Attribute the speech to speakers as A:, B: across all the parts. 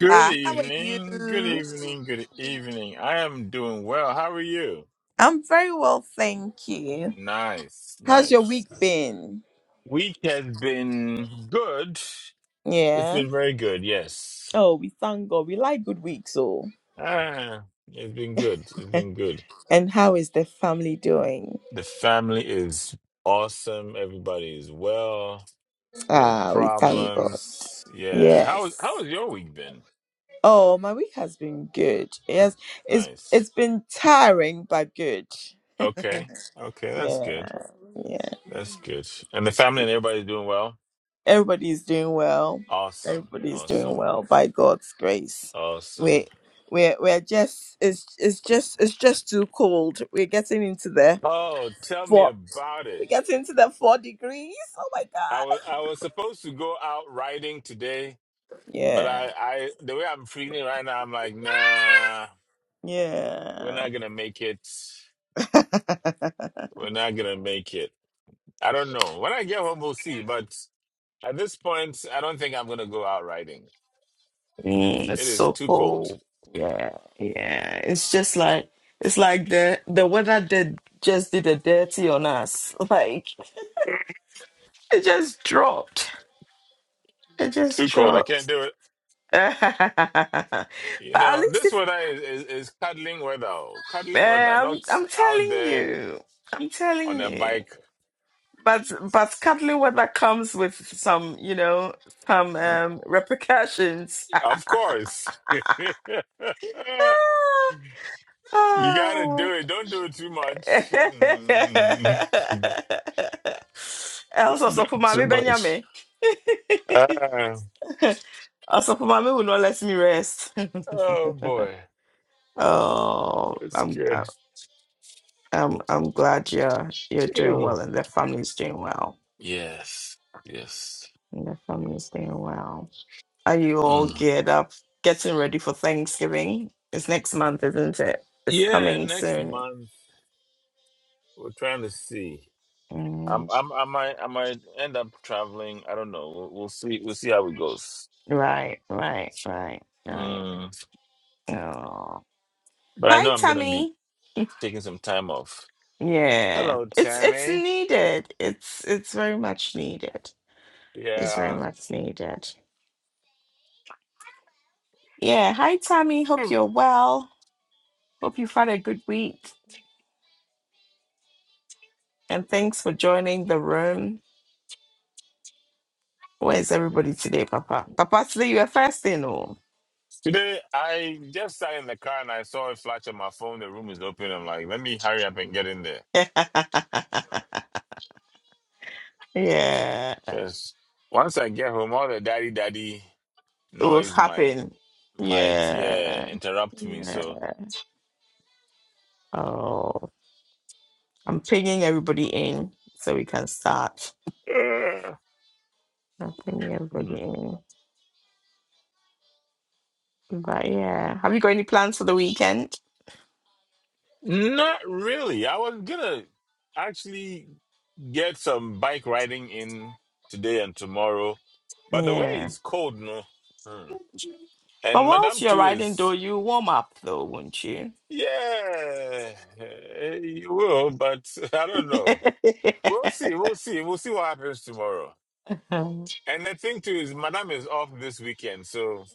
A: Good
B: How are
A: evening, good
B: you?
A: evening, good evening. I am doing well. How are you?
B: I'm very well, thank you.
A: Nice,
B: How's your week
A: nice.
B: been?
A: Week has been good. It's
B: Yeah.
A: been very good, yes.
B: Oh, we thank God. We like good weeks, all.
A: Ah, it's been good. It's been good.
B: And how is the family doing?
A: The family is awesome. Everybody is well. No
B: Ah, we thank God.
A: problems. Yeah. How
B: Yes.
A: how has your week been?
B: Oh, my week has been good. Yes, it's
A: Nice.
B: it's been tiring but good.
A: Okay. Okay, that's
B: Yeah.
A: good.
B: Yeah.
A: That's good. And the family and everybody's doing well?
B: Everybody's doing well.
A: Awesome.
B: Everybody's doing
A: Awesome.
B: well by God's grace. We're
A: Awesome.
B: we're we're just it's it's just it's just too cold. We're getting into the
A: Oh, tell me
B: four
A: about
B: we're
A: it.
B: getting to the four degrees. Oh my
A: I
B: god.
A: was I was supposed to go out riding today, but
B: Yeah.
A: I I the way I'm feeling right now, I'm like, nah, we're
B: Yeah.
A: not gonna make it. We're not gonna make it. I don't know. When I get home, we'll see. But at this point, I don't think I'm gonna go out riding.
B: Mm, it's
A: It is
B: so
A: too cold.
B: cold. Yeah, yeah. It's just like it's like the the weather did just did a dirty on us. Like it just dropped. It just
A: Too cold. I
B: dropped.
A: can't do it.
B: but
A: You
B: at
A: know,
B: least
A: this
B: if
A: weather is is, is cuddling weather. oh,
B: uh,
A: Cuddling weather.
B: I'm,
A: Not
B: I'm
A: out
B: telling
A: there
B: you, I'm
A: on
B: telling
A: a
B: you.
A: bike
B: But but cuddly weather comes with some, you know, some um, repercussions.
A: Of course. you
B: Ah,
A: gotta
B: oh.
A: do it. Don't do it too much. Mm,
B: Else, also for
A: too
B: mommy
A: much.
B: Benjamin.
A: Ah,
B: also for mommy will not let me rest.
A: oh boy.
B: oh,
A: That's
B: I'm.
A: good.
B: I'm I'm glad you're you're doing well
A: Ew.
B: and the family's doing well.
A: Yes. Yes.
B: And the family's doing well. Are you all
A: Mm.
B: geared up, getting ready for Thanksgiving? It's next month, isn't it? It's
A: Yeah,
B: coming
A: next
B: soon.
A: month we're trying to see. I'm
B: Mm,
A: I'm I might I might end up traveling. I don't know. We'll, we'll see we'll see how it goes.
B: right, right, right, right.
A: Mm.
B: Oh.
A: But I
B: Hi,
A: know I'm gonna be
B: Tammy.
A: taking some time off.
B: Yeah.
A: Hello,
B: It's it's
A: Tammy.
B: needed. It's it's very much needed. It's very
A: Yeah.
B: much needed. Yeah. Hi, Tammy. Hope you're well. Hope you've had a good week. And thanks for joining the room. Where is everybody today, Papa? Papa, today you were fasting, oh.
A: Today, I just sat in the car and I saw a flash on my phone. The room is open. I'm like, let me hurry up and get in there.
B: yeah, it
A: Because once I get home, all the daddy daddy
B: was
A: noise might
B: happening.
A: might yeah
B: Yeah,
A: interrupt me. So
B: yeah. Oh, I'm pinging everybody in so we can start.
A: uh,
B: I'm pinging
A: hmm.
B: everybody in. But yeah, have you got any plans for the weekend?
A: not really. I was gonna actually get some bike riding in today and tomorrow, but the way
B: Yeah.
A: it's cold, no. Hmm.
B: But
A: And
B: whilst
A: Madame
B: you're
A: too
B: riding, though,
A: is
B: you warm up, though, won't you?
A: yeah, eh, you will, but I don't know. We'll see. We'll see. We'll see what happens tomorrow.
B: oh
A: And the thing too is, Madame is off this weekend, so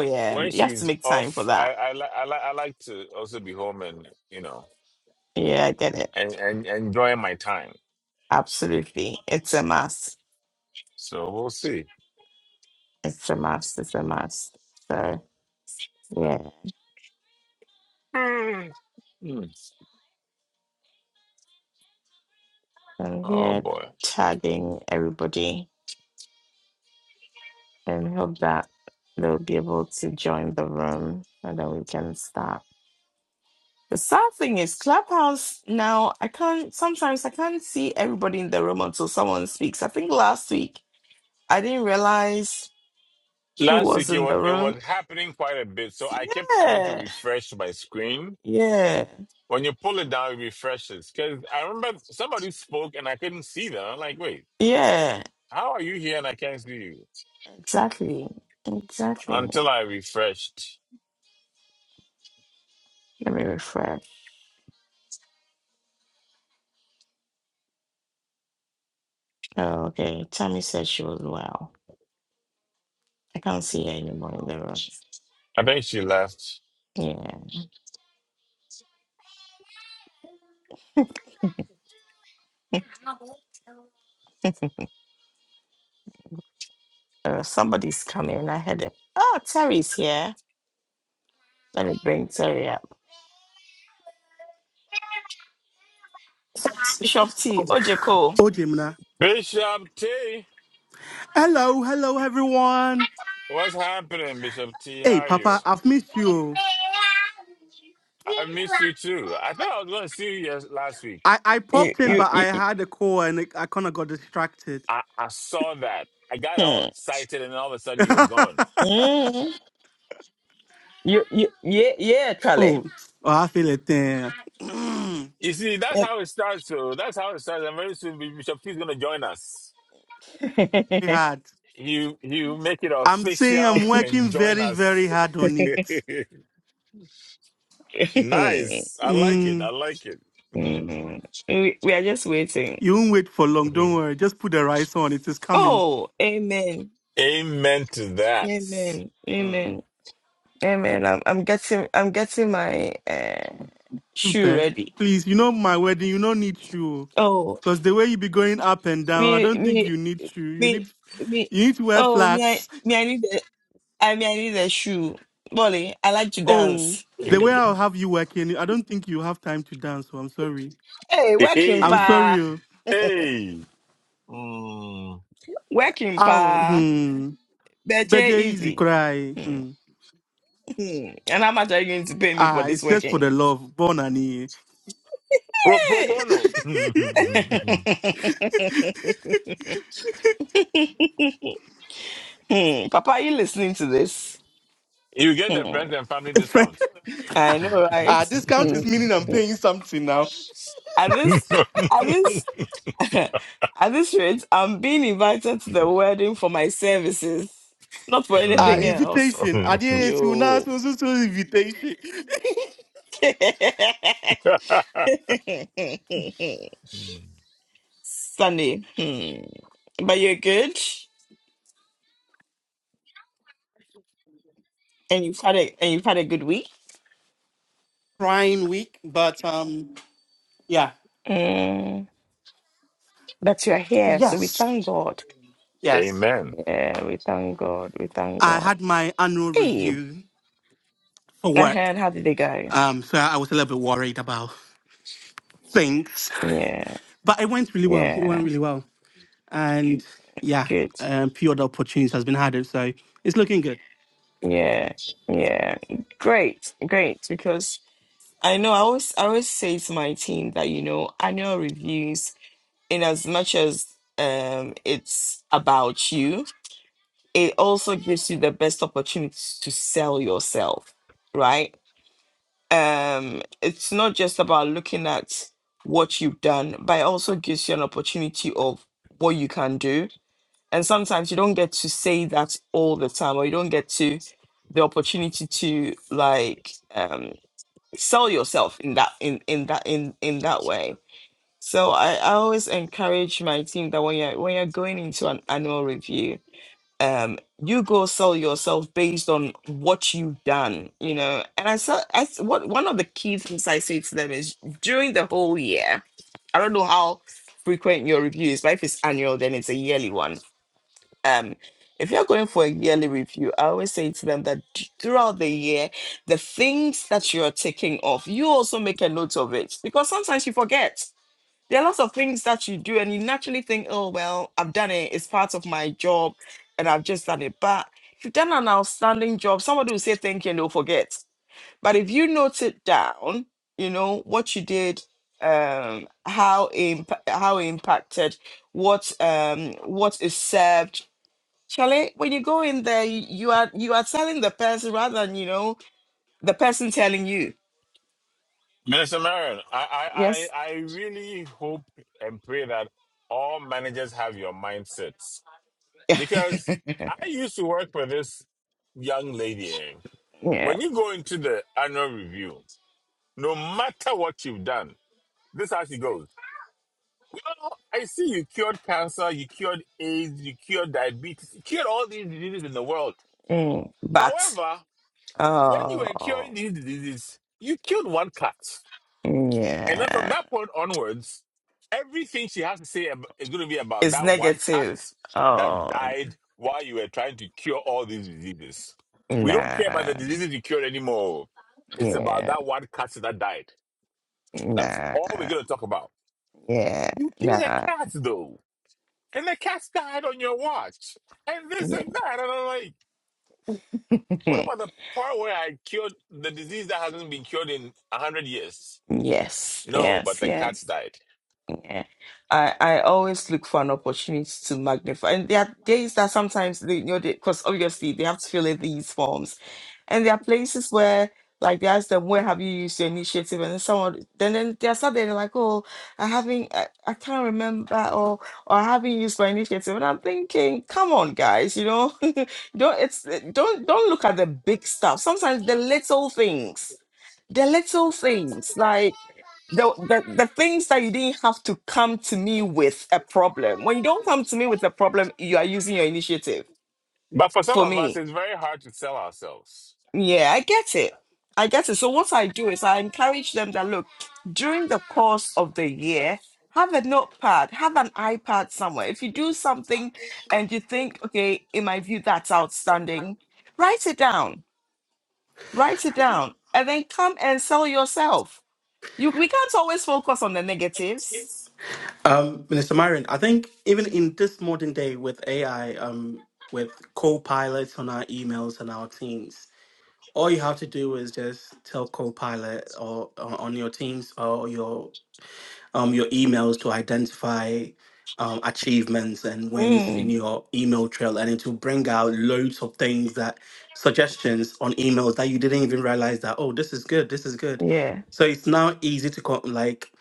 B: yeah,
A: when
B: you have to
A: she's
B: make time for
A: off, I
B: that.
A: I, li- I, li- I like to also be home and you know
B: Yeah, I get it.
A: and and and enjoy my time.
B: Absolutely. It's a must.
A: So we'll see.
B: It's a must. It's a must. So, yeah,
A: Hmm. Hmm.
B: I'm
A: Oh
B: here
A: boy.
B: tagging everybody and hope that they'll be able to join the room and then we can start. The sad thing is, Clubhouse now, I can't, sometimes I can't see everybody in the room until someone speaks. I think last week I didn't realize who
A: Last
B: was
A: week it
B: in
A: was,
B: the
A: it
B: room.
A: was happening quite a bit, so I kept having to
B: Yeah,
A: refresh my screen.
B: yeah,
A: When you pull it down, it refreshes. Because I remember somebody spoke and I couldn't see them. I'm like, wait,
B: yeah,
A: how are you here and I can't see you?
B: exactly, exactly.
A: until I refreshed.
B: Let me refresh. Oh, okay. Tammy said she was well. I can't see her anymore in the room.
A: I think she left.
B: Yeah. Uh, somebody's coming. I heard it. Oh, Terry's here. Let me bring Terry up. Bishop T. Ojeko.
C: Oh, Jimna.
A: Bishop T,
C: Hello, hello, everyone.
A: what's happening, Bishop T? How
C: Hey,
A: are you?
C: Papa, I've missed you.
A: I missed you too. I thought I was going to see you yes, last week.
C: I, I
B: You,
C: popped in,
A: I,
B: you,
C: but I
B: you, you,
C: had a call and it, I kind of got distracted.
A: I, I saw that. I got all
B: hmm.
A: excited, and all of a sudden you were
C: oh,
A: gone.
B: Mm. you, you, yeah, yeah, Charlie.
C: oh, I feel it there. very
A: You see, that's how it starts. So that's how it starts. And very soon, Bishop T is going to join us.
C: hard.
A: You you make it
C: I'm saying
A: official
C: I'm
A: and
C: working
A: join
C: very, very
A: us.
C: hard on it.
A: nice. I like it. I
C: Mm,
A: like it.
B: Mm. we, we are just waiting.
C: you won't wait for long. Don't worry. Just put the rice on. It is coming.
B: Oh, amen.
A: Amen to that.
B: Amen.
A: Mm.
B: Amen. Amen. I'm, I'm getting, I'm getting my, uh, shoe
C: Super.
B: ready.
C: Please, you know my wedding. You don't need shoe.
B: Oh.
C: Because the way you be going up and down, I
B: me
C: don't think
B: me
C: you need shoe. You
B: me
C: need
B: me
C: you need to wear
B: oh me I
C: flats.
B: me I need a I mean I need a shoe. Molly, I like to
C: Oh,
B: dance.
C: the way I'll have you working, I don't think you have time to dance. So I'm sorry.
B: Hey, working
C: I'm
A: Hey,
C: sorry.
B: pa
C: Oh,
A: hey. Mm.
B: working
C: Ow,
B: pa
C: hmm. But
B: better
C: you're easy
B: easy.
C: cry.
B: Hmm,
C: Hmm.
B: hmm. and how much are you going to pay me for
C: Ah, it's
B: this
C: just for
B: working?
C: the love. Born and here.
A: Pro, pro
B: Hey.
A: bono. you
B: Hmm, Papa, are you listening to this?
A: get the
B: Hmm,
A: friends and family discount.
B: I know, right?
C: ah, discount
B: Hmm,
C: is meaning I'm
B: hmm.
C: paying something now.
B: At this, at this. At this rate, I'm being invited to the wedding for my services, not for
C: Ah,
B: anything
A: Mm.
B: else.
C: invitation. Ah, dear, it's you now
B: Yo.
C: so so so invitation.
B: Sunday. Hmm. But you're good and you've had a and you've had a good week.
C: Crying week, but um, yeah.
B: Mm, that you are here. So we
C: Yes.
B: thank God.
C: Yes.
A: Amen.
B: Yeah, we thank God. We thank
C: I
B: God.
C: had my annual
B: Hey,
C: review for work.
B: and how did they go?
C: Um, so I was a little bit worried about things.
B: Yeah,
C: but it went really well. It
B: yeah,
C: went really well, and yeah,
B: good.
C: um, few other opportunities has been added, so it's looking good.
B: Yeah, yeah, great, great. Because I know. I always, I always say to my team that you know, annual reviews, in as much as um, it's about you, it also gives you the best opportunity to sell yourself, right? Um, it's not just about looking at what you've done, but it also gives you an opportunity of what you can do. And sometimes you don't get to say that all the time, or you don't get to the opportunity to like um sell yourself in that in in that in in that way so i, I always encourage my team that when you're when you're going into an annual review um you go sell yourself based on what you've done you know and i saw i s- what one of the key things i say to them is during the whole year i don't know how frequent your review is but if it's annual then it's a yearly one um if you're going for a yearly review, I always say to them that d- throughout the year, the things that you're taking off, you also make a note of it because sometimes you forget. There are lots of things that you do, and you naturally think, oh, well, I've done it. It's part of my job, and I've just done it. But if you've done an outstanding job, somebody will say thank you and they'll forget. But if you note it down, you know, what you did, um, how, imp- how it impacted, what um, what is served, Charlie, when you go in there, you, you are you are telling the person rather than you know the person telling you.
A: Minister Marion, I, I, I
B: Yes.
A: I really hope and pray that all managers have your mindsets. because I used to work for this young lady. eh.
B: yeah.
A: When you go into the annual review, no matter what you've done, this is how she goes. Well, I see you cured cancer, you cured AIDS, you cured diabetes, you cured all these diseases in the world.
B: Mm. But
A: However, when you were
B: oh
A: curing these diseases, you killed one cat. And then from
B: yeah,
A: that point onwards, everything she has to say ab- is going to be about
B: it's
A: that one cat
B: negative.
A: that
B: Oh
A: died while you were trying to cure all these diseases. We don't care about
B: nah.
A: the diseases you cured anymore. It's about
B: Yeah.
A: that one cat that died. That's
B: Nah.
A: all we're going to talk about.
B: Yeah.
A: You killed a
B: Nah.
A: cat, though, and the cat died on your watch, and this and that. And I'm like,
B: Yeah.
A: what about the part where I cured the disease that hasn't been cured in 100 years?
B: yes.
A: No, but
B: Yes.
A: the cat
B: Yes.
A: died.
B: Yeah. I, I always look for an opportunity to magnify. And there are days that sometimes they you know because obviously they have to fill in these forms And there are places where, like, they ask them, where have you used your initiative? And then someone, then, then they're suddenly like, oh, I haven't, I, I can't remember, or, or I haven't used my initiative. And I'm thinking, come on, guys, you know, don't, it's, don't, don't look at the big stuff. Sometimes the little things, the little things, like, the, the, the things that you didn't have to come to me with a problem. When you don't come to me with a problem, you are using your initiative
A: But for some
B: for
A: of us,
B: me
A: it's very hard to sell ourselves.
B: Yeah, I get it. I get it. So what I do is I encourage them that look, during the course of the year, have a notepad, have an iPad somewhere. If you do something and you think, okay, in my view, that's outstanding, write it down. Write it down. And then come and sell yourself. You we can't always focus on the negatives.
C: Um, Minister Myron, I think even in this modern day with AI, um, with co-pilots on our emails and our teams, all you have to do is just tell co-pilot or, or on your teams or your um, your emails to identify um, achievements and wins in
B: Mm,
C: your email trail and it will bring out loads of things that suggestions on emails that you didn't even realize that oh this is good this is good
B: yeah,
C: so it's now easy to co- like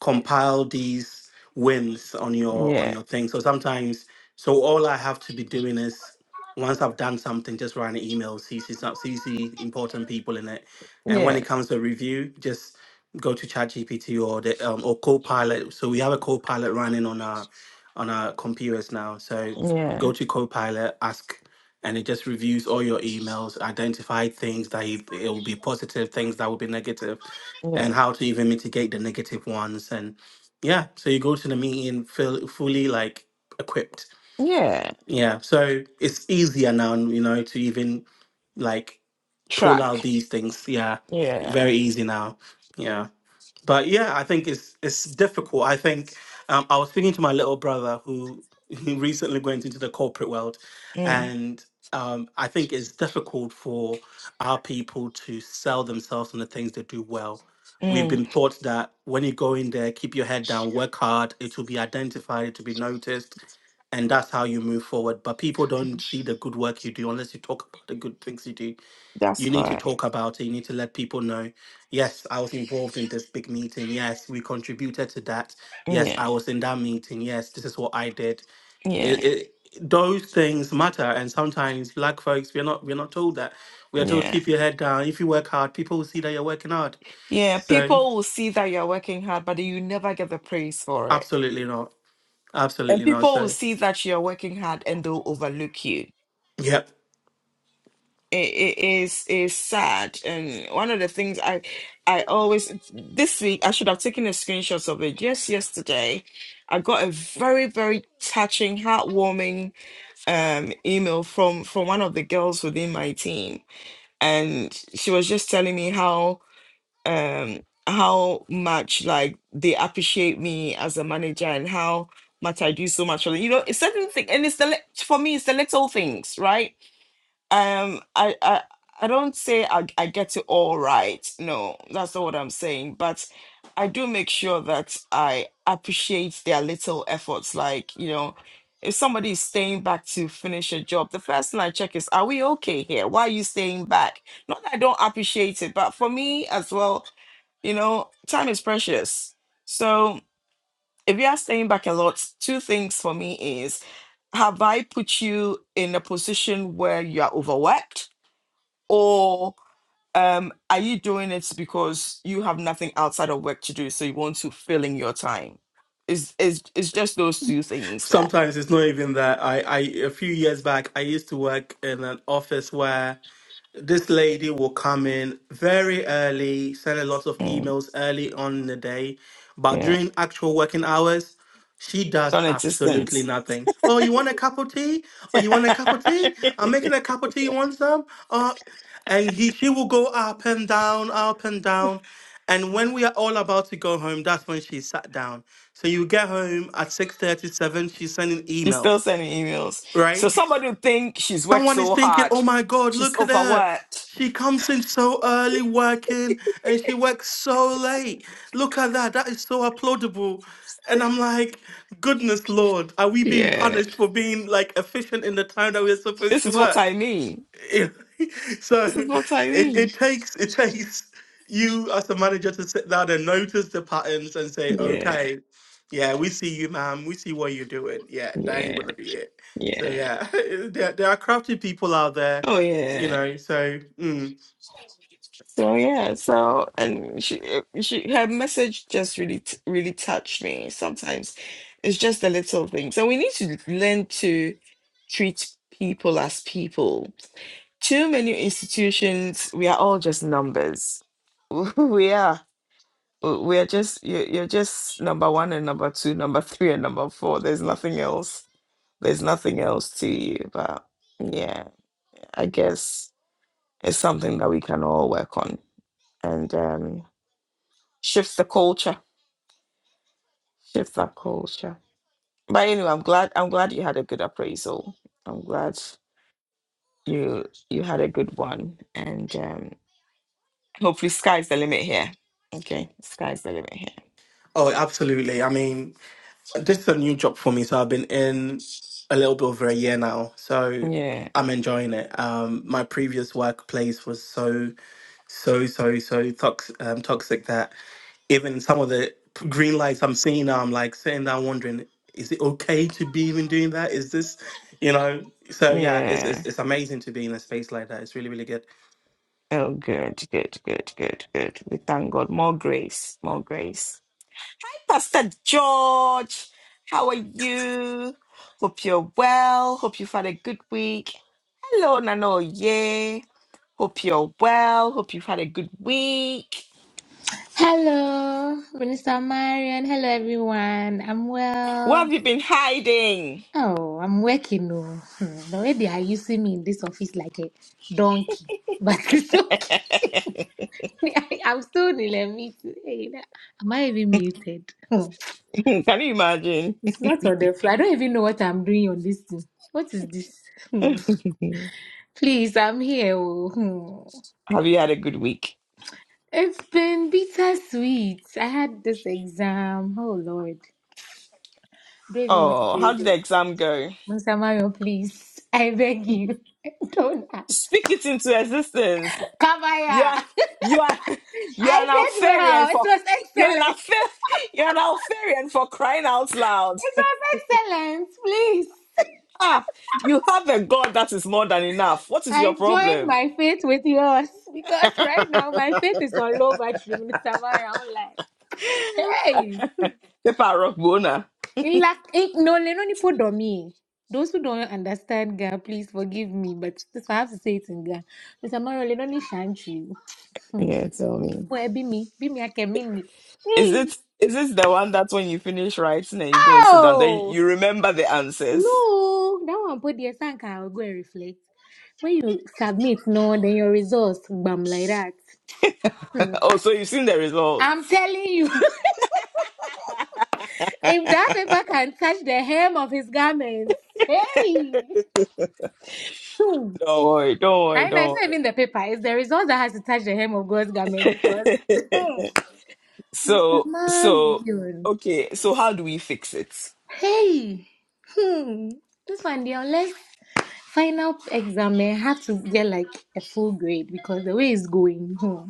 C: compile these wins on your on
B: yeah,
C: your thing. So sometimes, so all I have to be doing is once I've done something, just write an email, CC some- CC important people in it, and when
B: yeah,
C: it comes to review, just go to ChatGPT or the um, or Copilot. So we have a Copilot running on our on our computers now. So
B: yeah,
C: go to Copilot, ask, and it just reviews all your emails, identify things that you, it will be positive, things that will be negative,
B: yeah,
C: and how to even mitigate the negative ones. And yeah, so you go to the meeting feel fully like equipped.
B: yeah.
C: Yeah, so it's easier now, you know, to even like pull out
B: Track.
C: these things. Yeah,
B: Yeah.
C: very easy now. Yeah but yeah, I think it's it's difficult. I think um, I was speaking to my little brother who who recently went into the corporate world,
B: Mm,
C: and um, I think it's difficult for our people to sell themselves on the things they do well. We've
B: mm,
C: been taught that when you go in there, keep your head down, work hard. It will be identified. It will be noticed. And that's how you move forward. But people don't see the good work you do unless you talk about the good things you do
B: that's
C: you need to
B: correct.
C: talk about it. You need to let people know. Yes, I was involved in this big meeting. Yes, we contributed to that. Yes,
B: Yeah.
C: I was in that meeting. Yes, this is what I did. It,
B: Yeah,
C: it, those things matter, and sometimes black folks we're not we're not told that. We are told
B: yeah,
C: keep your head down. If you work hard, people will see that you're working hard.
B: yeah.
C: So
B: People will see that you're working hard, but you never get the praise for it.
C: absolutely not.
B: And
C: Absolutely not.
B: people will
C: So
B: see that you're working hard and they'll overlook you.
C: yep.
B: It, it is is sad. And one of the things I I always this week I should have taken a screenshot of it. Just yesterday, I got a very very touching, heartwarming um email from from one of the girls within my team, and she was just telling me how. um how much like they appreciate me as a manager and how much I do so much for them. You know, it's certain thing and it's the lit- for me it's the little things, right? um I I I don't say I, I get it all right. No, that's not what I'm saying. But I do make sure that I appreciate their little efforts. Like, you know, if somebody is staying back to finish a job, the first thing I check is, are we okay here? Why are you staying back? Not that I don't appreciate it, but for me as well, you know, time is precious. So if you are staying back a lot, two things for me is have I put you in a position where you are overworked? or um, are you doing it because you have nothing outside of work to do, so you want to fill in your time? It's, it's, it's just those two things that,
C: Sometimes it's not even that. I I a few years back I used to work in an office where this lady will come in very early, send a lot of
B: mm,
C: emails early on in the day, but
B: yeah,
C: during actual working hours, she
B: it's
C: does
B: non-existent.
C: absolutely nothing. Oh, you want a cup of tea? Oh, you want a cup of tea? I'm making a cup of tea. You want some? Uh, and he, she will go up and down, up and down. And when we are all about to go home, that's when she sat down. So you get home at 6:37, she's sending
B: she's still
C: emails,
B: sending emails. So
C: right?
B: somebody would think she's worked
C: Someone is
B: so
C: thinking,
B: hard,
C: oh my God,
B: she's
C: look at her.
B: overworked.
C: She comes in so early working and she works so late. Look at that. That is so applaudable. And I'm like, goodness Lord, are we being
B: Yeah,
C: punished for being like efficient in the time that we're supposed
B: this
C: to
B: is what
C: work?
B: I mean.
C: It- so
B: This is what I
C: it,
B: mean.
C: it takes it takes you as a manager to sit down and notice the patterns and say,
B: Yeah,
C: okay, yeah, we see you, ma'am. We see what you're doing. Yeah, that ain't
B: yeah,
C: gonna be it. So
B: yeah.
C: yeah, there, there are crafty people out there,
B: Oh,
C: you
B: yeah.
C: know. So mm.
B: So yeah, so and she she her message just really t- really touched me. Sometimes it's just the little things, and we need to learn to treat people as people. Too many institutions, we are all just numbers. We are we are just you you're just number one and number two, number three and number four. There's nothing else. There's nothing else to you. But yeah, I guess it's something that we can all work on, and um. Shift the culture. Shift that culture. But anyway, I'm glad I'm glad you had a good appraisal. I'm glad you you had a good one. And um hopefully sky's the limit here. Okay. Sky's the limit
C: oh, absolutely. I mean, This is a new job for me, so I've been in a little bit over a year now. So
B: here.
C: I'm enjoying it. Um, my previous workplace was so, so, so, so tox- um, toxic that even some of the p- green lights I'm seeing now, I'm like sitting down wondering, is it okay to be even doing that? Is this, you know? So
B: Yeah.
C: yeah, it's it's,
B: Yeah.
C: it's amazing to be in a space like that. It's really really good.
B: Oh good, good, good, good, good. We thank God. More grace. More grace. Hey, Pastor George, how are you? Hope you're well. Hope you've had a good week. Hello, Nano. Hope you're well. Hope you've had a good week.
D: Hello, Minister Marion. Hello, everyone. I'm
B: What
D: well.
B: have you been hiding?
D: Oh, I'm working. oh. Hmm, The way they are using me in this office like a donkey, but it's okay.
B: Can
D: I, I'm still in a meeting. Hey, na- am I even muted? Hmm,
B: you imagine?
D: It's not on the floor. I don't even know what I'm doing on this thing. What is this? Hmm,
B: have
D: Please, I'm here. oh. Hmm.
B: you had a good week?
D: It's been bittersweet. I had this exam. Oh, Lord. Don't even want to
B: Oh,
D: go
B: how did the
D: there.
B: exam go?
D: Musamario, please. I beg you. Don't ask.
B: Speak it into existence.
D: Come
B: You are,
D: here.
B: you are, you
D: I
B: are now
D: did
B: fairy
D: well. It
B: for
D: was
B: you are now
D: excellent.
B: fair, you are now fairy for crying out loud.
D: It was excellent. Please.
B: ah, you have a God that is more than enough. What is your
D: I join
B: problem?
D: my faith with yours because right now my faith is on low battery. Musamaria, I'm like, hey.
B: Paper rock bona.
D: In lack- in- No, le- no, ni po domi. Those who don't understand Ga, please forgive me, but this I have to say it in Ga. Mr. Mario, le- no, ni shantri. Hmm.
B: Yeah, tell me.
D: Boy, be me. Be me, I can mean me.
B: Is
D: Hey.
B: it is this the one that when you finish writing and you go and sit down, then
D: Oh!
B: you remember the answers?
D: No, that one put the sanka. I will go and reflect. When you submit, no, then your results bam like that. Hmm.
B: Oh, so you've seen the
D: I'm
B: results.
D: telling you, if that paper can touch the hem of his garments,
B: don't
D: hey, hmm.
B: worry, don't worry,
D: right now it's
B: don't
D: not even the paper; it's the result that has to touch the hem of God's garments because
B: worry.
D: Mr.
B: so so
D: Marion,
B: okay, so how do we fix it?
D: hey, hmm, this one, the unless final exam may have to get like a full grade because the way it's going. Hmm.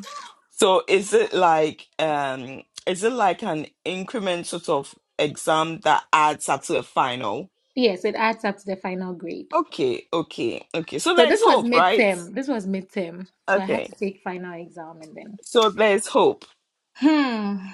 B: So is it like um is it like an increment sort of exam that adds up to a final?
D: Yes, it adds up to the final grade.
B: Okay, okay, okay. So
D: So
B: there's
D: this was
B: hope, right?
D: midterm. This was midterm. So I had
B: Okay.
D: to take final exam and then.
B: So there's hope.
D: Hmm.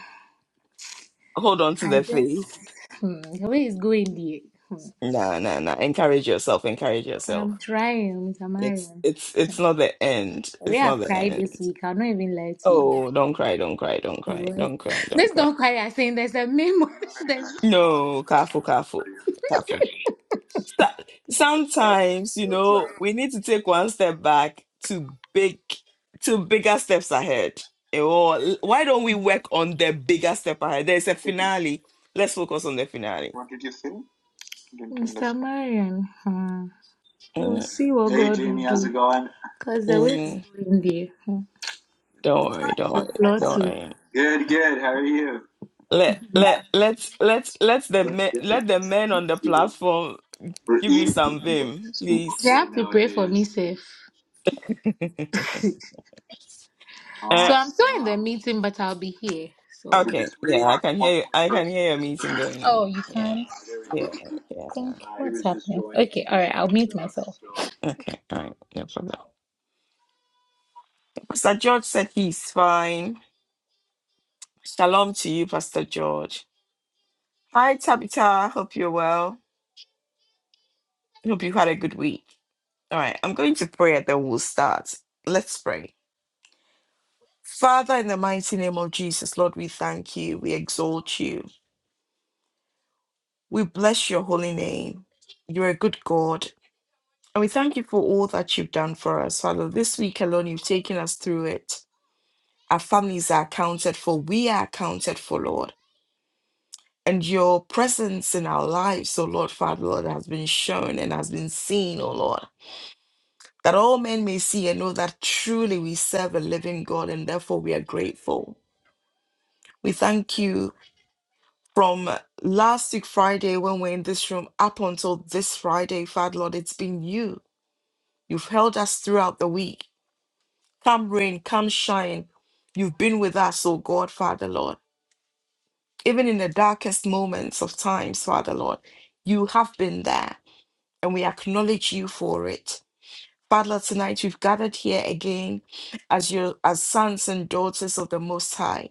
B: hold on to
D: I
B: the
D: just.
B: faith.
D: Hmm. Where is going, dear? Hmm.
B: No, no, no. Encourage yourself. Encourage yourself.
D: I'm trying, Mr.
B: It's
D: Marion.
B: it's it's not the end.
D: We
B: It's not
D: have
B: the
D: cried
B: end.
D: this week. I'll not even lie to you.
B: Oh, don't cry, don't cry, don't cry,
D: Alright.
B: don't cry, don't
D: Let's
B: cry.
D: don't cry. I'm saying there's a memo. there's
B: No, careful, careful, careful. So- Sometimes, you know, we need to take one step back to big to bigger steps ahead. Or why don't we work on the bigger step ahead? There's a finale. Let's focus on the finale.
D: Marion. Hmm. We'll
B: Mm,
D: see what. Cause the way is
B: mm.
D: going, dear. Hmm.
B: Don't worry, don't worry,
D: The floor
B: don't
D: too.
B: worry. Let let let's let's let the men let the men on the platform give you some vim, please.
D: Safe
B: Uh,
D: meeting, but I'll be here. So.
B: okay, yeah, I can hear you. I can hear your meeting going on.
D: Oh, you
B: Yeah,
D: can't.
B: yeah, yeah. Okay, all right, no problem. Pastor George said he's fine. Shalom to you, Pastor George. Hi, Tabitha. Hope you're well. Hope you had a good week. All right, I'm going to pray and then we'll start. Let's pray. Father, in the mighty name of Jesus, Lord, we thank you. We exalt you. We bless your holy name. You're a good God. And we thank you for all that you've done for us, Father. This week alone, you've taken us through it. Our families are accounted for. We are accounted for, Lord. And your presence in our lives, oh Lord, Father, Lord, has been shown and has been seen, oh Lord. That all men may see and know that truly we serve a living God and therefore we are grateful. We thank you from last week Friday when we're in this room up until this Friday, Father Lord, it's been you. You've held us throughout the week. Come rain, come shine. You've been with us, oh God, Father Lord. Even in the darkest moments of times, Father Lord, you have been there and we acknowledge you for it. Father, Lord, tonight we've gathered here again as your as sons and daughters of the Most High.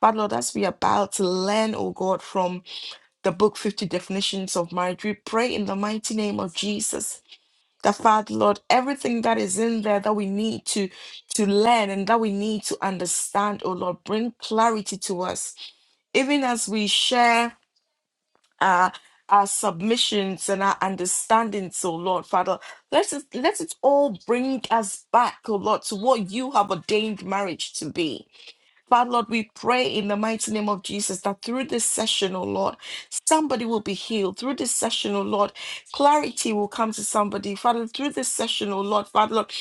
B: Father Lord, as we are about to learn, oh God, from the book 50 definitions of marriage. We pray in the mighty name of Jesus. That Father, Lord, everything that is in there that we need to to learn and that we need to understand, oh Lord, bring clarity to us. Even as we share uh, our submissions and our understandings, oh Lord, Father, let it let it all bring us back, oh Lord, to what you have ordained marriage to be. Father, Lord, we pray in the mighty name of Jesus that through this session, oh Lord, somebody will be healed. Through this session, oh Lord, clarity will come to somebody. Father, through this session, oh Lord, Father, Lord,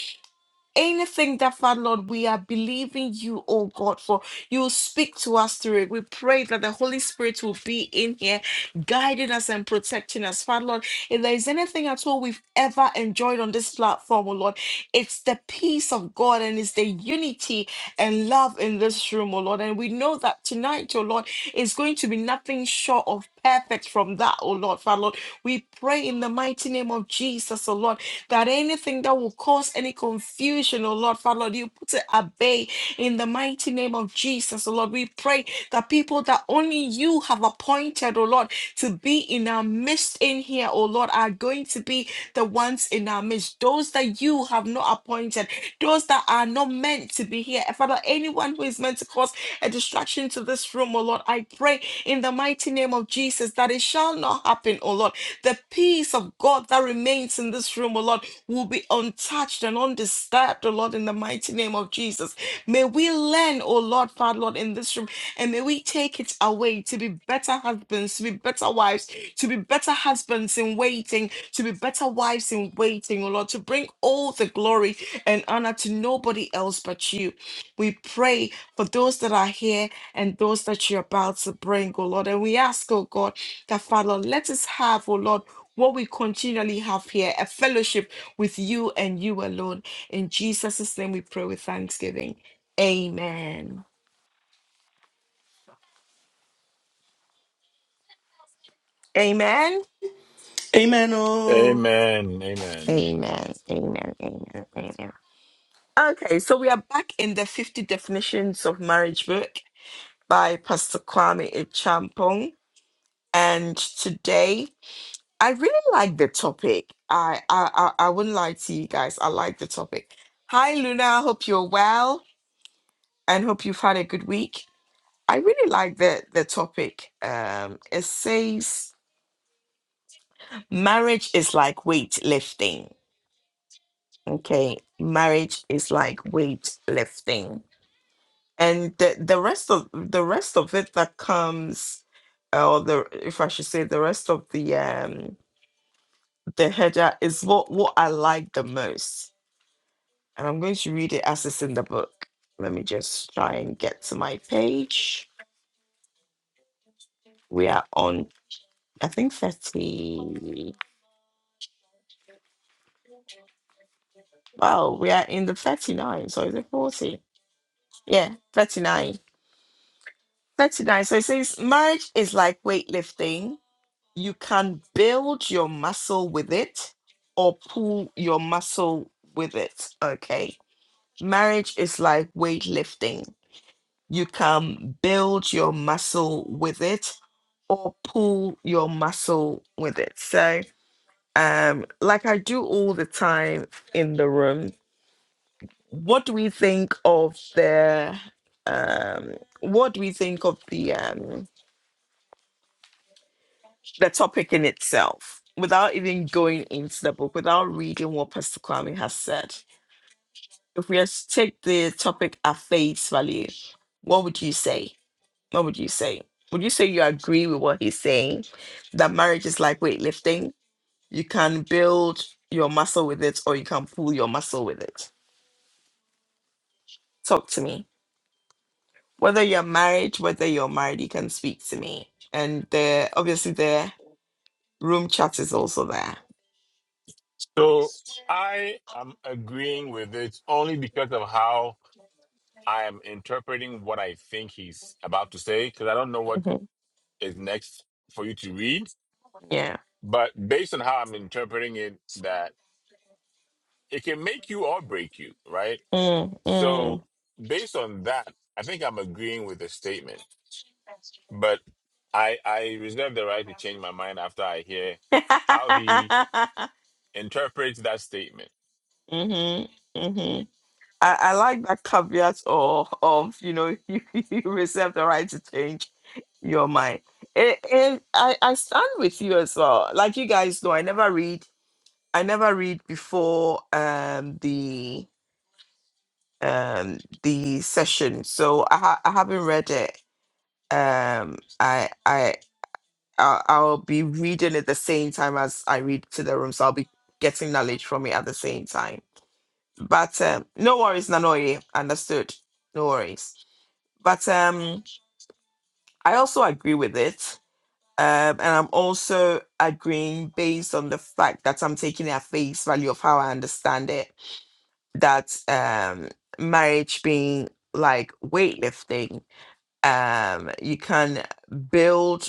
B: anything that, Father, Lord, we are believing you, oh God, for you will speak to us through it. We pray that the Holy Spirit will be in here, guiding us and protecting us. Father, Lord, if there is anything at all we've ever enjoyed on this platform, oh Lord, it's the peace of God and it's the unity and love in this room, oh Lord. And we know that tonight, oh Lord, is going to be nothing short of perfect from that, oh Lord, Father Lord. We pray in the mighty name of Jesus, oh Lord, that anything that will cause any confusion, oh Lord, Father Lord, you put it at bay in the mighty mighty name of Jesus, oh Lord. We pray that people that only you have appointed, oh Lord, to be in our midst in here, oh Lord, are going to be the ones in our midst. Those that you have not appointed, those that are not meant to be here. And Father, anyone who is meant to cause a distraction to this room, oh Lord, I pray in the mighty name of Jesus that it shall not happen, oh Lord. The peace of God that remains in this room, oh Lord, will be untouched and undisturbed, oh Lord, in the mighty name of Jesus. May we learn, oh Lord, Father, Lord, in this room, and may we take it away to be better husbands, to be better wives, to be better husbands in waiting, to be better wives in waiting, oh Lord, to bring all the glory and honor to nobody else but you. We pray for those that are here and those that you're about to bring, oh Lord. And we ask, oh God, that Father, Lord, let us have, oh Lord, what we continually have here, a fellowship with you and you alone. In Jesus' name we pray with thanksgiving. Amen. Amen.
C: Amen. Oh.
A: Amen. Amen.
B: Okay, so we are back in the 50 Definitions of Marriage book by Pastor Kwame Echampong, And today, I really like the topic. I, I, I, I wouldn't lie to you guys. I like the topic. Hi, Luna. I hope you're well and hope you've had a good week. I really like the, the topic. Um, it says, marriage is like weightlifting. Okay, marriage is like weightlifting. and the, the rest of the rest of it that comes uh, or the if i should say the rest of the um the header is what what i like the most and i'm going to read it as it's in the book let me just try and get to my page we are on i think 30 wow we are in the 39 so is it 40 yeah 39 39 so it says marriage is like weightlifting you can build your muscle with it or pull your muscle with it. Okay. Marriage is like weightlifting. You can build your muscle with it or pull your muscle with it. So, um, like I do all the time in the room, what do we think of the um what do we think of the um the topic in itself without even going into the book, without reading what Pastor Kwame has said. If we just take the topic at face value, what would you say? What would you say? Would you say you agree with what he's saying? That marriage is like weightlifting. You can build your muscle with it or you can pull your muscle with it. Talk to me. Whether you're married, whether you're married, you can speak to me. And there obviously the room chat is also there.
A: So I am agreeing with it only because of how I am interpreting what I think he's about to say, because I don't know what
B: Mhm.
A: is next for you to read.
B: Yeah.
A: But based on how I'm interpreting it, that it can make you or break you, right?
B: Mm,
A: So
B: mm.
A: based on that, I think I'm agreeing with the statement. But I I reserve the right to change my mind after I hear how he interpret that statement.
B: mhm, mhm. I, I like that caveat of, of you know you, you reserve the right to change your mind. And, and I, I stand with you as well. Like you guys know, I never read I never read before um the um the session, so I ha- I haven't read it. Um, I I I'll, I'll be reading it the same time as I read to the room, so I'll be getting knowledge from it at the same time. But um, no worries, Nanoye, understood. No worries. But um, I also agree with it, um, and I'm also agreeing based on the fact that I'm taking it at face value of how I understand it. That um, marriage being like weightlifting, um, you can build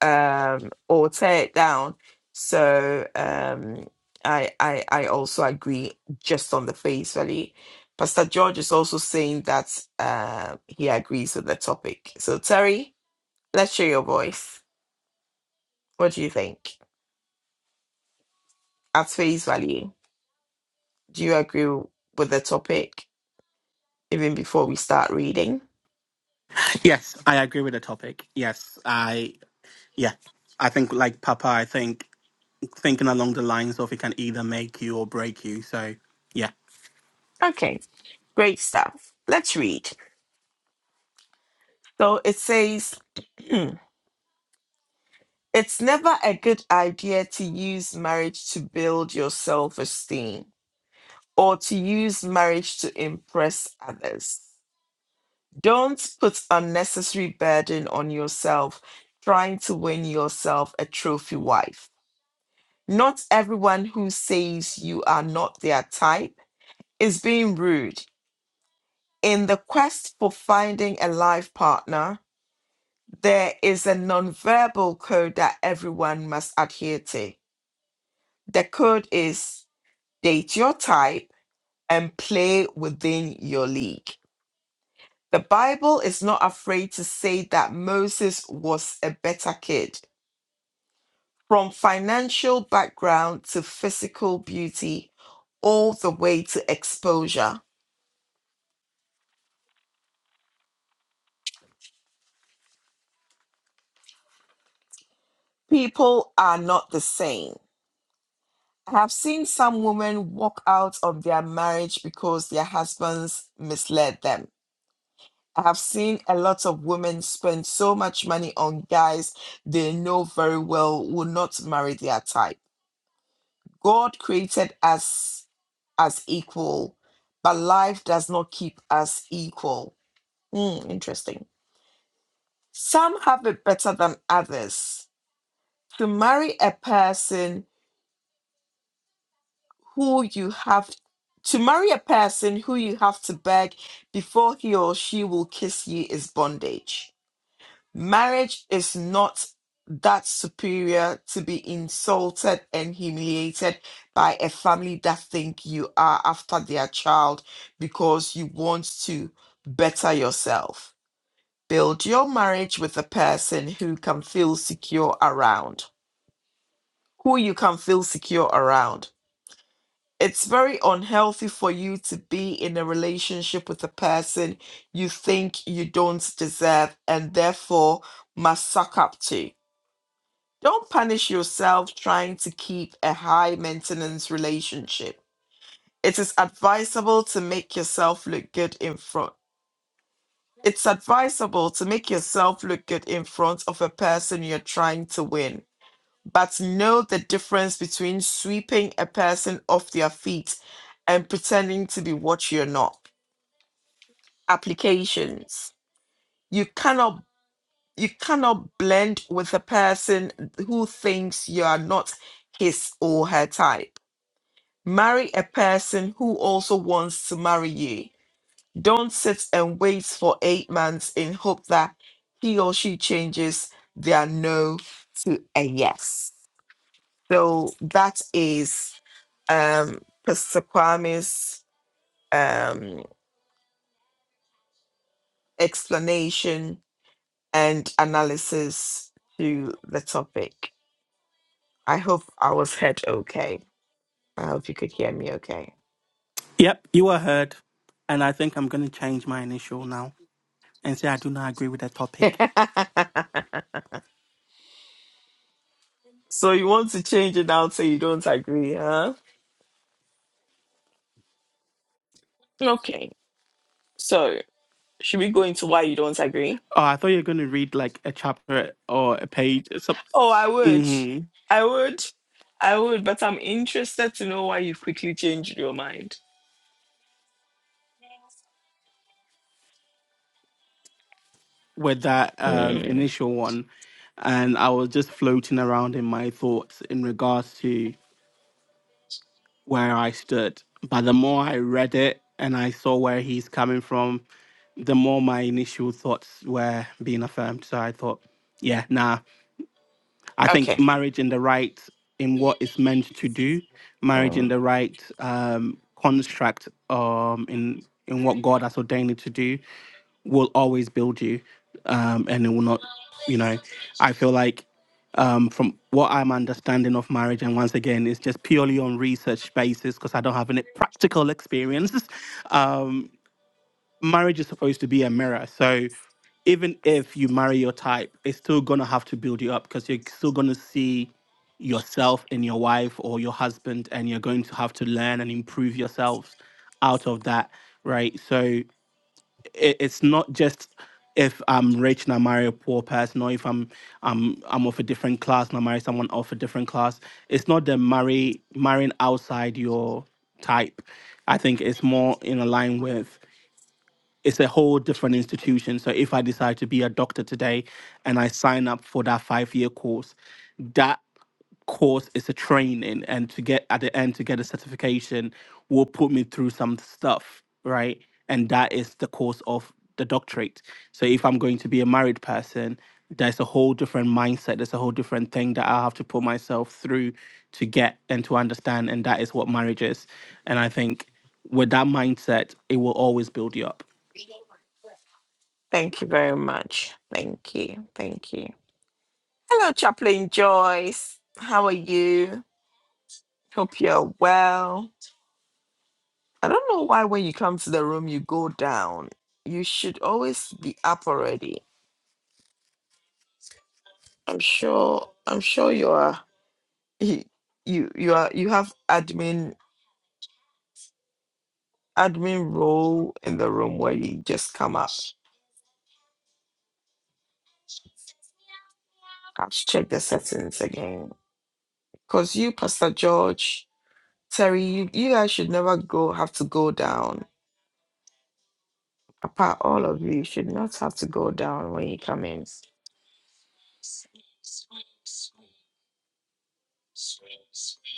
B: um, or tear it down. So um, I, I I also agree just on the face value. Pastor George is also saying that uh, he agrees with the topic. So Terry, let's share your voice. What do you think at face value? Do you agree with the topic even before we start reading?
C: Yes, I agree with the topic. Yes, I Yeah. I think like Papa, I think thinking along the lines of it can either make you or break you. So yeah.
B: Okay, great stuff. Let's read. So it says. It's never a good idea to use marriage to build your self esteem or to use marriage to impress others. Don't put unnecessary burden on yourself trying to win yourself a trophy wife. Not everyone who says you are not their type is being rude. In the quest for finding a life partner, there is a nonverbal code that everyone must adhere to. The code is date your type, and play within your league. The Bible is not afraid to say that Moses was a better kid. From financial background to physical beauty, all the way to exposure. People are not the same. I have seen some women walk out of their marriage because their husbands misled them. I have seen a lot of women spend so much money on guys they know very well will not marry their type. God created us as equal, but life does not keep us equal. Hmm, interesting. Some have it better than others. To marry a person who you have to marry a person who you have to beg before he or she will kiss you is bondage Marriage is not that superior to be insulted and humiliated by a family that think you are after their child because you want to better yourself. Build your marriage with a person who can feel secure around, who you can feel secure around. It's very unhealthy for you to be in a relationship with a person you think you don't deserve and therefore must suck up to Don't punish yourself trying to keep a high maintenance relationship. It is advisable to make yourself look good in front. It's advisable to make yourself look good in front of a person you're trying to win. But know the difference between sweeping a person off their feet and pretending to be what you're not. Applications. You cannot you cannot blend with a person who thinks you are not his or her type Marry a person who also wants to marry you. Don't sit and wait for eight months in hope that he or she changes their no to a yes. So that is um, Pastor Kwame's um, explanation and analysis to the topic. I hope I was heard okay. I hope you could hear me okay.
C: Yep, you were heard. And I think I'm gonna change my initial now and say I do not agree with the topic.
B: so you want to change it now so you don't agree, huh? Okay. So should we go into why you don't agree?
C: Oh, I thought you were gonna read like a chapter or a page or something.
B: Oh, I would.
C: hmm
B: I would. I would, but I'm interested to know why you quickly changed your mind.
C: with that um
B: Mm.
C: initial one. And I was just floating around in my thoughts in regards to where I stood. But the more I read it and I saw where he's coming from, the more my initial thoughts were being affirmed. So I thought, yeah, nah, I think
B: Okay.
C: marriage in the right, in what it's meant to do, marriage in
B: Mm.
C: the right um, construct, um, in in what God has ordained it to do, will always build you, um, and it will not, you know, I feel like. Um, from what I'm understanding of marriage, and once again, it's just purely on research basis because I don't have any practical experiences. Um, marriage is supposed to be a mirror, so even if you marry your type, it's still gonna have to build you up because you're still gonna see yourself and your wife or your husband, and you're going to have to learn and improve yourselves out of that, right? So it, it's not just if I'm rich and I marry a poor person, or if I'm I'm I'm of a different class and I marry someone of a different class. It's not the marry marrying outside your type. I think it's more in a line with it's a whole different institution. So if I decide to be a doctor today and I sign up for that five year course, that course is a training and to get at the end to get a certification will put me through some stuff, right? And that is the course of the doctorate. So if I'm going to be a married person, there's a whole different mindset, there's a whole different thing that I have to put myself through to get and to understand. And that is what marriage is. And I think with that mindset, it will always build you up.
B: Thank you very much. Thank you. Thank you. Hello, Chaplain Joyce. How are you? Hope you're well. I don't know why when you come to the room you go down. You should always be up already. I'm sure I'm sure you are you you you are you have admin admin role in the room where you just come up and check the settings again because you pastor george terry you, you guys should never go have to go down apart all of you should not have to go down when you come in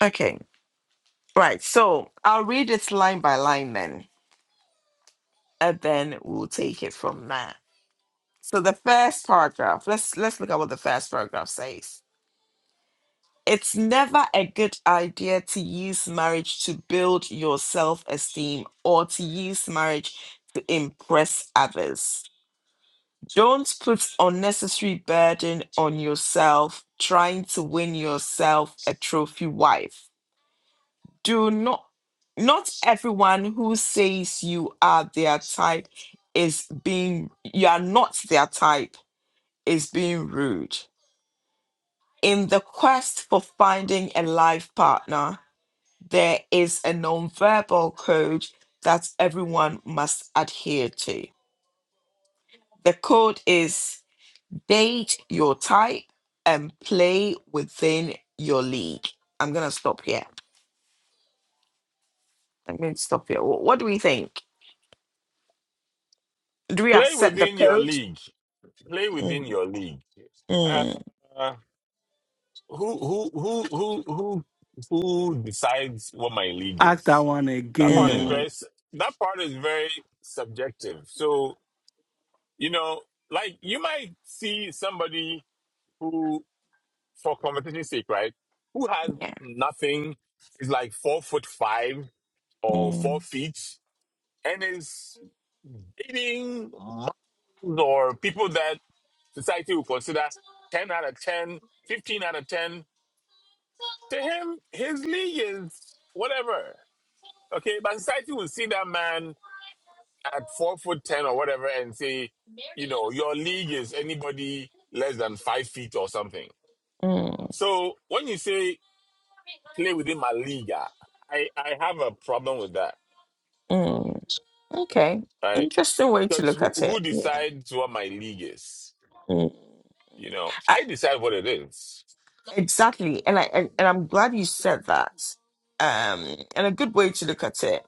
B: okay right so i'll read it line by line then and then we'll take it from there so the first paragraph let's let's look at what the first paragraph says It's never a good idea to use marriage to build your self esteem or to use marriage to impress others. Don't put unnecessary burden on yourself trying to win yourself a trophy wife. Do not not everyone who says you are their type is being you are not their type is being rude. In the quest for finding a life partner, there is a nonverbal code that everyone must adhere to. The code is date your type and play within your league. I'm going to stop here. I'm going to stop here. Wh- What do we think? Do we
A: Play
B: accept the
A: within your
B: code?
A: league. Play within
B: Mm,
A: your league.
B: mm,
A: Uh, who who who who who who decides what my league
C: Ask that
A: is?
C: one
A: That
C: again.
A: part is
B: mm,
C: Oh.
A: very s- that part is very subjective. So you know, like you might see somebody who, for competition sake, right, who has
B: yeah.
A: nothing, is like four foot five or four
B: Mm,
A: feet, and is leading models or people that society will consider 10 out of 10, 15 out of 10. To him, his league is whatever. Okay, but society will see that man at four foot 10 or whatever and say, you know, your league is anybody less than five feet or something.
B: mm,
A: So when you say play within my league, ah, I, I have a problem with that,
B: mm. Okay.
A: right?
B: Interesting way to
A: Because
B: look
A: who,
B: at
A: who
B: it. Yeah.
A: decides what my league is?
B: Mm.
A: You know, I decide what it is
B: Exactly, and I and, and I'm glad you said that. Um, and a good way to look at it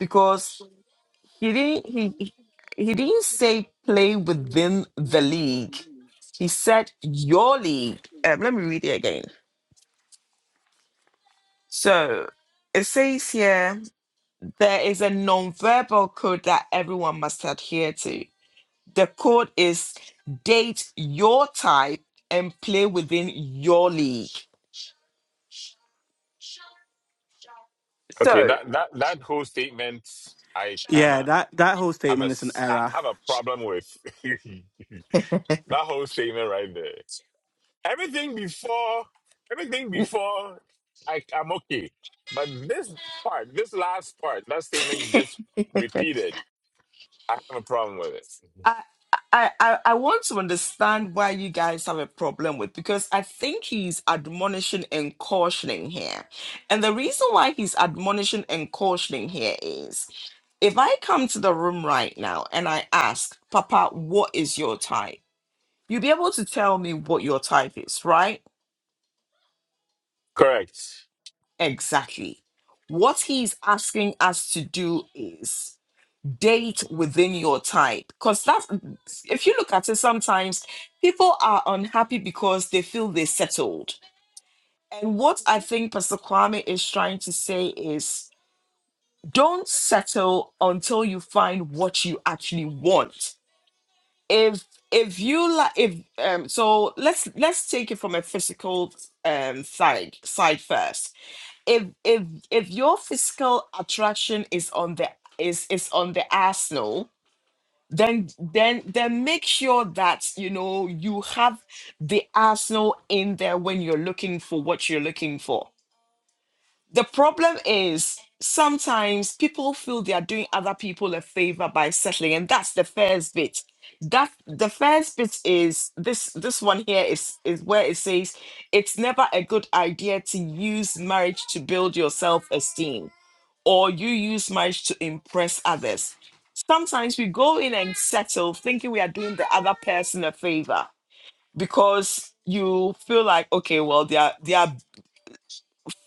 B: because he didn't he he he didn't say play within the league. He said your league. Um, let me read it again. So it says here there is a non-verbal code that everyone must adhere to. The code is date your type and play within your league.
A: Okay,
B: So
A: that that that whole statement, I kind
C: Yeah,
A: of
C: that, that whole
A: have a
C: statement is an
A: s- I
C: error.
A: have a problem with that whole statement right there. Everything before, everything before, I I'm okay, but this part, this last part, that statement you just repeated, I have a problem with it.
B: I, I, I I want to understand why you guys have a problem with because I think he's admonishing and cautioning here. And the reason why he's admonishing and cautioning here is if I come to the room right now and I ask, Papa, what is your type? You'll be able to tell me what your type is, right?
A: Correct.
B: Exactly. What he's asking us to do is date within your type because that's if you look at it sometimes people are unhappy because they feel they settled and what i think pastor kwame is trying to say is don't settle until you find what you actually want if if you like if um so let's let's take it from a physical um side side first if if if your physical attraction is on the is is on the arsenal then then then make sure that you know you have the arsenal in there when you're looking for what you're looking for the problem is sometimes people feel they are doing other people a favor by settling and that's the first bit that the first bit is this this one here is is where it says it's never a good idea to use marriage to build your self-esteem or you use marriage to impress others. Sometimes we go in and settle thinking we are doing the other person a favor because you feel like, okay, well, they are, they are,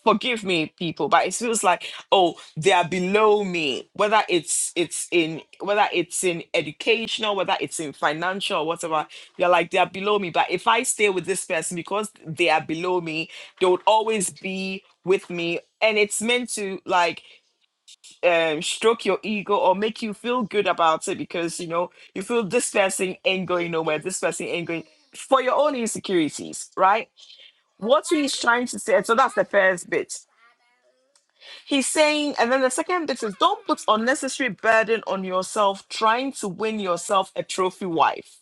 B: forgive me people but it feels like oh they are below me whether it's it's in whether it's in educational whether it's in financial or whatever you're like they are below me but if i stay with this person because they are below me they would always be with me and it's meant to like um, stroke your ego or make you feel good about it because you know you feel this person ain't going nowhere, this person ain't going for your own insecurities, right? What he's trying to say, so that's the first bit. He's saying, and then the second bit is don't put unnecessary burden on yourself trying to win yourself a trophy wife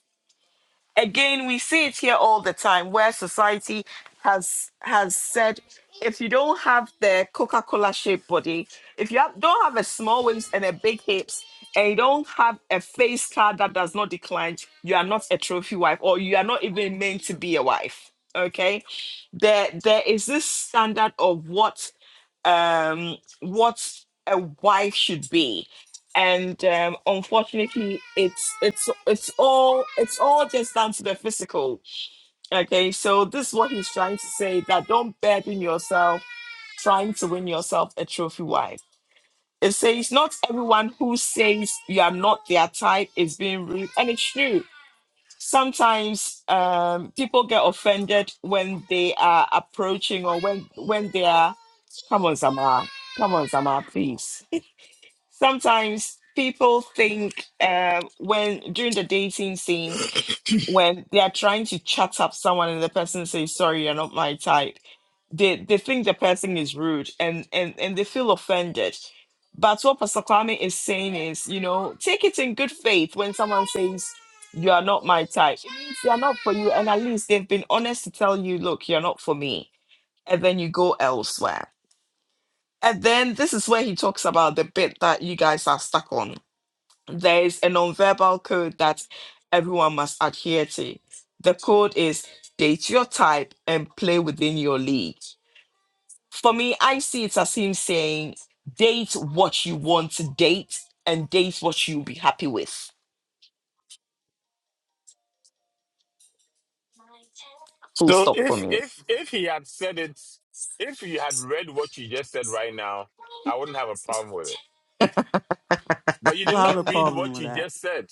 B: again we see it here all the time where society has has said if you don't have the coca-cola shaped body if you have, don't have a small waist and a big hips and you don't have a face card that does not decline you are not a trophy wife or you are not even meant to be a wife okay there there is this standard of what um, what a wife should be. And um, unfortunately, it's it's it's all it's all just down to the physical. Okay, so this is what he's trying to say: that don't burden yourself trying to win yourself a trophy wife. It says not everyone who says you are not their type is being rude, and it's true sometimes um, people get offended when they are approaching or when when they are come on Zama, come on Zama, please. Sometimes people think uh, when during the dating scene when they are trying to chat up someone and the person says sorry you're not my type they they think the person is rude and and and they feel offended but what pastor kwame is saying is you know take it in good faith when someone says you are not my type it means they are not for you and at least they've been honest to tell you look you're not for me and then you go elsewhere and then this is where he talks about the bit that you guys are stuck on there is a nonverbal code that everyone must adhere to. The code is date your type and play within your league. For me, I see it as him saying date what you want to date and date what you'll be happy with. Full
A: So
B: stop for
A: if
B: me.
A: if if he had said it, if he had read what you just said right now, I wouldn't have a problem with it. But you did
C: I have a
A: not read
C: problem
A: what
C: with
A: you
C: that.
A: just said.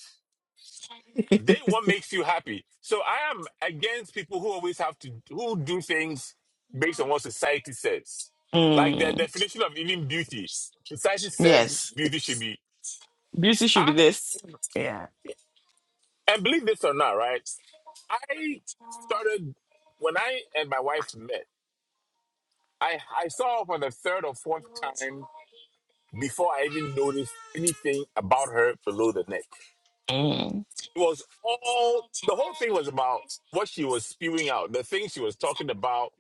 A: They what makes you happy. So I am against people who always have to who do things based on what society says. Like the
B: Mm,
A: definition of even beauty. Society says
B: yes.
A: beauty should be.
B: Beauty should be
A: I
B: this. Yeah.
A: and believe this or not, right? I started when I and my wife met. I I saw her for the third or fourth time before I even noticed anything about her below the neck.
B: Mm,
A: It was all the whole thing was about what she was spewing out, the things she was talking about,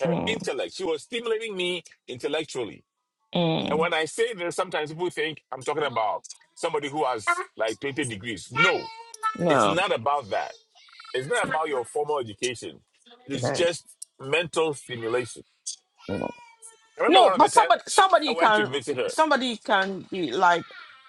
A: her
B: mm,
A: intellect. She was stimulating me intellectually. And
B: mm.
A: when I say this, sometimes people think I'm talking about somebody who has like 20 degrees. No, it's
B: No.
A: not about that. It's not about your formal education. It's
B: No.
A: just mental stimulation.
B: No.
A: I remember
B: No,
A: one of the
B: but
A: times
B: somebody
A: I
B: somebody
A: went to
B: can
A: visit her
B: somebody can be like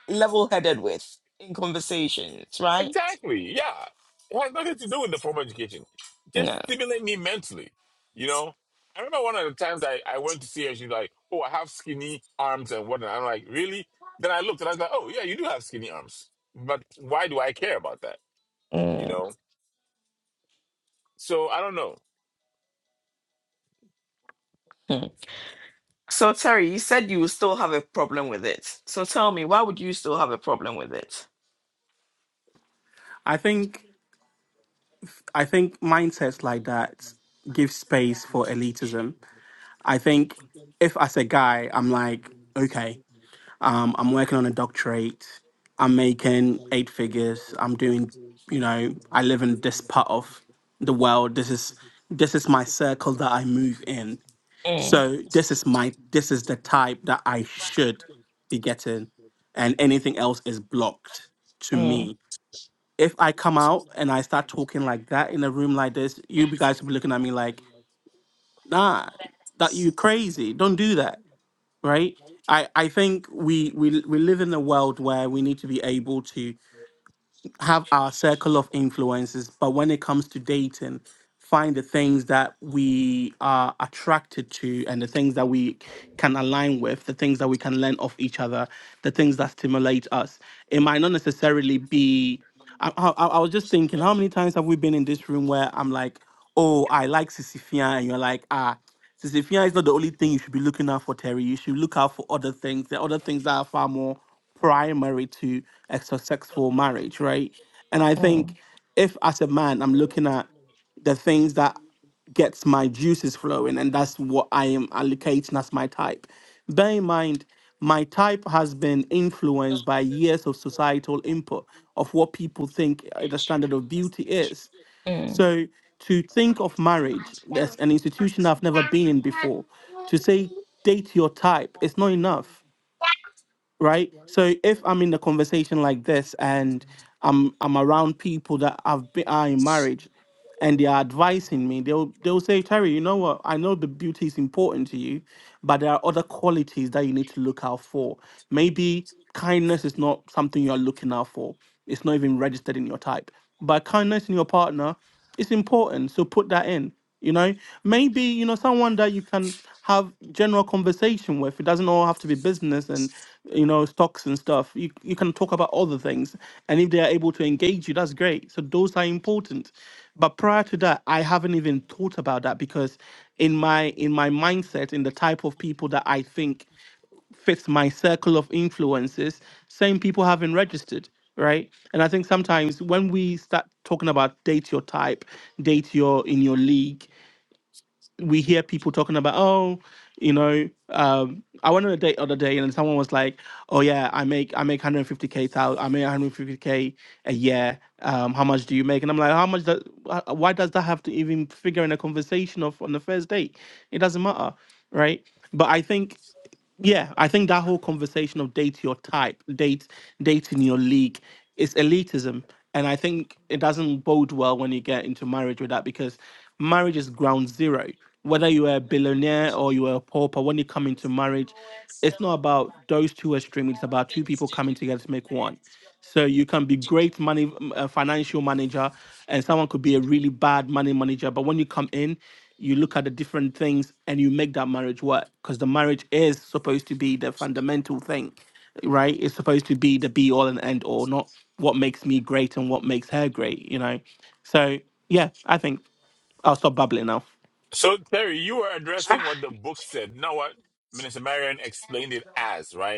B: level headed with in conversations, right?
A: Exactly. Yeah. It has nothing to do with the formal education.
B: Yeah.
A: Just stimulate me mentally. You know? I remember one of the times I, I went to see her, she's like, Oh, I have skinny arms and whatnot. I'm like, Really? Then I looked and I was like, Oh yeah, you do have skinny arms. But why do I care about that? You
B: Mhm.
A: know? So I don't know.
B: So Terry, you said you would still have a problem with it. So tell me, why would you still have a problem with it?
C: I think I think mindsets like that give space for elitism. I think if as a guy I'm like, okay, um, I'm working on a doctorate, I'm making eight figures, I'm doing you know, I live in this part of the world. This is this is my circle that I move in.
B: Mm,
C: So this is my this is the type that I should be getting, and anything else is blocked to
B: mm,
C: me. If I come out and I start talking like that in a room like this, you be- guys will be looking at me like, nah, that you crazy. Don't do that, right? I I think we we we live in a world where we need to be able to have our circle of influences, but when it comes to dating, find the things that we are attracted to and the things that we can align with, the things that we can learn off each other, the things that stimulate us. It might not necessarily be. I, I, I was just thinking, how many times have we been in this room where I'm like, oh, I like Sisifia, and you're like, ah. Sisyphia is not the only thing you should be looking out for, Terry. You should look out for other things. There are other things that are far more primary to a successful marriage, right? And I think
B: mm,
C: if, as a man, I'm looking at the things that gets my juices flowing, and that's what I am allocating as my type. Bear in mind, my type has been influenced by years of societal input of what people think uh, the standard of beauty is
B: mm.
C: so to think of marriage as an institution I've never been in before, to say date your type, it's not enough right? So if I'm in a conversation like this and I'm I'm around people that have been are in marriage and they are advising me, they'll they'll say, Terry, you know what? I know the beauty is important to you, but there are other qualities that you need to look out for. Maybe kindness is not something you're looking out for. It's not even registered in your type. But kindness in your partner is important. So put that in you know maybe you know someone that you can have general conversation with it doesn't all have to be business and you know stocks and stuff you, you can talk about other things and if they are able to engage you that's great so those are important but prior to that i haven't even thought about that because in my in my mindset in the type of people that i think fits my circle of influences same people haven't registered right and i think sometimes when we start talking about date your type date your in your league we hear people talking about, oh, you know, um, I went on a date the other day and someone was like, oh yeah, I make I make 150k thou I make 150k a year. Um, how much do you make? And I'm like, how much? Does, wh- why does that have to even figure in a conversation of on the first date? It doesn't matter, right? But I think yeah, I think that whole conversation of date your type, date dating your league, is elitism, and I think it doesn't bode well when you get into marriage with that because marriage is ground zero. Whether you are a billionaire or you are a pauper, when you come into marriage, it's not about those two extremes. It's about two people coming together to make one. So you can be great money uh, financial manager, and someone could be a really bad money manager. But when you come in, you look at the different things and you make that marriage work because the marriage is supposed to be the fundamental thing, right? It's supposed to be the be all and end all, not what makes me great and what makes her great, you know. So yeah, I think I'll stop bubbling now.
A: So Terry, you were addressing
B: Ah,
A: what the book said, not what Minister Marion explained it as, right?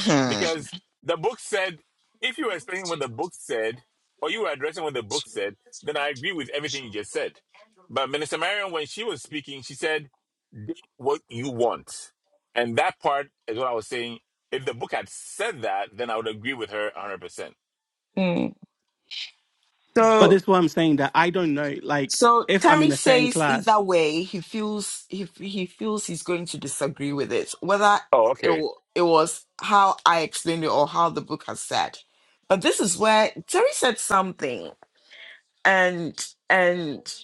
B: hmm,
A: because the book said, if you were explaining what the book said, or you were addressing what the book said, then I agree with everything you just said. But Minister Marion, when she was speaking, she said, "Do what you want. And that part is what I was saying. If the book had said that, then I would agree with her 100%.
B: mm.
C: But
B: So
C: this is what I'm saying that I don't know. Like
B: So
C: if I'm in
B: Terry
C: a certain
B: says
C: class.
B: either way he feels he he feels he's going to disagree with it, whether
A: Oh,
B: it
A: okay.
B: wa- it was how I explained it or how the book has said. But this is where Terry said something, and and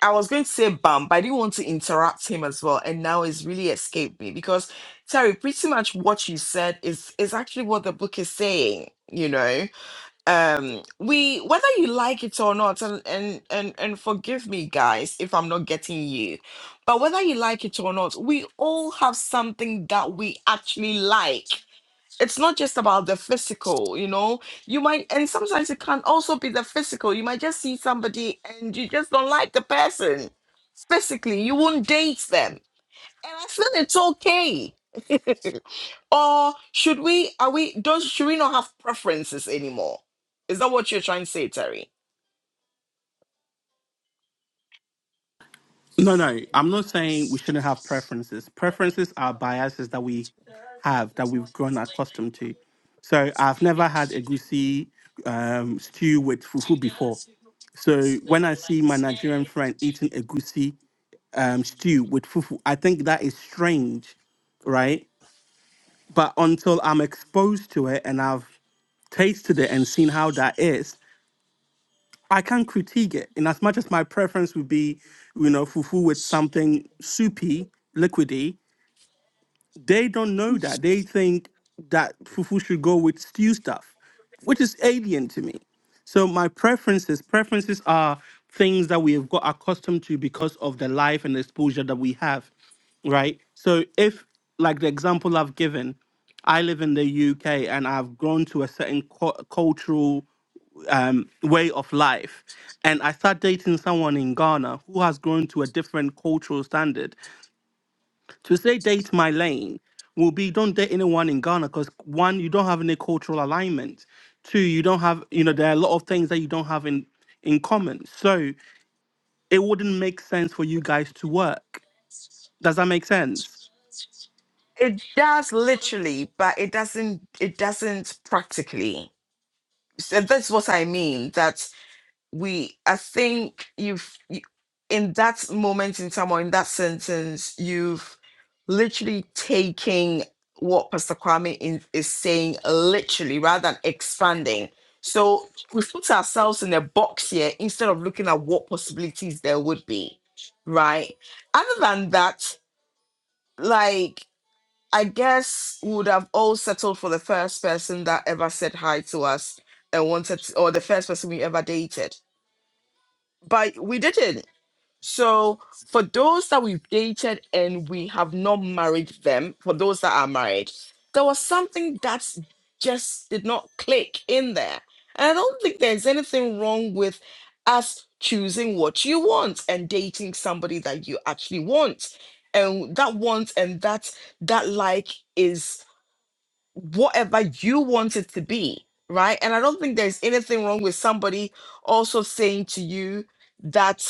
B: I was going to say bam, but I didn't want to interrupt him as well, and now it's really escaped me because Terry, pretty much what you said is is actually what the book is saying, you know um we whether you like it or not and and and and forgive me guys if i'm not getting you but whether you like it or not we all have something that we actually like it's not just about the physical you know you might and sometimes it can also be the physical you might just see somebody and you just don't like the person physically you won't date them and I said it's okay. or should we are we don't should we not have preferences anymore? Is that what you're trying to say, Terry?
C: No, no, I'm not saying we shouldn't have preferences. Preferences are biases that we have that we've grown accustomed to. So I've never had a goosey um, stew with fufu before. So when I see my Nigerian friend eating a goosey um, stew with fufu, I think that is strange, right? But until I'm exposed to it and I've tasted it and seen how that is, I can critique it. In as much as my preference would be, you know, fufu with something soupy, liquidy, they don't know that. They think that fufu should go with stew stuff, which is alien to me. So my preferences, preferences are things that we have got accustomed to because of the life and exposure that we have, right? So if, like the example I've given, I live in the UK and I've grown to a certain cu- cultural um, way of life. And I start dating someone in Ghana who has grown to a different cultural standard. To say date my lane will be don't date anyone in Ghana because one, you don't have any cultural alignment. Two, you don't have, you know, there are a lot of things that you don't have in in common. So it wouldn't make sense for you guys to work. Does that make sense?
B: It does literally, but it doesn't it doesn't practically. So that's what I mean. That we i think you've you, in that moment in time or in that sentence you've literally taking what pastor kwame in, is saying literally rather than expanding so we put ourselves in a box here instead of looking at what possibilities there would be right other than that like i guess we would have all settled for the first person that ever said hi to us and wanted to, or the first person we ever dated but we didn't. So for those that we've dated and we have not married them, for those that are married, there was something that just did not click in there. And I don't think there's anything wrong with us choosing what you want and dating somebody that you actually want. And that want and that that like is whatever you want it to be, right? And I don't think there's anything wrong with somebody also saying to you that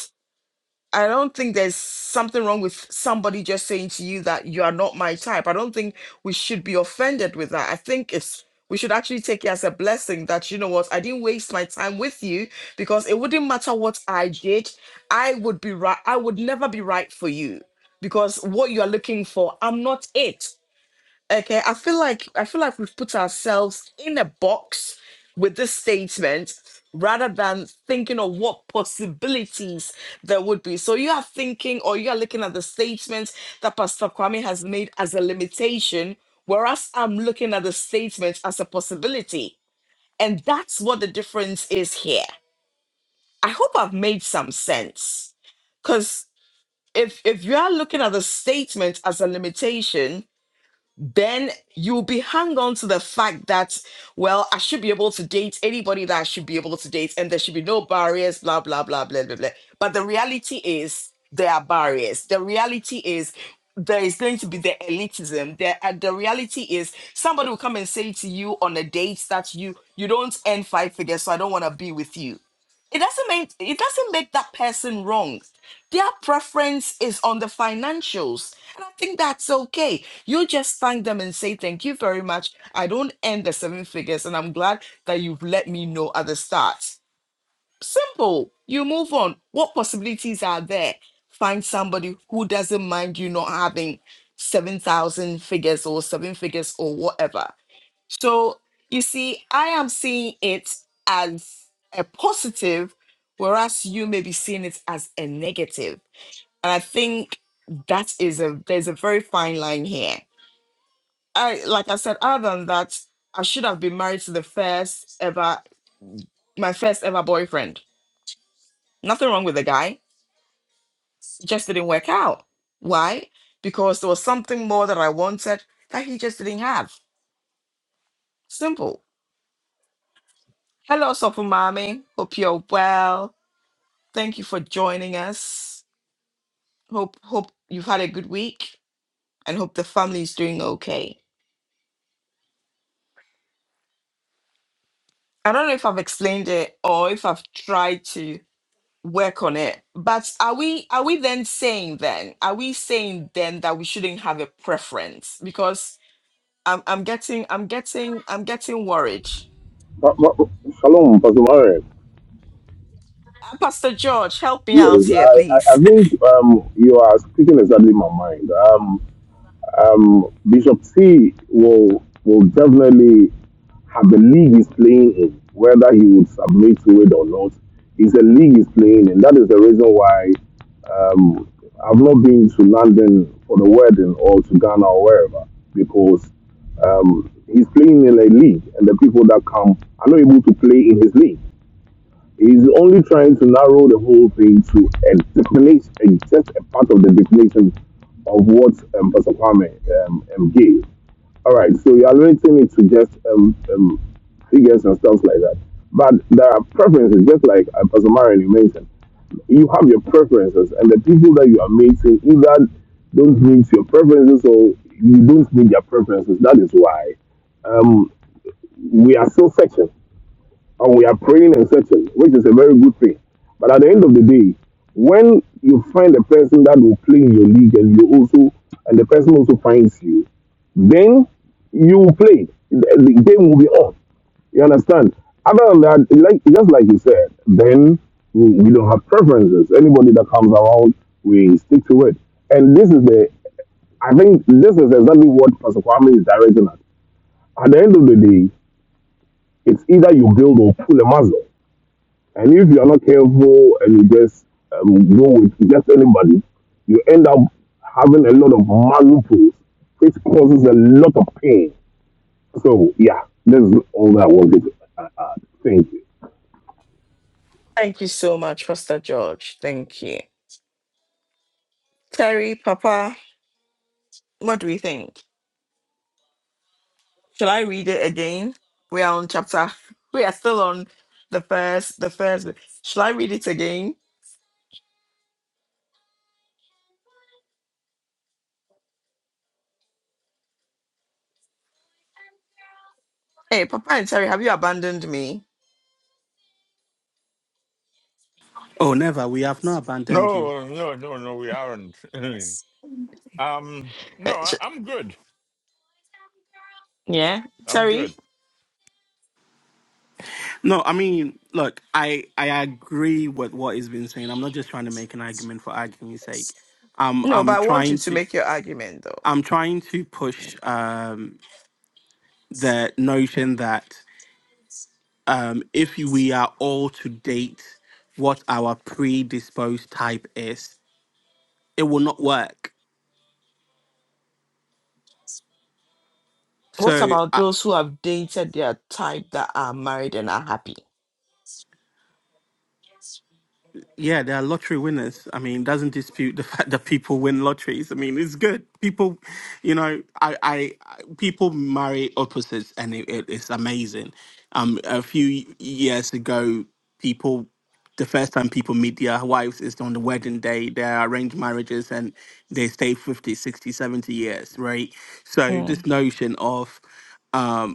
B: I don't think there's something wrong with somebody just saying to you that you are not my type. I don't think we should be offended with that. I think it's we should actually take it as a blessing that you know what, I didn't waste my time with you because it wouldn't matter what I did, I would be right, I would never be right for you because what you are looking for, I'm not it. Okay, I feel like I feel like we've put ourselves in a box with this statement rather than thinking of what possibilities there would be. So you are thinking or you are looking at the statement that Pastor Kwame has made as a limitation, whereas I'm looking at the statement as a possibility. And that's what the difference is here. I hope I've made some sense. Because if if you are looking at the statement as a limitation, then you'll be hung on to the fact that, well, I should be able to date anybody that I should be able to date, and there should be no barriers, blah, blah, blah, blah, blah, blah. But the reality is there are barriers. The reality is there is going to be the elitism. There, and the reality is somebody will come and say to you on a date that you you don't earn five figures, so I don't want to be with you. It doesn't mean it doesn't make that person wrong. Their preference is on the financials. And I think that's okay. You just thank them and say, Thank you very much. I don't end the seven figures, and I'm glad that you've let me know at the start. Simple. You move on. What possibilities are there? Find somebody who doesn't mind you not having 7,000 figures or seven figures or whatever. So, you see, I am seeing it as a positive, whereas you may be seeing it as a negative and I think that is a there's a very fine line here. I like I said, other than that, I should have been married to the first ever my first ever boyfriend. Nothing wrong with the guy. It just didn't work out. Why? Because there was something more that I wanted that he just didn't have. Simple. Hello, Sofumami. Hope you're well. Thank you for joining us. Hope hope you've had a good week and hope the family is doing okay. I don't know if I've explained it or if I've tried to work on it. But are we are we then saying then are we saying then that we shouldn't have a preference? Because I'm I'm getting I'm getting I'm getting worried.
E: Uh, uh, Shalom, Pastor Warren.
B: Uh, Pastor George, help me
E: Yes,
B: out
E: I,
B: here,
E: I
B: please.
E: I think um, you are speaking exactly my mind. Um, um, Bishop C will will definitely have the league he's playing in, whether he would submit to it or not. It's the league he's playing in. That is the reason why um, I've not been to London for the wedding or to Ghana or wherever because um, he's playing in a league, and the people that come are not able to play in his league. He's only trying to narrow the whole thing to a definition, a, just a part of the definition of what um, Pastor Kwame um, um, gave. All right, so you're limiting it to just um, um, figures and stuff like that. But there are preferences, just like uh, Pastor Marion you mentioned. You have your preferences, and the people that you are meeting either don't meet your preferences or you don't meet their preferences. That is why um, we are so sections and we are praying and searching, which is a very good thing. But at the end of the day, when you find a person that will play in your league and you also and the person also finds you, then you will play. The game will be on. You understand? Other than that, like just like you said, then we we don't have preferences. Anybody that comes around, we stick to it. And this is the, I think this is exactly what Pastor Kwame is directing at. At the end of the day, it's either you build or pull a muscle. And if you are not careful and you just um, go with just anybody, you end up having a lot of malnutrition, which causes a lot of pain. So, yeah, that's all that I wanted to add. Thank you.
B: Thank you so much, Pastor George. Thank you. Terry, Papa, what do we think? Shall I read it again? We are on chapter. We are still on the first. The first. Shall I read it again? Hey, Papa and Terry, have you abandoned me?
C: Oh, never. We have not abandoned you.
A: No, no, no, no, we aren't. um,
B: Uh,
A: no,
B: sh-
A: I, I'm good.
B: yeah,
A: I'm
B: Terry.
A: good.
C: No, I mean, look, I I agree with what he's been saying. I'm not just trying to make an argument for argument's sake. Um,
B: No, but
C: I'm
B: I want you
C: trying
B: to
C: to
B: make your argument though.
C: I'm trying to push um the notion that um if we are all to date what our predisposed type is, it will not work.
B: What
C: So
B: about
C: I,
B: those who have dated their type that are married and are happy?
C: yeah, they are lottery winners. I mean, doesn't dispute the fact that people win lotteries. I mean, it's good. People, you know, I, I I- people marry opposites, and it, it, it's amazing. Um, a few years ago, people, the first time people meet their wives is on the wedding day. They are arranged marriages, and they stay 50, 60, 70 years, right? So this
B: Mm.
C: notion of um,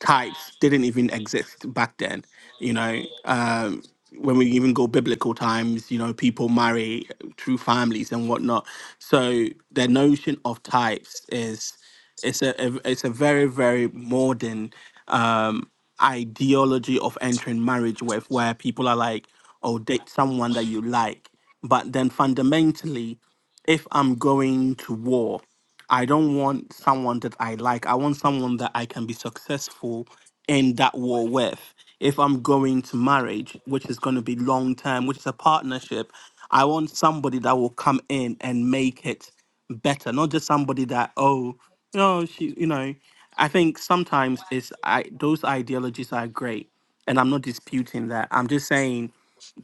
C: types didn't even exist back then. You know, um, when we even go biblical times, you know, people marry through families and whatnot. So the notion of types is it's a, a it's a very very modern um, ideology of entering marriage with, where people are like, oh, date someone that you like. But then fundamentally, if I'm going to war, I don't want someone that I like. I want someone that I can be successful in that war with. If I'm going to marriage, which is going to be long term, which is a partnership, I want somebody that will come in and make it better, not just somebody that oh, you know, she, you know, I think sometimes it's I those ideologies are great, and I'm not disputing that. I'm just saying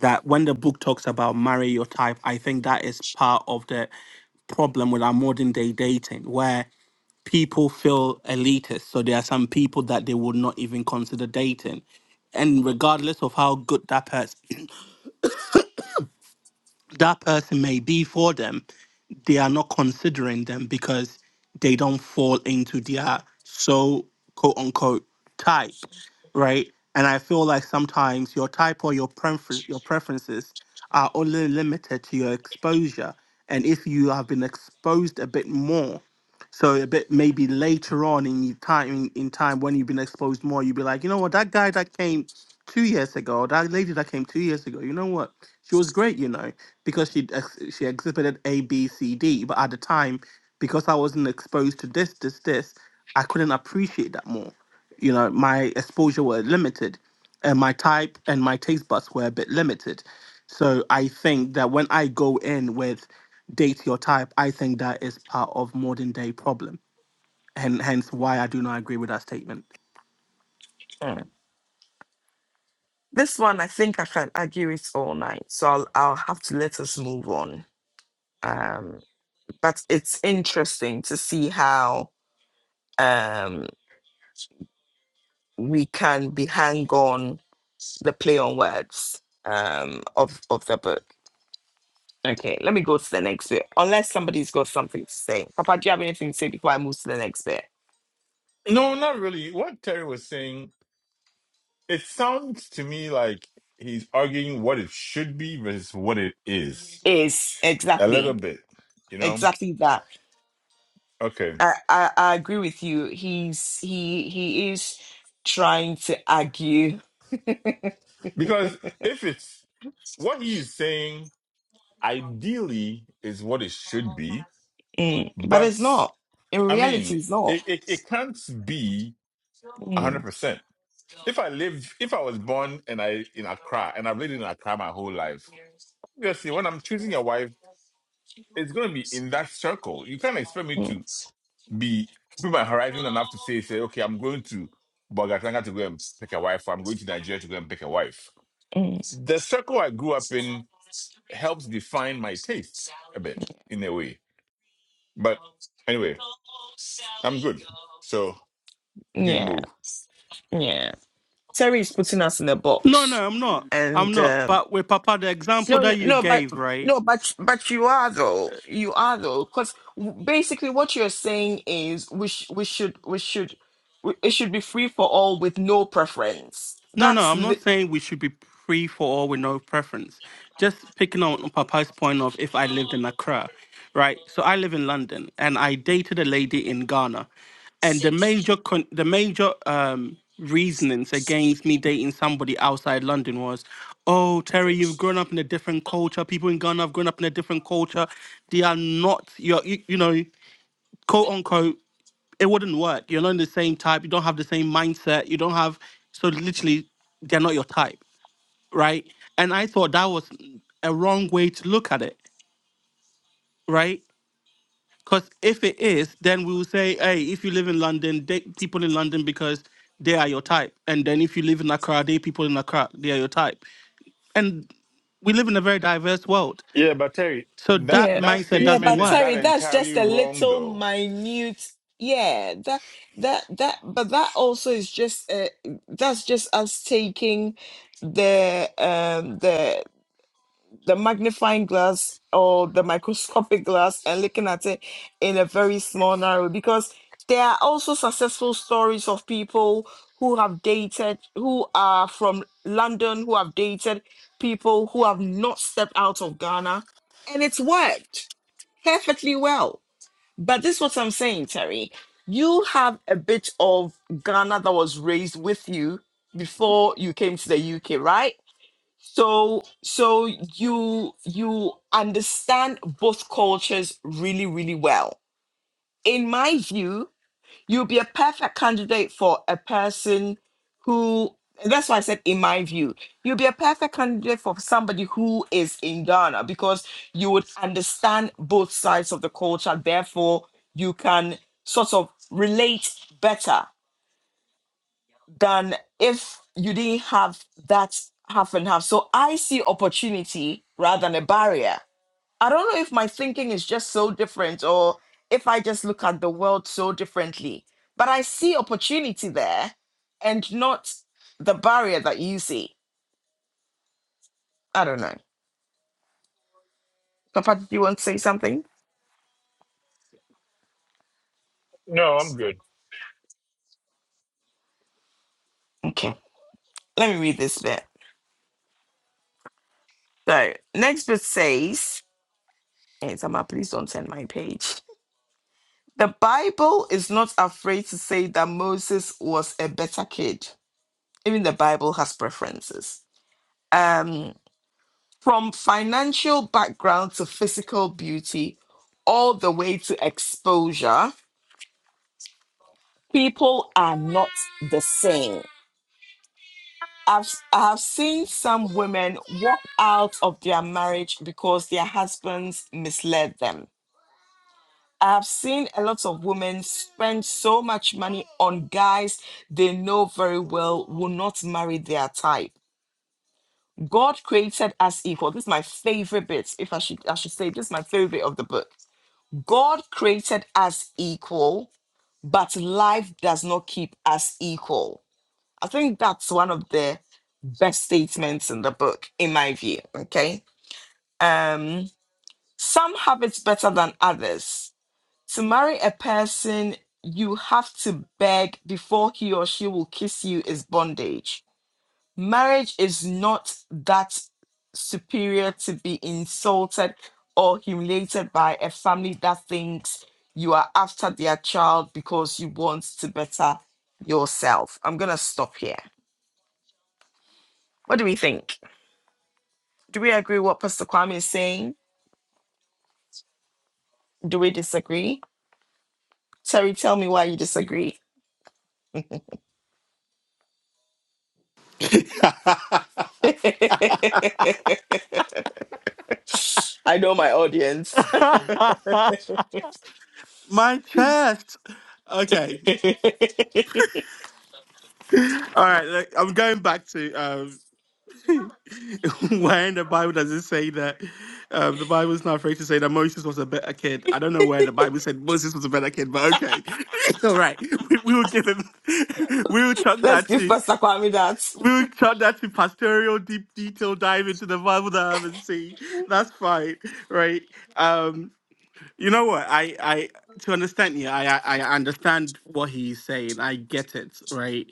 C: that when the book talks about marry your type, I think that is part of the problem with our modern day dating, where people feel elitist. So there are some people that they would not even consider dating, and regardless of how good that person that person may be for them, they are not considering them because they don't fall into their so quote unquote type, right? And I feel like sometimes your type or your preference your preferences are only limited to your exposure. And if you have been exposed a bit more so a bit maybe later on in your time in, in time when you've been exposed more, you'd be like, you know what, that guy that came two years ago, that lady that came two years ago, you know what, she was great, you know, because she ex- she exhibited A, B, C, D. But at the time, because I wasn't exposed to this, this, this, I couldn't appreciate that more. You know, my exposure were limited, and my type and my taste buds were a bit limited. So I think that when I go in with date your type, I think that is part of modern day problem, and hence why I do not agree with that statement.
B: Mm. This one, I think I can argue it all night, so I'll I'll have to let us move on. Um, but it's interesting to see how um we can be hang on the play on words um of of the book. Okay, let me go to the next bit. Unless somebody's got something to say, Papa, do you have anything to say before I move to the next bit?
A: No, not really. What Terry was saying It sounds to me like he's arguing what it should be versus what it is.
B: Is
A: A little
B: exactly
A: bit, you know?
B: exactly that.
A: Okay.
B: I, I I agree with you. He's he he is trying to argue,
A: Because if it's what he's saying, ideally is what it should be.
B: Mm. but it's
A: But
B: not. In
A: I
B: reality,
A: mean,
B: it's not.
A: it, it, it can't be
B: Mm.
A: 100%. If I lived, if I was born and I in Accra and I've lived in Accra my whole life, obviously when I'm choosing a wife, it's going to be in that circle. You can't expect me
B: Mm.
A: to be open my horizon enough to say, say, okay, I'm going to Bogatanga to go and pick a wife, or I'm going to Nigeria to go and pick a wife.
B: Mm.
A: The circle I grew up in helps define my tastes a bit in a way. But anyway, I'm good. So we can
B: Yeah,
A: move.
B: yeah. Terry is putting us in a
C: No,
B: box,
C: no, I'm not. I'm
B: and
C: not.
B: um,
C: But with Papa, the example
B: No, no,
C: that you
B: no, but
C: gave, right?
B: no, but but you are though. You are though, because basically what you're saying is we sh- we should we should we, it should be free for all with no preference.
C: No, no,
B: That's
C: I'm not
B: li-
C: saying we should be free for all with no preference. Just picking on Papa's point of if I lived in Accra, right? So I live in London, and I dated a lady in Ghana, and the major con- the major um, reasonings against me dating somebody outside London was, oh Terry, you've grown up in a different culture. People in Ghana have grown up in a different culture. They are not your, you, you know, quote unquote it wouldn't work. You're not in the same type. You don't have the same mindset. You don't have so literally they're not your type, right? And I thought that was a wrong way to look at it, right? Because if it is, then we will say, hey, if you live in London, date people in London because they are your type, and then if you live in Accra, date people in Accra, they are your type. And we live in a very diverse world,
A: Yeah, but Terry,
C: so
A: That
C: that
B: yeah,
A: that
C: mindset
B: yeah.
C: doesn't
A: statement
B: But
A: is
C: work.
A: not
B: Terry, that's
A: entirely
B: just a
A: wrong
B: little
A: though.
B: minute. Yeah, that that that. But that also is just uh, that's just us taking the um the the magnifying glass or the microscopic glass and looking at it in a very small narrow because there are also successful stories of people who have dated who are from london who have dated people who have not stepped out of ghana and it's worked perfectly well but this is what i'm saying terry you have a bit of ghana that was raised with you before you came to the uk right so so you you understand both cultures really really well. In my view, you'll be a perfect candidate for a person who and that's why I said in my view, you'll be a perfect candidate for somebody who is in Ghana because you would understand both sides of the culture, therefore you can sort of relate better than if you didn't have that half and half. So I see opportunity rather than a barrier. I don't know if my thinking is just so different or if I just look at the world so differently, but I see opportunity there and not the barrier that you see. I don't know. Papa, do you want to say something?
A: no, I'm good.
B: Okay. Let me read this bit. So next bit says, hey, Zama, please don't send my page. The Bible is not afraid to say that Moses was a better kid. Even the Bible has preferences. Um, from financial background to physical beauty, all the way to exposure, people are not the same. I've, I have seen some women walk out of their marriage because their husbands misled them. I've seen a lot of women spend so much money on guys they know very well will not marry their type. God created us equal. This is my favorite bit. If I should, I should say this is my favorite bit of the book. God created us equal, but life does not keep us equal. I think that's one of the best statements in the book, in my view. Okay. Um, some have it better than others To marry a person you have to beg before he or she will kiss you is bondage. Marriage is not that superior to be insulted or humiliated by a family that thinks you are after their child because you want to better yourself. I'm going to stop here. What do we think? Do we agree what Pastor Kwame is saying? Do we disagree? Terry, tell me why you disagree. I know my audience.
C: My chest. Okay. All right. like, I'm going back to. um, where in the Bible does it say that um, the Bible is not afraid to say that Moses was a better kid? I don't know where the Bible said Moses was a better kid, but okay, It's all right. We, we will give him. We will chuck
B: Let's
C: that
B: give
C: to.
B: Pastor Kwame that.
C: We will chuck that to pastoral deep detail dive into the Bible that I haven't seen. That's fine, right? Um, you know what? I, I to understand you, I, I I understand what he's saying. I get it, right?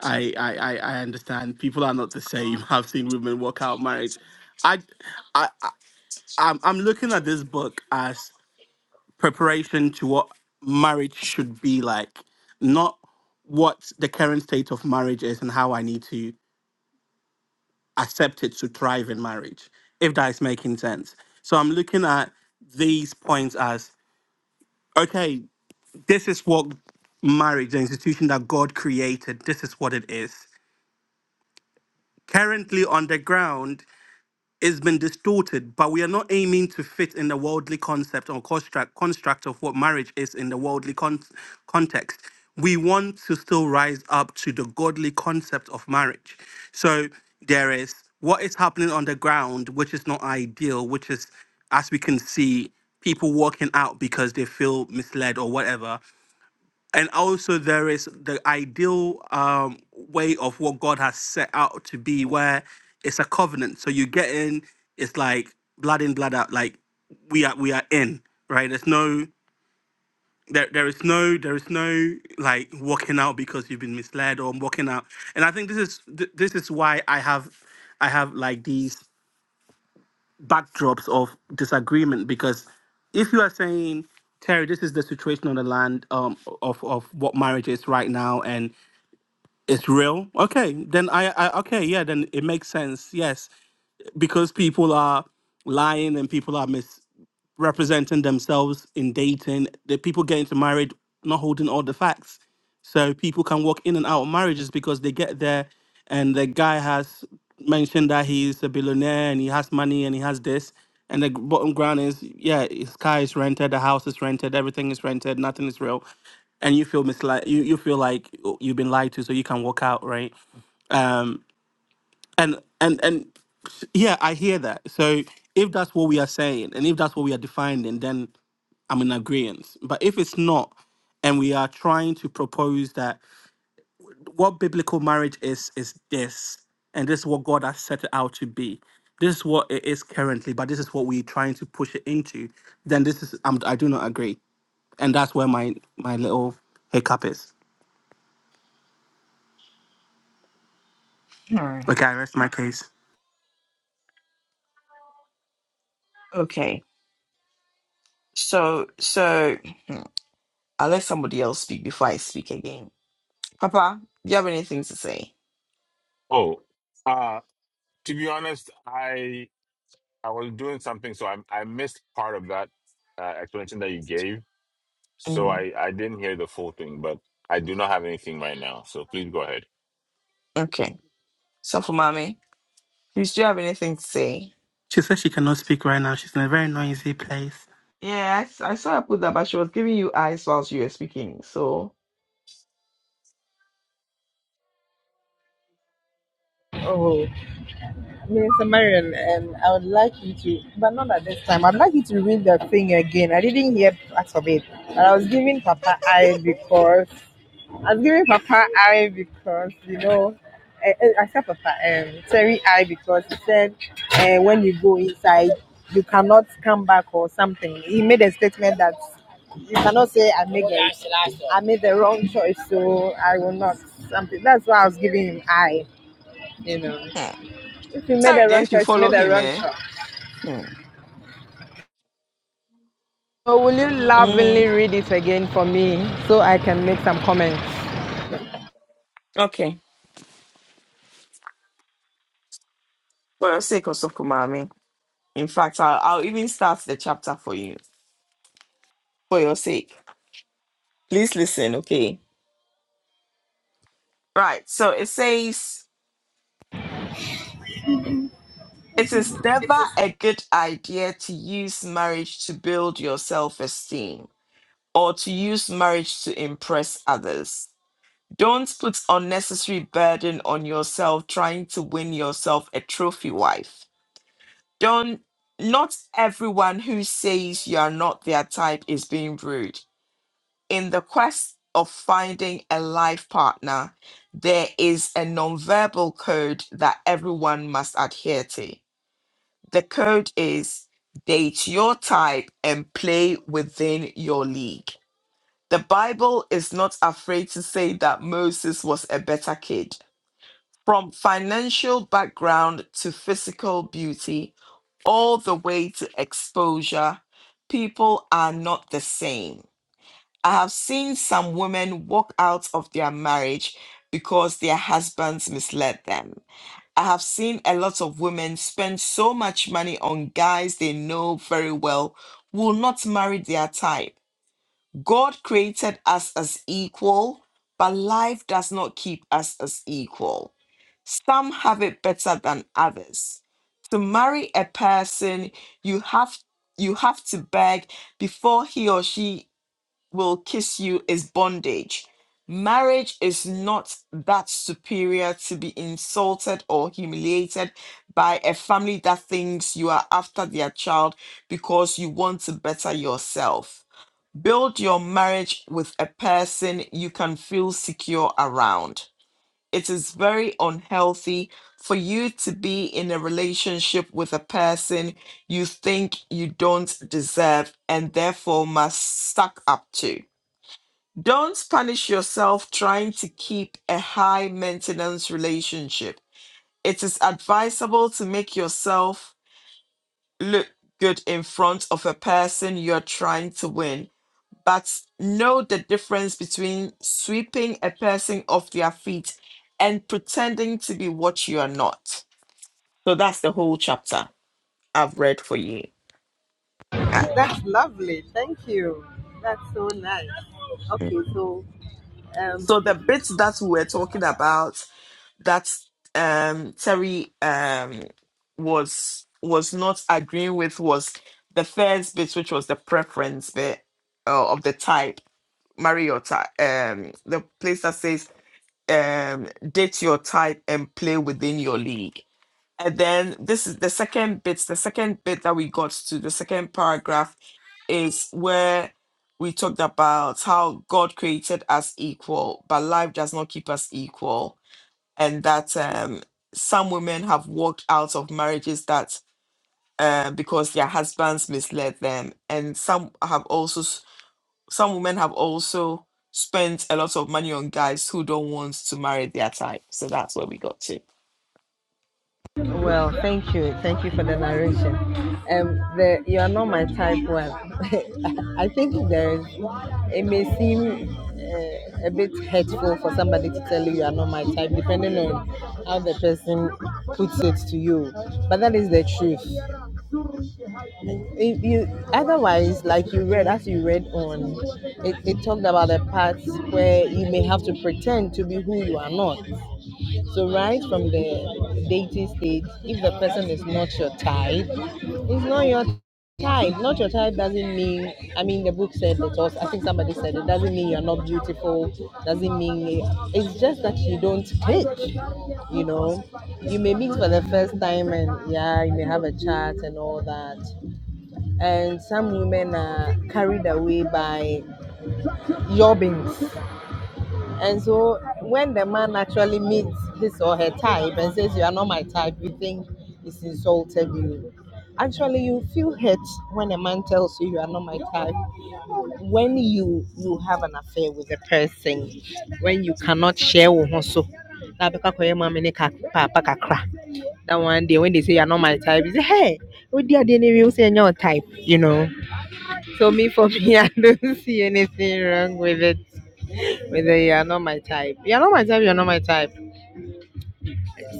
C: I, I I I understand. People are not the same. I've seen women walk out marriage. I I, I I'm I'm looking at this book as preparation to what marriage should be like, not what the current state of marriage is and how I need to accept it to thrive in marriage, if that is making sense. So I'm looking at these points as okay, This is what marriage, the institution that God created, this is what it is. Currently on the ground, it's been distorted, but we are not aiming to fit in the worldly concept or construct, construct of what marriage is in the worldly con- context. We want to still rise up to the godly concept of marriage. So there is what is happening on the ground, which is not ideal, which is, as we can see, people walking out because they feel misled or whatever and also there is the ideal um, way of what God has set out to be, where it's a covenant. So you get in, it's like blood in, blood out. Like we are, we are in, right? There's no, there, there is no, there is no like walking out because you've been misled or walking out. And I think this is th- this is why I have, I have like these backdrops of disagreement because if you are saying Terry, this is the situation on the land um, of of what marriage is right now, and it's real. Okay, then I, I okay, yeah, then it makes sense. Yes because people are lying and people are misrepresenting themselves in dating, the people get into marriage not holding all the facts. So people can walk in and out of marriages because they get there and the guy has mentioned that he's a billionaire and he has money and he has this. And the bottom ground is, yeah, his car is rented, the house is rented, everything is rented, nothing is real and you feel misli- you, you feel like oh, you've been lied to so you can walk out right Um, and and and yeah, I hear that. So if that's what we are saying, and if that's what we are defining, then I'm in agreement. But if it's not, and we are trying to propose that what biblical marriage is is this, and this is what God has set it out to be. This is what it is currently, but this is what we're trying to push it into. Then this is I'm, I do not agree, and that's where my my little hiccup is.
B: Hmm,
C: Okay, I rest my case.
B: Okay. So, so hmm, I'll let somebody else speak before I speak again. Papa, do you have anything to say?
A: Oh. Uh to be honest, I I was doing something, so I I missed part of that uh, explanation that you gave. So
B: Mm,
A: I, I didn't hear the full thing, but I do not have anything right now. So please go ahead.
B: okay. So for mommy, please, do you have anything to say?
C: She says she cannot speak right now. She's in a very noisy place.
B: Yeah, I, s- I saw her put that, but she was giving you eyes whilst you were speaking. So,
F: Oh, Mister Marion, um, I would like you to, but not at this time. I'd like you to read the thing again. I didn't hear parts of it, And I was giving Papa I because I was giving Papa I because you know. eh, eh, I said, Papa, um, Terry, I because he said uh, when you go inside, you cannot come back or something. He made a statement that you cannot say I made a, I made the wrong choice, so I will not something. That's why I was giving him I, you know.
B: hmm.
F: If you made
B: sorry,
F: a wrong
B: Dave, you
F: choice, you
B: follow
F: made a
B: him,
F: wrong
B: eh?
F: choice.
B: Hmm.
F: So will you lovingly
B: Mm,
F: read it again for me so I can make some comments?
B: okay. For the sake of Sokumami. In fact, I'll, I'll even start the chapter for you, for your sake. Please listen, okay? Right. So it says, It is never a good idea to use marriage to build your self esteem or to use marriage to impress others. Don't put unnecessary burden on yourself trying to win yourself a trophy wife. Don't not everyone who says you are not their type is being rude in the quest of finding a life partner, there is a nonverbal code that everyone must adhere to. The code is date your type and play within your league. The Bible is not afraid to say that Moses was a better kid. From financial background to physical beauty, all the way to exposure, people are not the same. I have seen some women walk out of their marriage because their husbands misled them. I have seen a lot of women spend so much money on guys they know very well will not marry their type. God created us as equal, but life does not keep us as equal. Some have it better than others. To marry a person, you have you have to beg before he or she will kiss you is bondage. Marriage is not that superior to be insulted or humiliated by a family that thinks you are after their child because you want to better yourself. Build your marriage with a person you can feel secure around. It is very unhealthy for you to be in a relationship with a person you think you don't deserve and therefore must suck up to. Don't punish yourself trying to keep a high maintenance relationship. It is advisable to make yourself look good in front of a person you're trying to win, but know the difference between sweeping a person off their feet and pretending to be what you are not. So that's the whole chapter I've read for you. Ah.
F: That's lovely. Thank you. That's so nice. Okay, so um,
B: So the bits that we were talking about that um Terry um was was not agreeing with was the first bit, which was the preference bit uh, of the type Mariota, um, the place that says um date your type and play within your league. And then this is the second bit. The second bit that we got to the second paragraph is where we talked about how God created us equal, but life does not keep us equal and that um, some women have walked out of marriages that uh, because their husbands misled them, and some have also s- some women have also spent a lot of money on guys who don't want to marry their type. So that's where we got to.
F: well, thank you, thank you for the narration. Um, the you are not my type one. I think there is. It may seem uh, a bit hurtful for somebody to tell you you are not my type, depending on how the person puts it to you. But that is the truth. If you otherwise, like you read, as you read on, it, it talked about the parts where you may have to pretend to be who you are not. So right from the dating stage, if the person is not your type, it's not your type. Not your type doesn't mean. I mean, the book said it also. I think somebody said it doesn't mean you're not beautiful. Doesn't mean it's just that you don't click. You know, you may meet for the first time and yeah, you may have a chat and all that and some women are carried away by jobbings. And so when the man actually meets his or her type and says, You are not my type, you think he's insulted you. Actually, you feel hurt when a man tells you you are not my type. When you you have an affair with a person, when you cannot share wo ho so, na abɛkɔ akɔyɛ maame ne ka- kakra. That one day when they say you are not my type, you say, Hey, what dear, dear, you say you're not type, you know. So me for me, I don't see anything wrong with it. Whether you are not my type, you are not my type. You are not my type.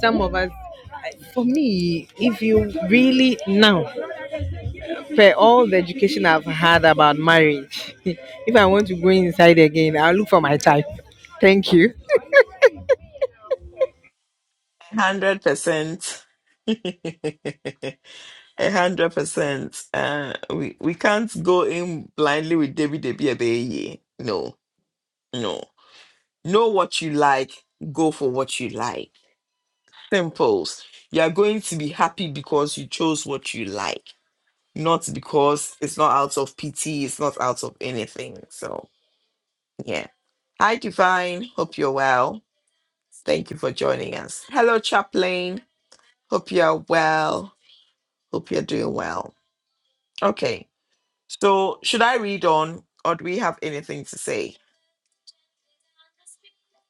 F: Some of us, for me, if you really now, for all the education I've had about marriage, if I want to go inside again, I'll look for my type. Thank you.
B: Hundred percent. A hundred percent. Uh, we we can't go in blindly with Debbie Debbie Abeye. No, no. Know what you like. Go for what you like Simples. You are going to be happy because you chose what you like, not because it's not out of pity, it's not out of anything. So, yeah. Hi, Divine. Hope you're well. Thank you for joining us. Hello, Chaplain. Hope you're well. Hope you're doing well. Okay. So, should I read on or do we have anything to say?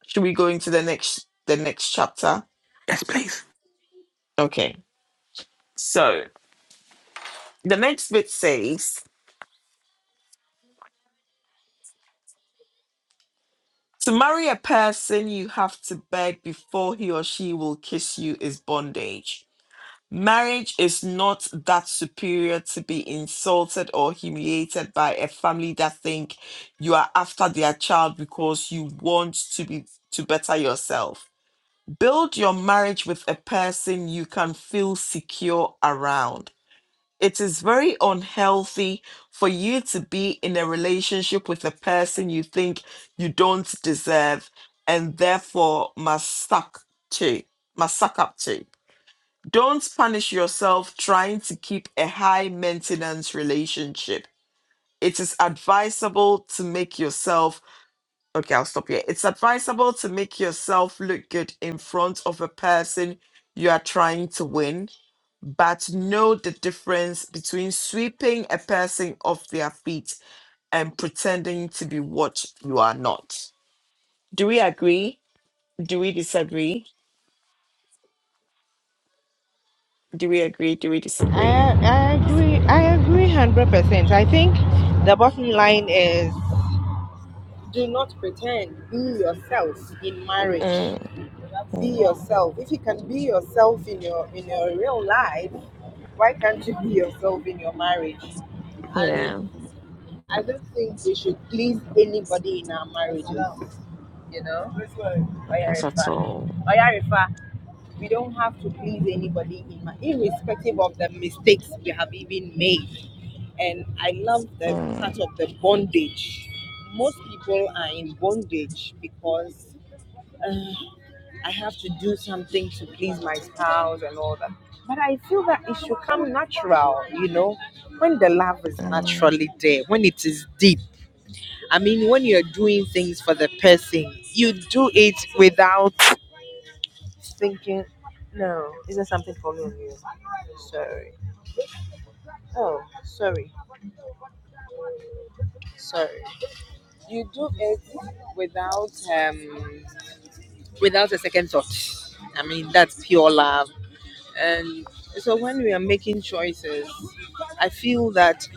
B: Should we go into the next the next chapter?
C: Yes, please.
B: Okay. So, the next bit says To marry a person you have to beg before he or she will kiss you is bondage. Marriage is not that superior to be insulted or humiliated by a family that think you are after their child because you want to be to better yourself. Build your marriage with a person you can feel secure around. It is very unhealthy for you to be in a relationship with a person you think you don't deserve and therefore must suck to, must suck up to. Don't punish yourself trying to keep a high maintenance relationship. It is advisable to make yourself Okay, I'll stop here. It's advisable to make yourself look good in front of a person you are trying to win, but know the difference between sweeping a person off their feet and pretending to be what you are not. Do we agree? Do we disagree? Do we agree? Do we disagree?
F: I I agree. I agree hundred percent. I think the bottom line is do not pretend. Be yourself in marriage.
B: Mm,
F: Be
B: mm,
F: yourself. If you can be yourself in your in your real life, why can't you be yourself in your marriage? And
B: yeah,
F: I don't think we should please anybody in our marriages. You know?
B: that's at all.
F: Oyarifa. Oyarifa. We don't have to please anybody in my irrespective of the mistakes we have even made. And I love the part
B: Mm,
F: of the bondage. Most people are in bondage because uh, I have to do something to please my spouse and all that. But I feel that it should come natural, you know, when the love is
B: mm.
F: naturally there, when it is deep. I mean, when you're doing things for the person, you do it without thinking, no, is there something for me? or you?" Sorry. Oh, sorry. Sorry. You do it without um without a second thought. I mean, that's pure love And so when we are making choices, I feel that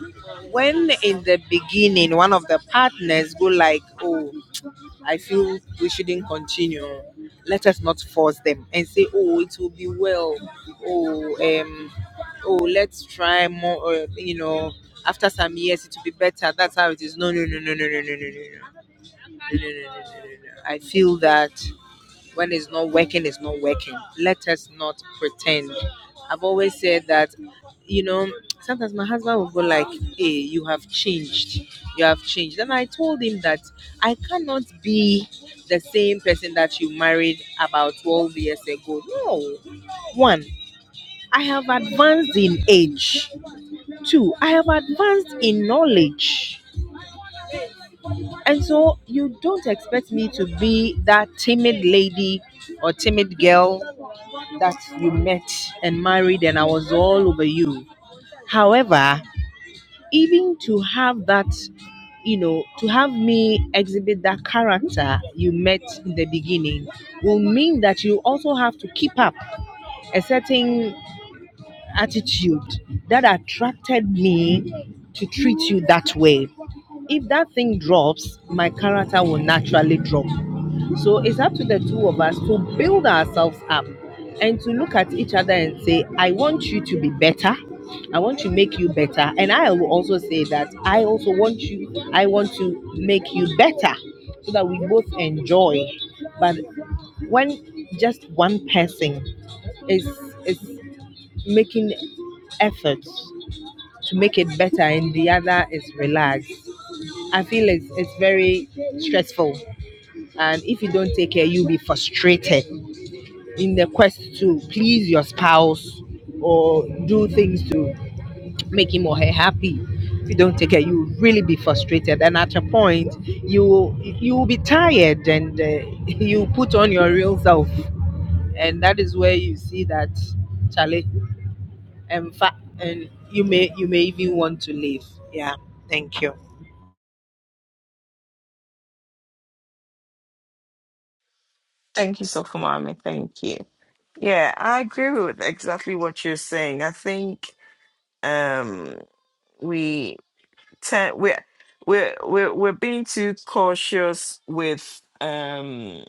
F: when in the beginning one of the partners go like, "Oh, I feel we shouldn't continue," let us not force them and say, "Oh, it will be well." Oh, um, oh, let's try more. Or, you know, after some years, it will be better. That's how it is. No, no, no, no, no, no, no, no, no, no, no, no, no, no, no. no, no. I feel that when it's not working, it's not working. Let us not pretend. I've always said that, you know, sometimes my husband will go like, hey, you have changed. You have changed. And I told him that I cannot be the same person that you married about 12 years ago. No. One, I have advanced in age. Two, I have advanced in knowledge. And so you don't expect me to be that timid lady or timid girl that you met and married and I was all over you. However, even to have that, you know, to have me exhibit that character you met in the beginning will mean that you also have to keep up a certain attitude that attracted me to treat you that way. If that thing drops, my character will naturally drop. So it's up to the two of us to build ourselves up and to look at each other and say, I want you to be better. I want to make you better. And I will also say that I also want you, I want to make you better so that we both enjoy. But when just one person is is making efforts to make it better and the other is relaxed, I feel it's, it's very stressful. And if you don't take care, you'll be frustrated in the quest to please your spouse or do things to make him or her happy. If you don't take care, you will really be frustrated, and at a point, you will, you will be tired, and uh, you put on your real self, and that is where you see that Charlie and fa- and you may you may even want to leave. Yeah, thank you.
B: Thank you so much, Mommy. Thank you. Yeah, I agree with exactly what you're saying. I think um we tend we're we're we're we're being too cautious with um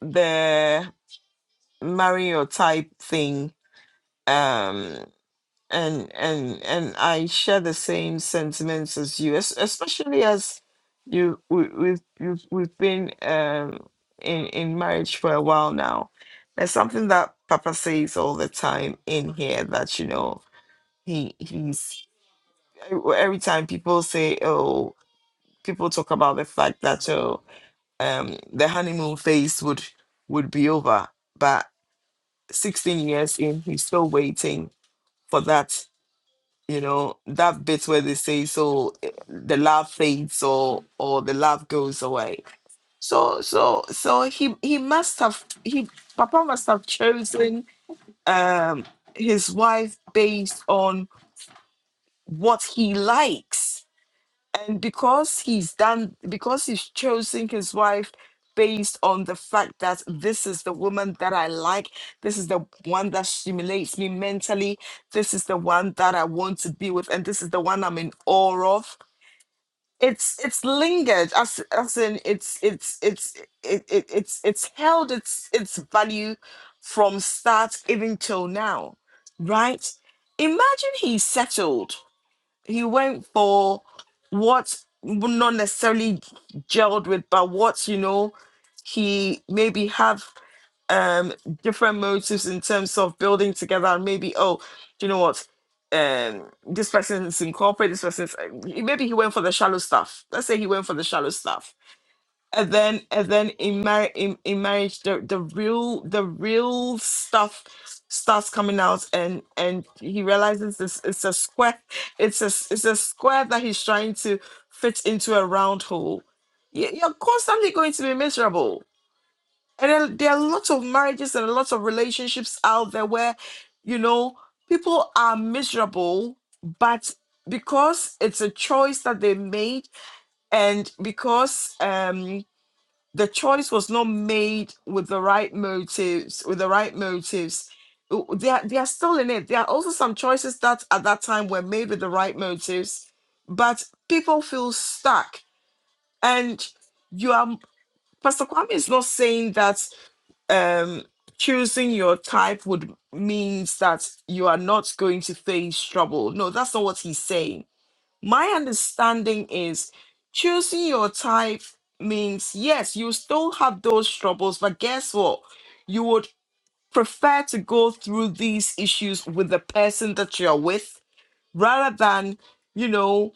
B: the Mario type thing um and and and I share the same sentiments as you es- especially as you we, we've you've, we've been um in in marriage for a while now there's something that Papa says all the time in here that you know he he's every every time people say, oh, people talk about the fact that oh, um, the honeymoon phase would would be over, but 16 years in, he's still waiting for that. You know that bit where they say so eh, the love fades or or the love goes away. So so so he he must have he Papa must have chosen um his wife based on what he likes and because he's done because he's chosen his wife based on the fact that this is the woman that I like this is the one that stimulates me mentally this is the one that I want to be with and this is the one I'm in awe of it's it's lingered as as in it's it's it's it, it it's it's held its its value from start even till now right imagine he's settled he went for what's not necessarily gelled with, but what's you know, he maybe have um different motives in terms of building together and maybe, oh, do you know what? Um this person's in corporate, this person's uh, maybe he went for the shallow stuff. Let's say he went for the shallow stuff and then and then in marriage in, in marriage the, the real the real stuff starts coming out and and he realizes this it's a square it's a s- it's a square that he's trying to fit into a round hole You- you're constantly going to be miserable and then there are lots of marriages and lots of relationships out there where you know people are miserable but because it's a choice that they made and because um the choice was not made with the right motives with the right motives Uh, they are, they are still in it there are also some choices that at that time were made with the right motives but people feel stuck and you are pastor kwame is not saying that um choosing your type would means that you are not going to face trouble no that's not what he's saying my understanding is choosing your type means yes, you still have those troubles, but guess what? You would prefer to go through these issues with the person that you're with rather than, you know,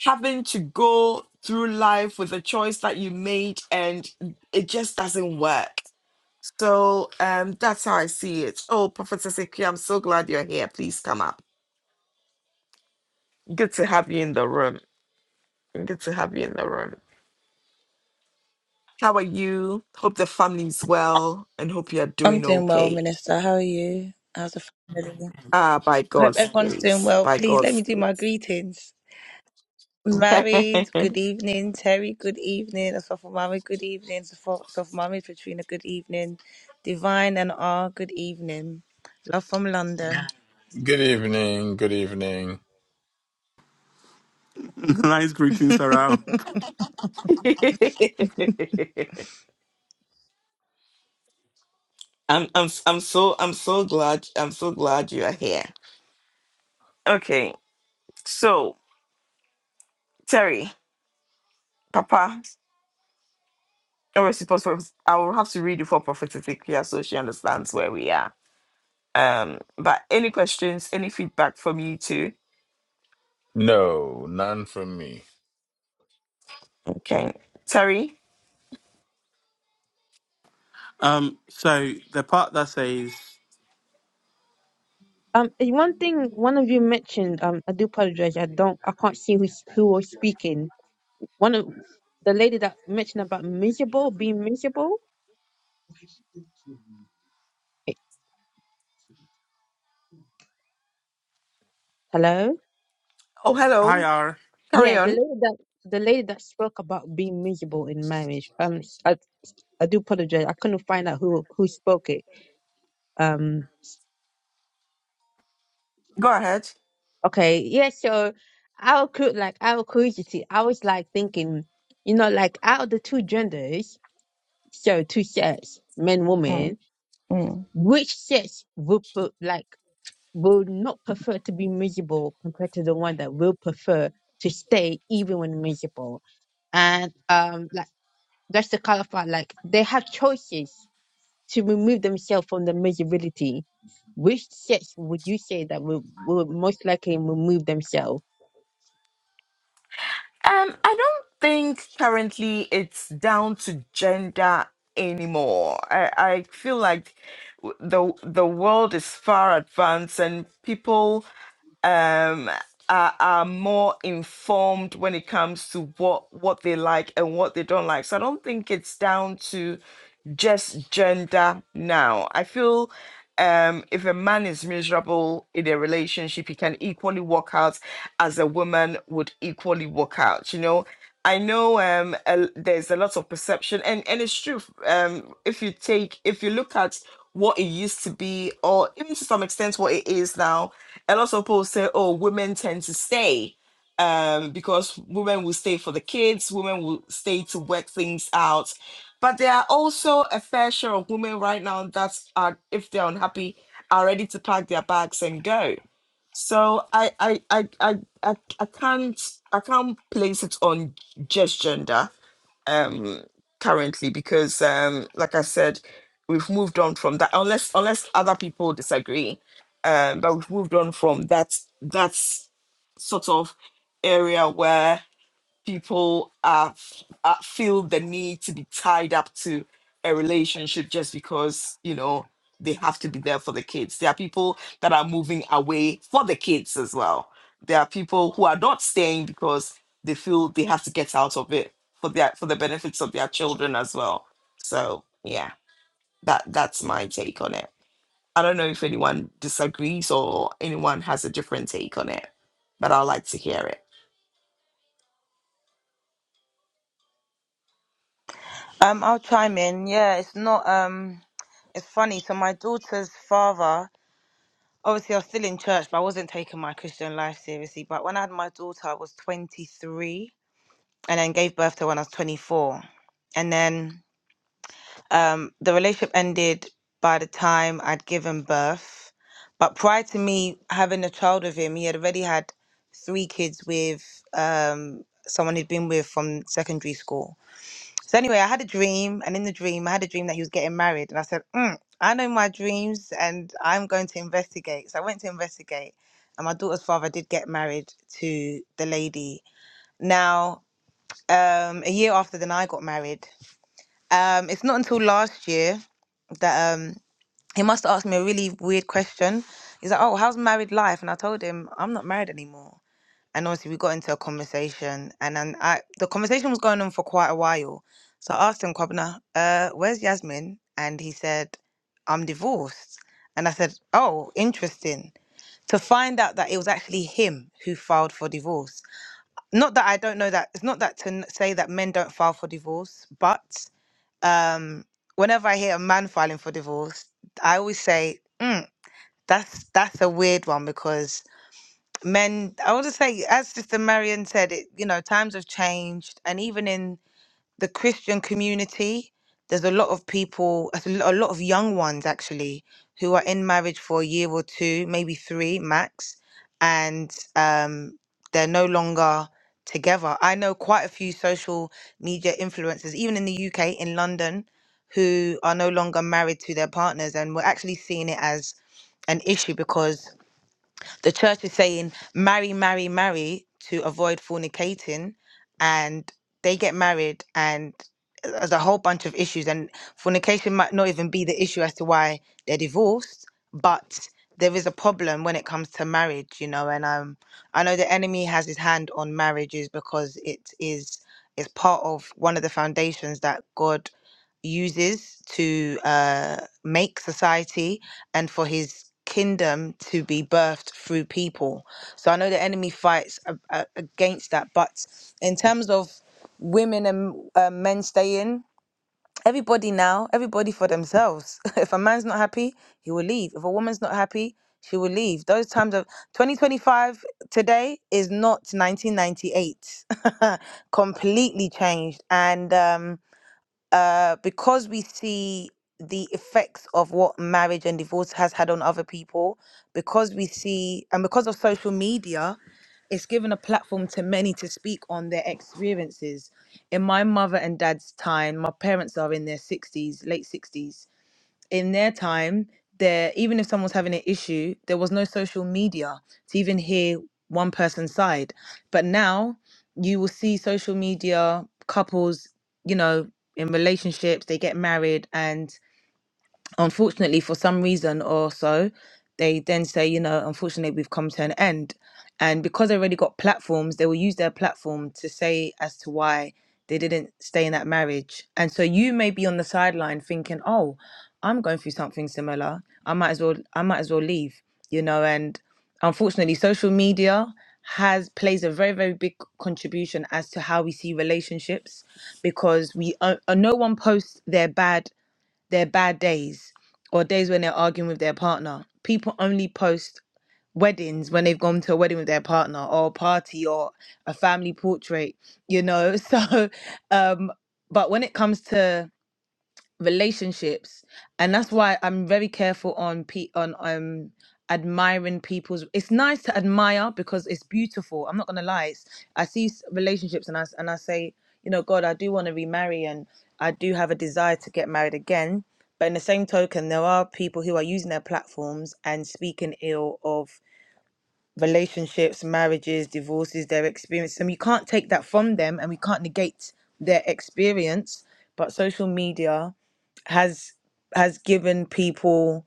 B: having to go through life with a choice that you made and it just doesn't work. So um that's how I see it. Oh, Prophetess Ikea, I'm so glad you're here. Please come up. Good to have you in the room. Good to have you in the room. How are you? Hope the family's well and hope you're
G: I'm
B: doing
G: doing well,
B: okay.
G: Minister. How are you? How's the family?
B: Ah, by
G: I hope
B: God's
G: everyone's doing
B: grace.
G: well.
B: By
G: Please let
B: God's
G: me do my
B: grace.
G: greetings. Married, good evening. Terry, good evening. Asafa Mami, good evening. Asafa Mami, Katrina, good evening. Divine and R, good evening. Love from London.
A: Good evening. Good evening.
C: nice greetings around.
B: I'm I'm I'm so I'm so glad I'm so glad you are here. Okay. So, Terry, Papa, or suppose I will have to read it for prophetic prayer so she understands where we are. Um, but any questions, any feedback from you two?
A: No, none from me.
B: Okay. Terry.
C: Um, so the part that says
H: Um, and one thing one of you mentioned. Um, I do apologize. I don't. I can't see who's, who was speaking. One of the lady that mentioned about miserable, being miserable. Eh, Hello.
B: Oh
C: "Hi
B: hello.
C: R,"
B: Carry
H: Yeah, the
B: on.
H: lady that the lady that spoke about being miserable in marriage. Um, I I do apologize. I couldn't find out who who spoke it. Um.
B: Go ahead.
H: Okay. Yeah. So our cru- like our curiosity. I was like thinking, you know, like out of the two genders, so two sets, men, women,
B: Mm. Um,
H: which sex would put like. will not prefer to be miserable compared to the one that will prefer to stay even when miserable. And um, like just to clarify. Like they have choices to remove themselves from the miserability. Which sex would you say that will, will most likely remove themselves?
B: I don't think currently it's down to gender anymore. I, I feel like w- the the world is far advanced and people um are, are more informed when it comes to what what they like and what they don't like. So I don't think it's down to just gender now. I feel um, if a man is miserable in a relationship, he can equally walk out as a woman would equally walk out. You know, I know um, a- there's a lot of perception, and and it's true. Um, if you take, if you look at what it used to be, or even to some extent what it is now, a lot of people say, "Oh, women tend to stay." um, because women will stay for the kids, women will stay to work things out, but there are also a fair share of women right now that are, if they're unhappy, are ready to pack their bags and go. So I I I I, I, I can't I can't place it on just gender um currently because um like I said, we've moved on from that unless unless other people disagree. Um but we've moved on from that that's sort of area where people are, are feel the need to be tied up to a relationship just because you know they have to be there for the kids there are people that are moving away for the kids as well there are people who are not staying because they feel they have to get out of it for their for the benefits of their children as well so yeah that that's my take on it i don't know if anyone disagrees or anyone has a different take on it but i'd like to hear it
G: um, I'll chime in. Yeah, it's not um, it's funny. So my daughter's father. Obviously, I was still in church, but I wasn't taking my Christian life seriously. But when I had my daughter, I was 23 and then gave birth to when I was 24. And then um, the relationship ended by the time I'd given birth. But prior to me having a child with him, he had already had three kids with um, someone he'd been with from secondary school. So anyway, I had a dream, and in the dream, I had a dream that he was getting married, and I said, mm, "I know my dreams, and I'm going to investigate." So I went to investigate, and my daughter's father did get married to the lady. Now um a year after then I got married. Um it's not until last year that um he must have asked me a really weird question. He's like, "Oh, how's married life?" And I told him, "I'm not married anymore." And obviously, we got into a conversation, and then I the conversation was going on for quite a while. So I asked him, "Kwabena, uh, where's Yasmin?" And he said, "I'm divorced." And I said, "Oh, interesting." To find out that it was actually him who filed for divorce not that I don't know that it's not that to n- say that men don't file for divorce, but um, whenever I hear a man filing for divorce, I always say mm, that's that's a weird one because men. I want to say, as Sister Marion said, it you know times have changed, and even in the Christian community, there's a lot of people, a lo- a lot of young ones actually, who are in marriage for a year or two, maybe three max, and um, they're no longer together. I know quite a few social media influencers, even in the UK, in London, who are no longer married to their partners, and we're actually seeing it as an issue because the church is saying, marry, marry, marry to avoid fornicating. And they get married, and uh, there's a whole bunch of issues. And fornication might not even be the issue as to why they're divorced, but there is a problem when it comes to marriage, you know. And um, I know the enemy has his hand on marriages because it is it's part of one of the foundations that God uses to uh, make society and for his kingdom to be birthed through people. So I know the enemy fights a- a- against that, but in terms of women and uh, men staying, everybody now, everybody for themselves. if a man's not happy, he will leave. If a woman's not happy, she will leave. Those times of 2025 today is not 1998. Completely changed. And um uh, because we see the effects of what marriage and divorce has had on other people, because we see, and because of social media, it's given a platform to many to speak on their experiences. In my mother and dad's time, my parents are in their 60s, late 60s in their time, there even if someone's having an issue, there was no social media to even hear one person's side. But now you will see social media couples, you know, in relationships, they get married and unfortunately for some reason or so they then say you know unfortunately we've come to an end and because they already got platforms they will use their platform to say as to why they didn't stay in that marriage and so you may be on the sideline thinking oh i'm going through something similar i might as well i might as well leave you know and unfortunately social media has plays a very very big contribution as to how we see relationships because we uh, uh, no one posts their bad their bad days or days when they're arguing with their partner. People only post weddings when they've gone to a wedding with their partner or a party or a family portrait, you know. So um but when it comes to relationships and that's why i'm very careful on pe on um admiring people's it's nice to admire because it's beautiful i'm not gonna lie it's, i see s- relationships and i s- and i say you know god i do want to remarry and i do have a desire to get married again but in the same token there are people who are using their platforms and speaking ill of relationships marriages divorces their experience and we can't take that from them and we can't negate their experience but social media has has given people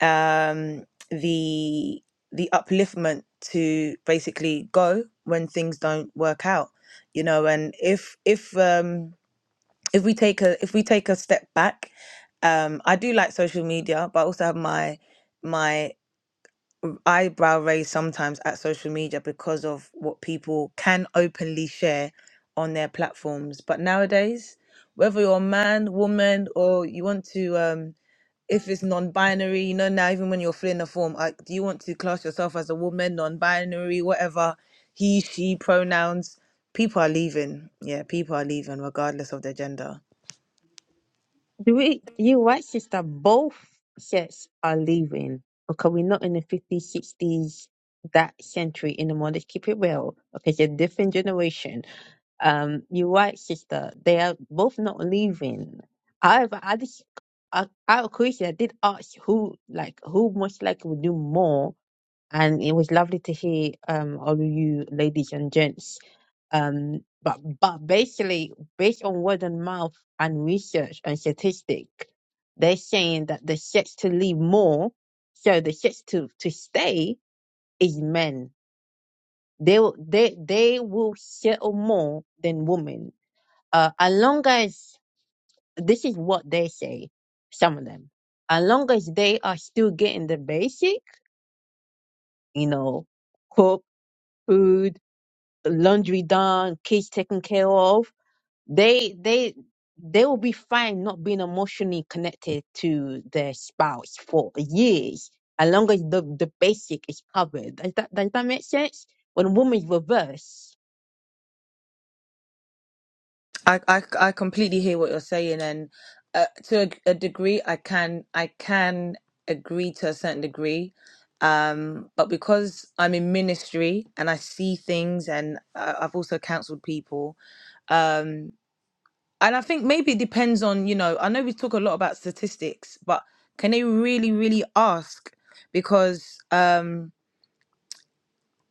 G: um, the the upliftment to basically go when things don't work out, you know. And if if um, if we take a if we take a step back, um, I do like social media, but I also have my my eyebrow raised sometimes at social media because of what people can openly share on their platforms. But nowadays, whether you're a man, woman, or you want to um, if it's non-binary you know now even when you're filling a form like do you want to class yourself as a woman non-binary whatever he she pronouns people are leaving yeah people are leaving regardless of their gender
H: Do we, you're right, sister. Both sets are leaving. Okay, we're not in the 50s, 60s, that century anymore. Let's keep it real. Okay, it's a different generation. Um, you're right, sister. They are both not leaving. However, I just, I, I of course, I did ask who, like, who most likely would do more and it was lovely to hear um all of you ladies and gents um but but basically based on word of mouth and research and statistic they're saying that the sex to leave more so the sex to to stay is men they will- they they will settle more than women uh as long as this is what they say some of them as long as they are still getting the basic you know cook food laundry done, kids taken care of, they they they will be fine not being emotionally connected to their spouse for years, as long as the, the basic is covered. Does that does that make sense? When a women reverse,
G: i i, I completely hear what you're saying and uh, to a, a degree i can i can agree to a certain degree um but because i'm in ministry and i see things and I, i've also counseled people Um, And I think maybe it depends on, you know, I know we talk a lot about statistics, but can they really, really ask? Because um,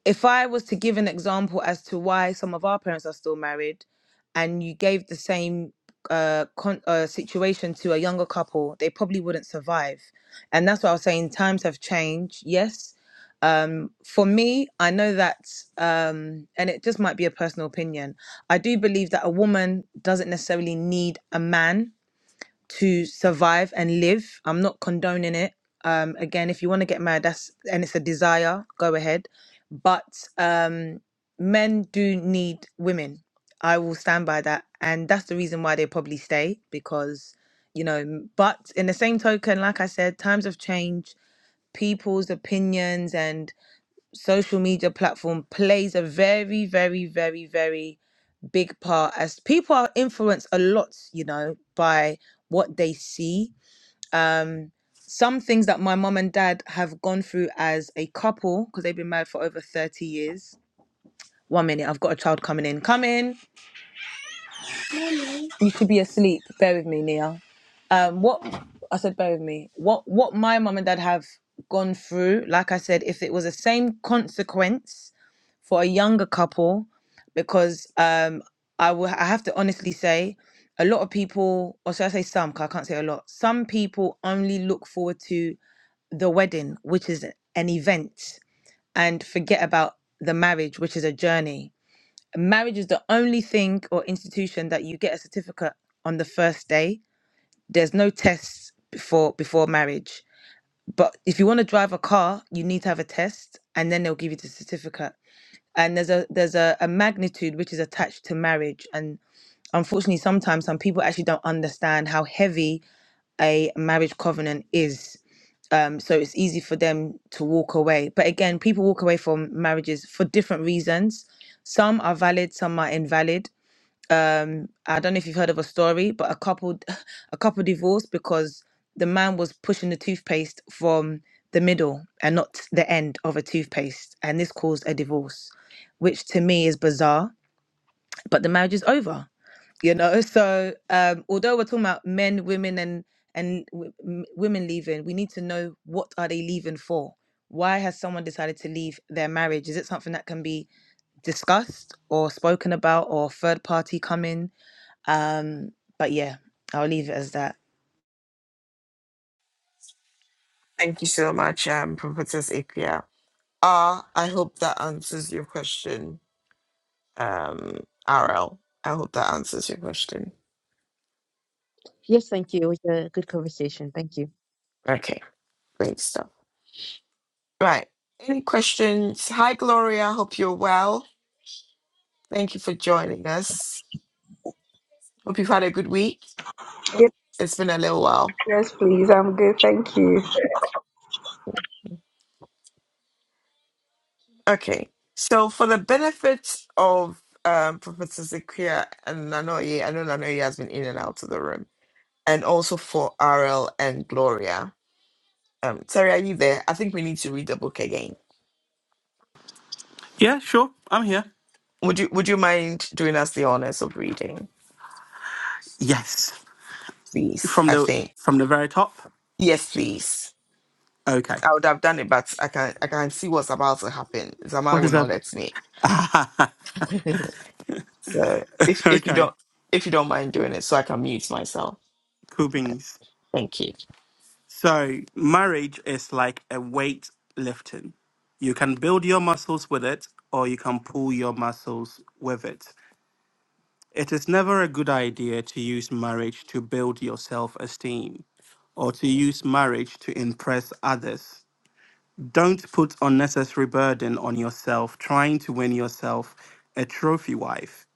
G: if I was to give an example as to why some of our parents are still married and you gave the same uh, con- uh, situation to a younger couple, they probably wouldn't survive. And that's what I was saying. Times have changed, yes. Um, for me, I know that, um, and it just might be a personal opinion. I do believe that a woman doesn't necessarily need a man to survive and live. I'm not condoning it. Um, again, if you want to get married, that's and it's a desire, go ahead. But um, men do need women. I will stand by that, and that's the reason why they probably stay because you know. m- But in the same token, like I said, times have changed. People's opinions and social media platform plays a very, very, very, very big part as people are influenced a lot, you know, by what they see some things that my mum and dad have gone through as a couple because they've been married for over 30 years one minute i've got a child coming in come in you could be asleep bear with me nia um what i said bear with me what what my mum and dad have gone through like i said if it was the same consequence for a younger couple because um i will i have to honestly say a lot of people or should i say some, because i can't say a lot some people only look forward to the wedding which is an event and forget about the marriage, which is a journey. Marriage is the only thing or institution that you get a certificate on the first day. There's no tests before before marriage. But if you want to drive a car, you need to have a test and then they'll give you the certificate. And there's a there's a, a magnitude which is attached to marriage. and. Unfortunately, sometimes some people actually don't understand how heavy a marriage covenant is. Um, so it's easy for them to walk away. But again, people walk away from marriages for different reasons. Some are valid, some are invalid. Um, I don't know if you've heard of a story, but a couple, a couple divorced because the man was pushing the toothpaste from the middle and not the end of a toothpaste, and this caused a divorce, which to me is bizarre. But the marriage is over you know so um although we're talking about men women and and w- m- women leaving we need to know what are they leaving for why has someone decided to leave their marriage is it something that can be discussed or spoken about or third party coming um but yeah i'll leave it as that
B: thank you so much um prophetess Ikea. Ah, I hope that answers your question. Um, RL, I hope that answers your question.
H: yes, thank you. It was a good conversation. Thank you.
B: Okay, great stuff. Right. Any questions? Hi, Gloria. Hope you're well. Thank you for joining us. Hope you've had a good week.
I: Yes,
B: It's been a little while.
I: yes, please. I'm good. Thank you.
B: Okay. So, for the benefit of um, Professor Zakia and Nanoye, I know Nanoye has been in and out of the room, and also for RL and Gloria. Um, Terry, are you there? I think we need to read the book again
C: yeah, sure, I'm here.
B: Would you would you mind doing us the honors of reading,
C: Yes,
B: please?
C: from
B: I
C: the
B: think
C: from the very top.
B: yes, please.
C: Okay,
B: I would have done it, but I can I can see what's about to happen. Zaman
C: what
B: will
C: is that?
B: not let me. so if if you
C: Okay,
B: don't if you don't mind doing it, so I can mute myself.
C: cool beans.
B: Thank you.
C: So marriage is like a weight lifting. You can build your muscles with it, or you can pull your muscles with it. It is never a good idea to use marriage to build your self esteem or to use marriage to impress others Don't put unnecessary burden on yourself trying to win yourself a trophy wife.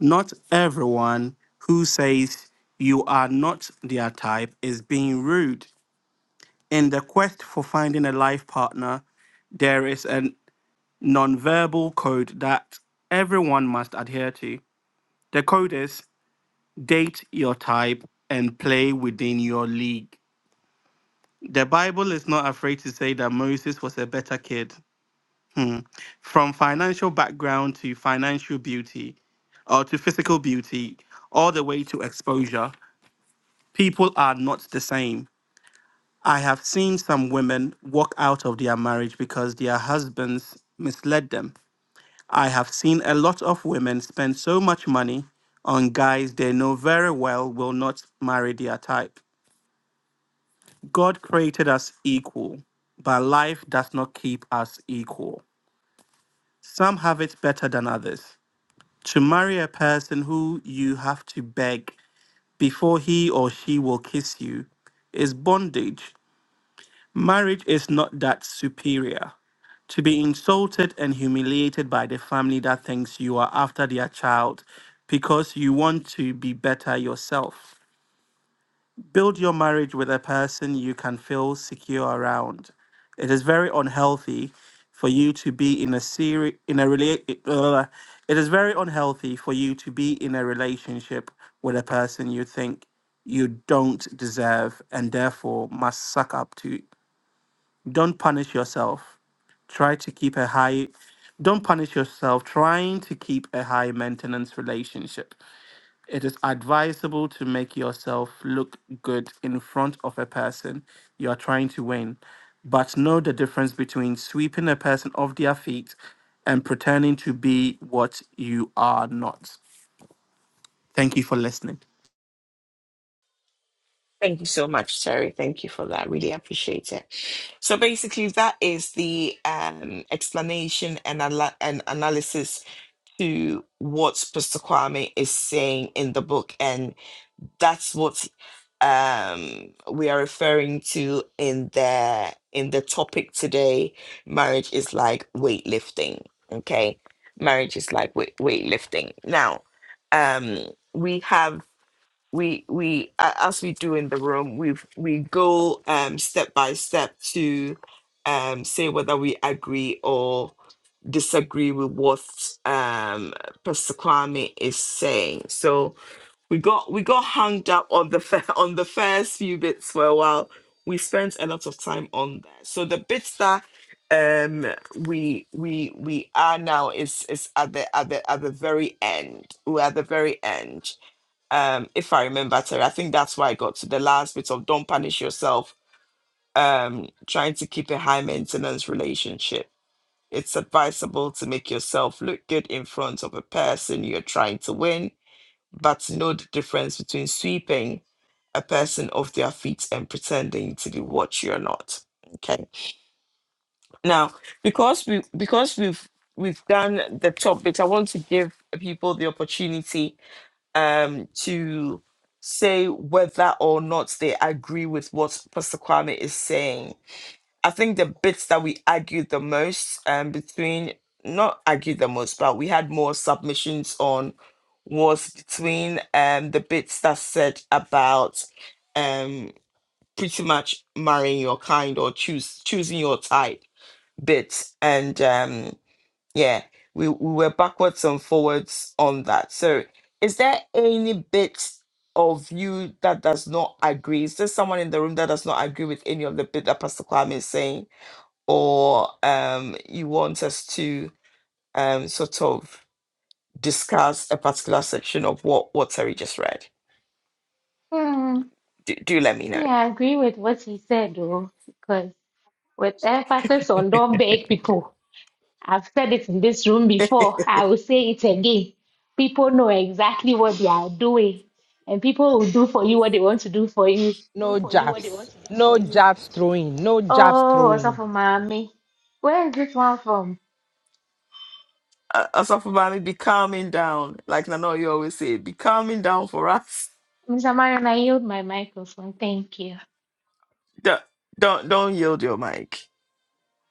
C: Not everyone who says you are not their type is being rude. In the quest for finding a life partner, there is a nonverbal code that everyone must adhere to. The code is date your type and play within your league. The Bible is not afraid to say that Moses was a better kid from financial background to financial beauty or to physical beauty, all the way to exposure, people are not the same. I have seen some women walk out of their marriage because their husbands misled them. I have seen a lot of women spend so much money on guys they know very well will not marry their type. God created us equal, but life does not keep us equal. Some have it better than others. to marry a person who you have to beg before he or she will kiss you is bondage. Marriage is not that superior. To be insulted and humiliated by the family that thinks you are after their child because you want to be better yourself. Build your marriage with a person you can feel secure around. It is very unhealthy for you to be in a seri- in a rela- uh, it is very unhealthy for you to be in a relationship with a person you think you don't deserve and therefore must suck up to. Don't punish yourself. Try to keep a high don't punish yourself trying to keep a high maintenance relationship. It is advisable to make yourself look good in front of a person you are trying to win, but know the difference between sweeping a person off their feet and pretending to be what you are not. Thank you for listening.
B: Thank you so much, Terry. Thank you for that. Really appreciate it. So basically, that is the um, explanation and, ala- and analysis to what Pastor Kwame is saying in the book, and that's what um we are referring to in the in the topic today marriage is like weightlifting okay marriage is like weight, weightlifting now um we have we we a- as we do in the room we we go um step by step to um say whether we agree or disagree with what um Pastor Kwame is saying so we got we got hung up on the fir- on the first few bits for a while. We spent a lot of time on that. So the bits that um we we we are now is is at the at the at the very end. We're at the very end. Um if I remember Terry, I think that's why I got to the last bit of don't punish yourself, um trying to keep a high maintenance relationship. It's advisable to make yourself look good in front of a person you're trying to win but know the difference between sweeping a person off their feet and pretending to be what you're not. Okay. Now, because we because we've we've done the topics, I want to give people the opportunity um to say whether or not they agree with what Pastor Kwame is saying. I think the bits that we argued the most um, between, not argued the most, but we had more submissions on was between um, the bits that said about um, pretty much marrying your kind or choose choosing your type bits. And um, yeah, we, we were backwards and forwards on that. So is there any bit of you that does not agree? Is there someone in the room that does not agree with any of the bit that Pastor Kwame is saying? or um, you want us to um, sort of discuss a particular section of what what Terry just read,
D: Thank.
B: do, do let me know.
D: Yeah, I agree with what he said, though, because with emphasis on don't beg people. I've said it in this room before. I will say it again. People know exactly what they are doing, and people will do for you what they want to do for you.
F: No jabs, no jabs throwing, no jabs
D: Oh, also
F: throwing.
D: for mommy. Where is this one from?
B: Uh, Asaf Obami, be calming down. Like Nano, you always say, be calming down for us.
D: Mr. Marion, I yield my microphone. Thank you.
B: Don't don't, don't yield your mic.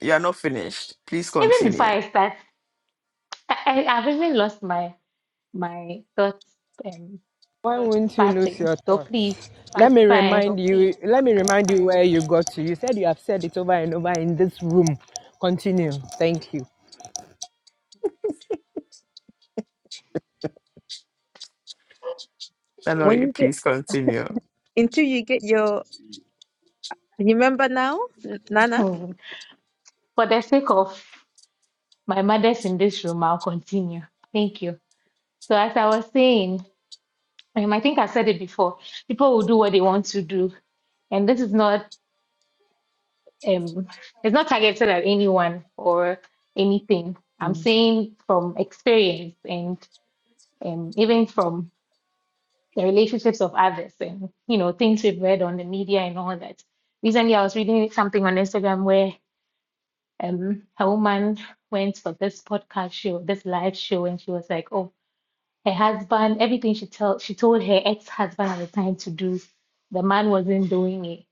B: You are not finished. Please
D: Even before
B: continue.
D: I start, I, I- I've even lost my my thoughts um,
F: Why will not you lose
D: parting.
F: your
D: So
F: thoughts?
D: please,
F: Let
D: it's
F: me
D: fine.
F: remind you. Let me remind you where you got to. You said you have said it over and over in this room. Continue. Thank you.
H: When
B: Nanoye,
H: you get
B: please continue.
H: until you get your, remember now, Nana.
D: For the sake of My mother's in this room. I'll continue. Thank you. So, as I was saying, um, I think I said it before, people will do what they want to do. And this is not, um, it's not targeted at anyone or anything. I'm
B: Mm.
D: saying from experience and um, even from the relationships of others and, you know, things we've read on the media and all that. Recently, I was reading something on Instagram where um, a woman went for this podcast show, this live show, and she was like, oh, her husband, everything she tell she told her ex-husband at the time to do, the man wasn't doing it.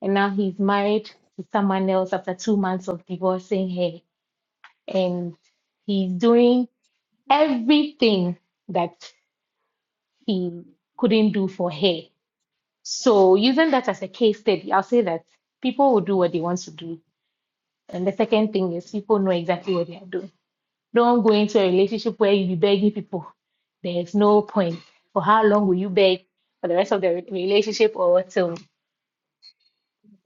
D: And now he's married to someone else after two months of divorcing her. And he's doing everything that he couldn't do for her. So using that as a case study, I'll say that people will do what they want to do. And the second thing is people know exactly what they are doing. Don't go into a relationship where you be begging people. There's no point. For how long will you beg for the rest of the re- relationship or till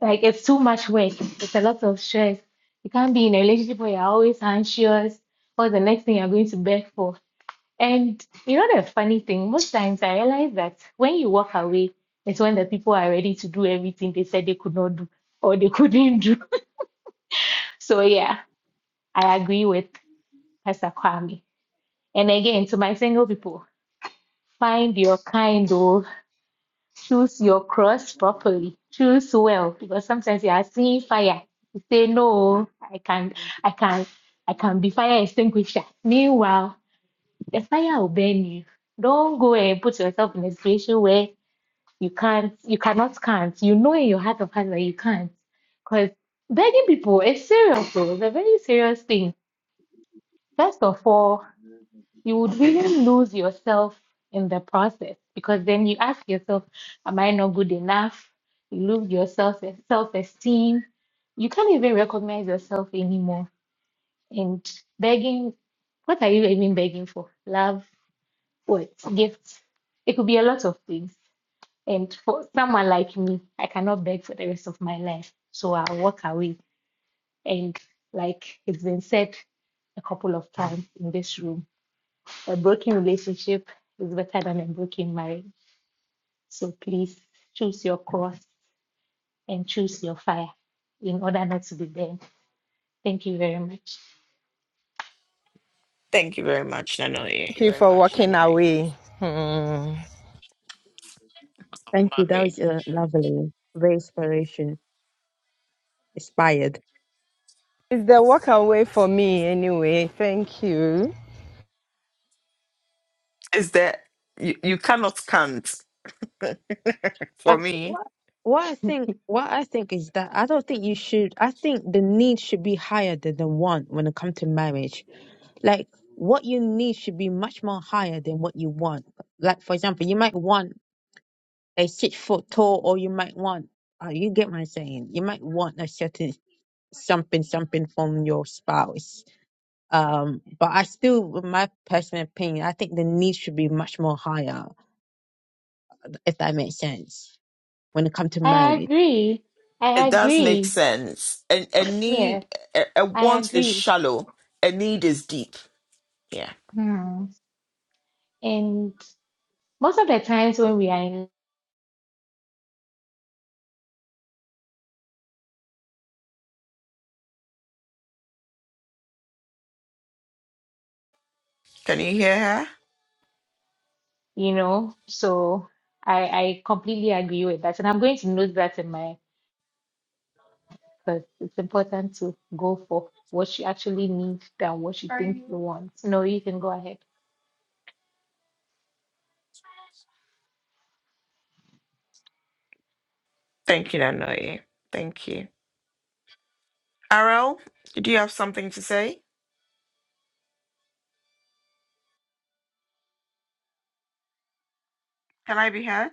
D: like it's too much work. It's a lot of stress. You can't be in a relationship where you're always anxious or the next thing you're going to beg for. And you know the funny thing, most times I realize that when you walk away, it's when the people are ready to do everything they said they could not do or they couldn't do. So yeah, I agree with Pastor Kwame. And again, to my single people. Find your kind or choose your cross properly. Choose well because sometimes you are seeing fire. You say no, I can I can I can be fire extinguisher. Meanwhile, the fire will burn you. Don't go and put yourself in a situation where you can't you cannot can't. You know in your heart of hearts that you can't. Because begging people is serious though. It's a very serious thing. First of all, you would really lose yourself in the process because then you ask yourself, Am I not good enough? You lose your self self esteem. You can't even recognize yourself anymore. And begging, what are you even begging for? Love, what? Gifts. It could be a lot of things. And for someone like me, I cannot beg for the rest of my life. So I'll walk away. And like it's been said a couple of times in this room a broken relationship is better than a broken marriage. So please choose your course and choose your fire in order not to be burned. Thank you very much.
B: Thank you very much, Nanoye.
F: Thank you for walking away. Hmm.
B: Asaf
H: Thank you. That
B: Obami.
H: was uh, lovely, very inspiration inspired.
F: It's the walk away for me anyway. Thank you.
B: Is there you, you cannot count for
H: Uh,
B: me
H: what what I think what I think is that I don't think you should I think the need should be higher than the want when it comes to marriage. Like what you need should be much more higher than what you want. Like for example, you might want a six foot tall or you might want uh, you get what I'm saying. You might want a certain something something from your spouse. Um, but I still, with my personal opinion, I think the need should be much more higher, if that makes sense, when it comes to
D: I
H: marriage
D: agree.
B: It
D: I
B: does make
D: agree.
B: sense. And a a
D: Yes,
B: need, a, a
D: I
B: want is
D: agree.
B: shallow, a need is deep. Yeah.
D: Hmm. And most of the times when we are in,
B: Can you hear her?
D: you know, so I, I completely agree with that. And I'm going to note that in my, because it's important to go for what you actually need than what you Are think you you want. No, you can go ahead.
B: Thank you, Nanoye. Thank you. Arel, did you have something to say? Can I be heard?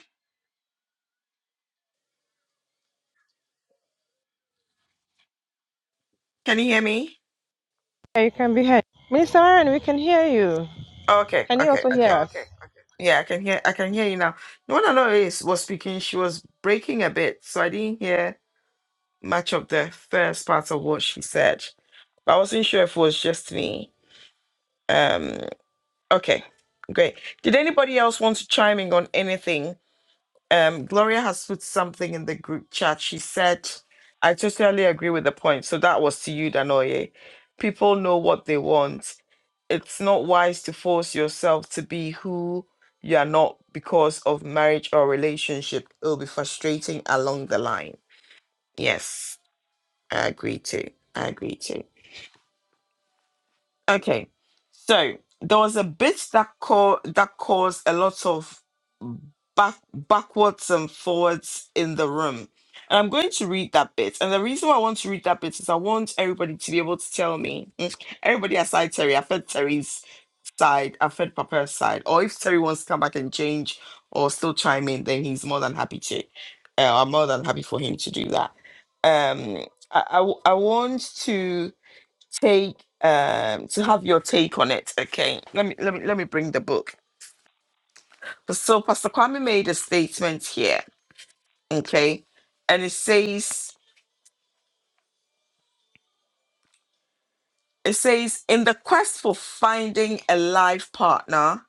B: Can you hear me?
F: Yeah, You can be heard, Mr. Aaron. We can hear you.
B: Okay,
F: Can you
B: okay,
F: also hear
B: okay.
F: us?
B: Yeah, I can hear. I can hear you now. No one I know is was speaking. She was breaking a bit, so I didn't hear much of the first part of what she said. But I wasn't sure if it was just me. Um, Okay, great. Did anybody else want to chime in on anything? Um, Gloria has put something in the group chat. She said, I totally agree with the point. So that was to you, Danoye. People know what they want. It's not wise to force yourself to be who you are not because of marriage or relationship. It'll be frustrating along the line. Yes, I agree too. I agree too. Okay, so there was a bit that, co- that caused a lot of back backwards and forwards in the room. And I'm going to read that bit. And the reason why I want to read that bit is I want everybody to be able to tell me. mm, Everybody aside Terry, I've heard Terry's side, I've heard Papa's side. Or if Terry wants to come back and change or still chime in, then he's more than happy to. Uh, I'm more than happy for him to do that. Um, I, I, w- I want to take um to have your take on it. Okay, let me let me let me bring the book. So Pastor Kwame made a statement here okay and it says it says in the quest for finding a life partner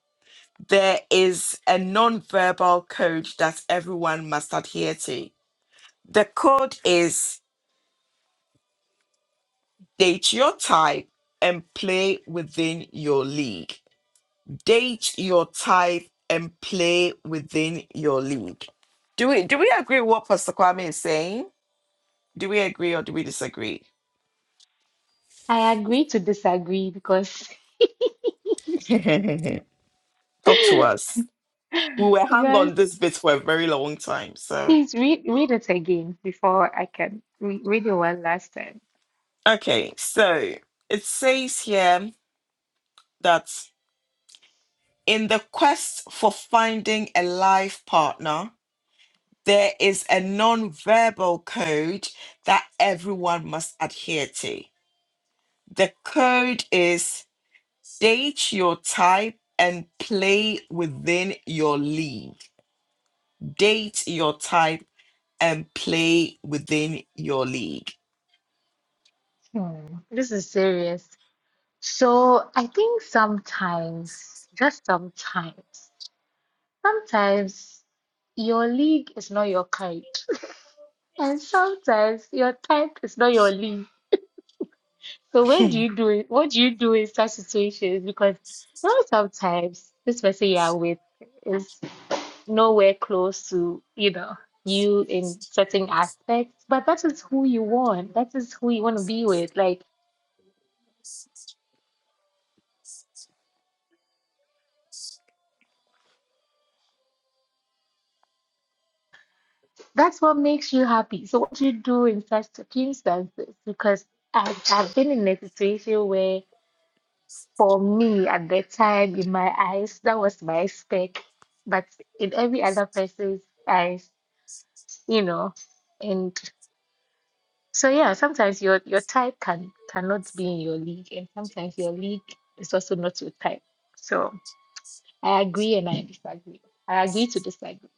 B: there is a non-verbal code that everyone must adhere to the code is date your type and play within your league date your type and play within your league do we do we agree with what pastor kwame is saying do we agree or do we disagree
D: I agree to disagree because
B: talk to us we were hung
D: because
B: on this bit for a very long time. So,
D: please read read it again before I can re read it one last time.
B: okay, so it says here that in the quest for finding a life partner, there is a non-verbal code that everyone must adhere to. The code is date your type and play within your league. Date your type and play within your league.
D: Hmm, this is serious. So I think sometimes, just sometimes, sometimes your league is not your kind, and sometimes your type is not your league. So when do you do it? What do you do in such situations? Because you know sometimes this person you are with is nowhere close to, you know, you in certain aspects, but that is who you want. That is who you want to be with. Like that's what makes you happy. So what do you do in such circumstances? Because I've, I've been in a situation where for me at that time in my eyes, that was my spec, but in every other person's eyes, you know. And So yeah, sometimes your your type can cannot be in your league, and sometimes your league is also not your type. So I agree and I disagree. I agree to disagree.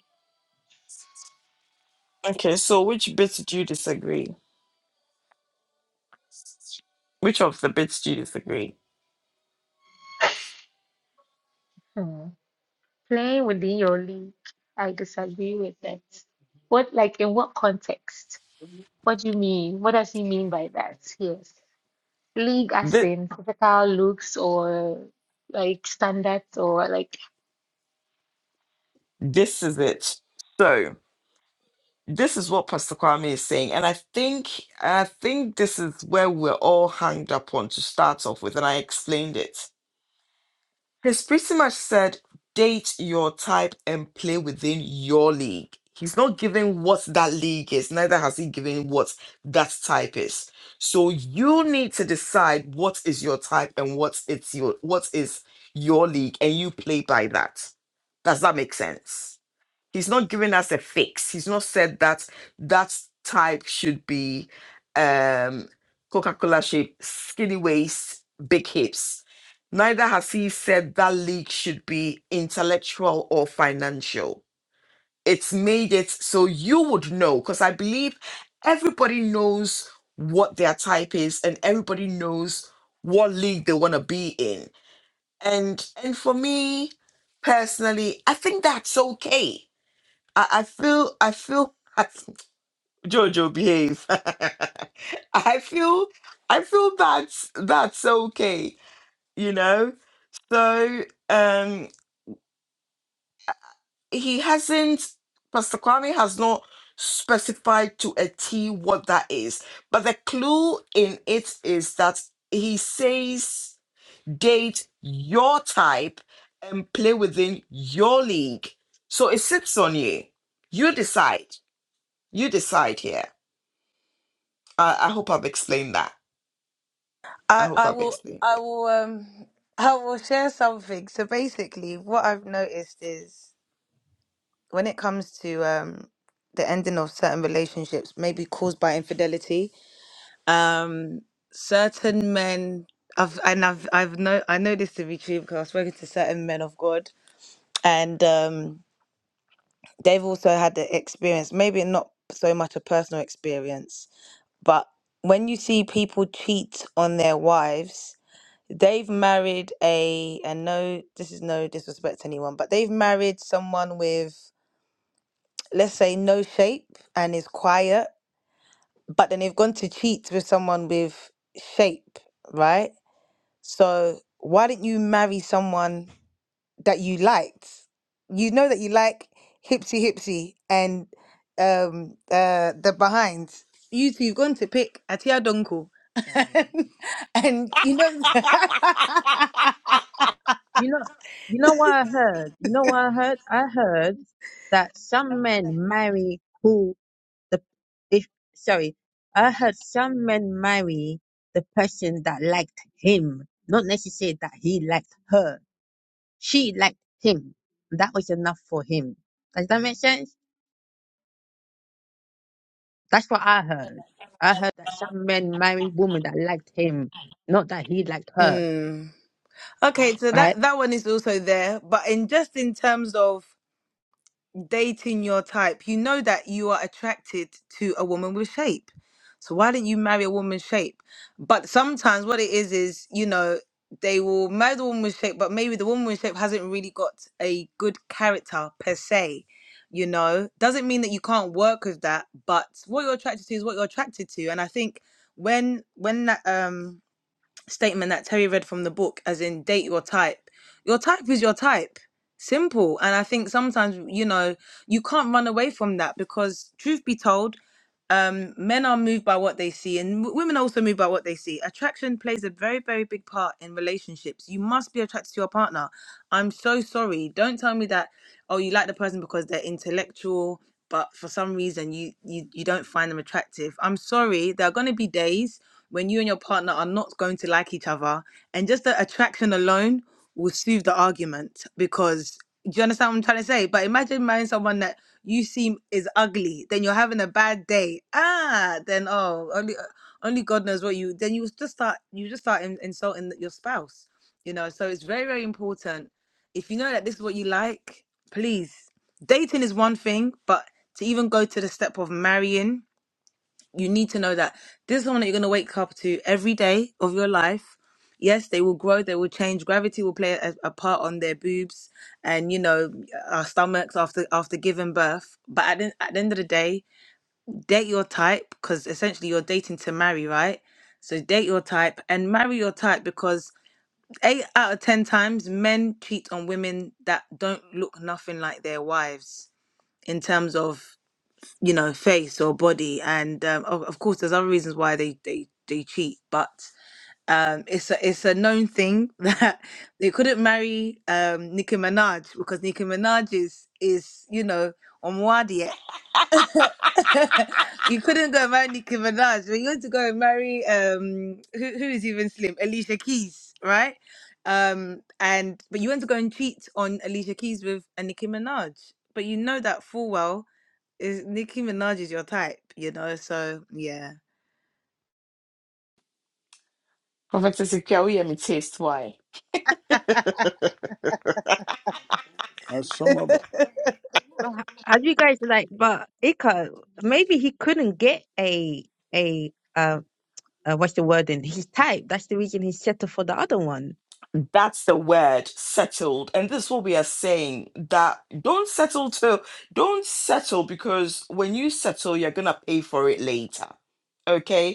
B: Okay, so which bit do you disagree? which of the bits do you disagree?
D: Hmm. Playing within your league, I disagree with that. What like in what context? What do you mean? What does he mean by that? Yes. League as
B: This,
D: in physical looks or like standards or like
B: this is it. So this is what Pastor Kwame is saying, and I think I think this is where we're all hanged up on to start off with, and I explained it. He's pretty much said, date your type and play within your league. He's not giving what that league is, neither has he given what that type is. So you need to decide what is your type and what it's your what is your league, and you play by that. Does that make sense? He's not giving us a fix. He's not said that that type should be um, Coca-Cola shape, skinny waist, big hips. Neither has he said that league should be intellectual or financial. It's made it so you would know, because I believe everybody knows what their type is and everybody knows what league they want to be in. And and for me personally, I think that's okay I, I feel I feel Jojo behave. I feel I feel that's that's okay, you know? So um he hasn't Pastor Kwame has not specified to a T what that is. But the clue in it is that he says date your type and play within your league. So it sits on you. You decide. You decide here. I, I hope I've explained that. I
G: I,
B: hope
G: I
B: I've
G: will
B: explained
G: I
B: it.
G: will um I will share something. So basically what I've noticed is when it comes to um the ending of certain relationships, maybe caused by infidelity, um certain men i've and i've i've no i know this to be true because i've spoken to certain men of god and um they've also had the experience maybe not so much a personal experience but when you see people cheat on their wives they've married a and no this is no disrespect to anyone but they've married someone with let's say no shape and is quiet but then they've gone to cheat with someone with shape right So why didn't you marry someone that you liked? You know that you like Hipsy Hipsy and um uh the behinds. You two, you've gone to pick Atia Donko. and you know
H: You know, you know what I heard? You know what I heard? I heard that some men marry who the if sorry, I heard some men marry the person that liked him, not necessarily that he liked her. She liked him. That was enough for him. Does that make sense? That's what I heard. I heard that some men marry women that liked him, not that he liked her,
G: Mm. Okay, so
H: right?
G: that that one is also there, but in just in terms of dating your type, you know that you are attracted to a woman with shape. So why don't you marry a woman's shape? But sometimes what it is is, you know, they will marry the woman with shape, but maybe the woman with shape hasn't really got a good character per se. You know, doesn't mean that you can't work with that, but what you're attracted to is what you're attracted to. And I think when when that um statement that Terry read from the book, as in date your type. Your type is your type. Simple. And I think sometimes, you know, you can't run away from that because, truth be told, um men are moved by what they see and w- women are also moved by what they see attraction plays a very very big part in relationships you must be attracted to your partner i'm so sorry don't tell me that oh you like the person because they're intellectual but for some reason you you, you don't find them attractive i'm sorry there are going to be days when you and your partner are not going to like each other and just the attraction alone will soothe the argument because do you understand what I'm trying to say? But imagine marrying someone that you seem is ugly, then you're having a bad day. Ah, then oh, only uh, only God knows what you. Then you just start you just start in, insulting your spouse. You know, so it's very very important. If you know that this is what you like, please. Dating is one thing, but to even go to the step of marrying you need to know that this is someone that you're going to wake up to every day of your life. Yes, they will grow, they will change. Gravity will play a, a part on their boobs and you know our stomachs after after giving birth. But at the, at the end of the day, date your type because essentially you're dating to marry, right? So date your type and marry your type because eight out of ten times men cheat on women that don't look nothing like their wives in terms of you know, face or body. And um, of, of course, there's other reasons why they they they cheat, but um, it's a it's a known thing that they couldn't marry um, Nicki Minaj because Nicki Minaj is is you know on Muadi yet. you couldn't go and marry Nicki Minaj, but you had to go and marry um, who who is even slim Alicia Keys, right? Um, and but you went to go and cheat on Alicia Keys with a Nicki Minaj, but you know that full well is Nicki Minaj is your type, you know? So yeah.
B: Professor, Prophet we hear me taste why.
J: or some other,
H: But h- how you guys like? But it could maybe he couldn't get a a uh, uh what's the word in his type. That's the reason he settled for the other one.
B: That's the word settled. And this is what we are saying that don't settle till don't settle because when you settle, you're gonna pay for it later. Okay?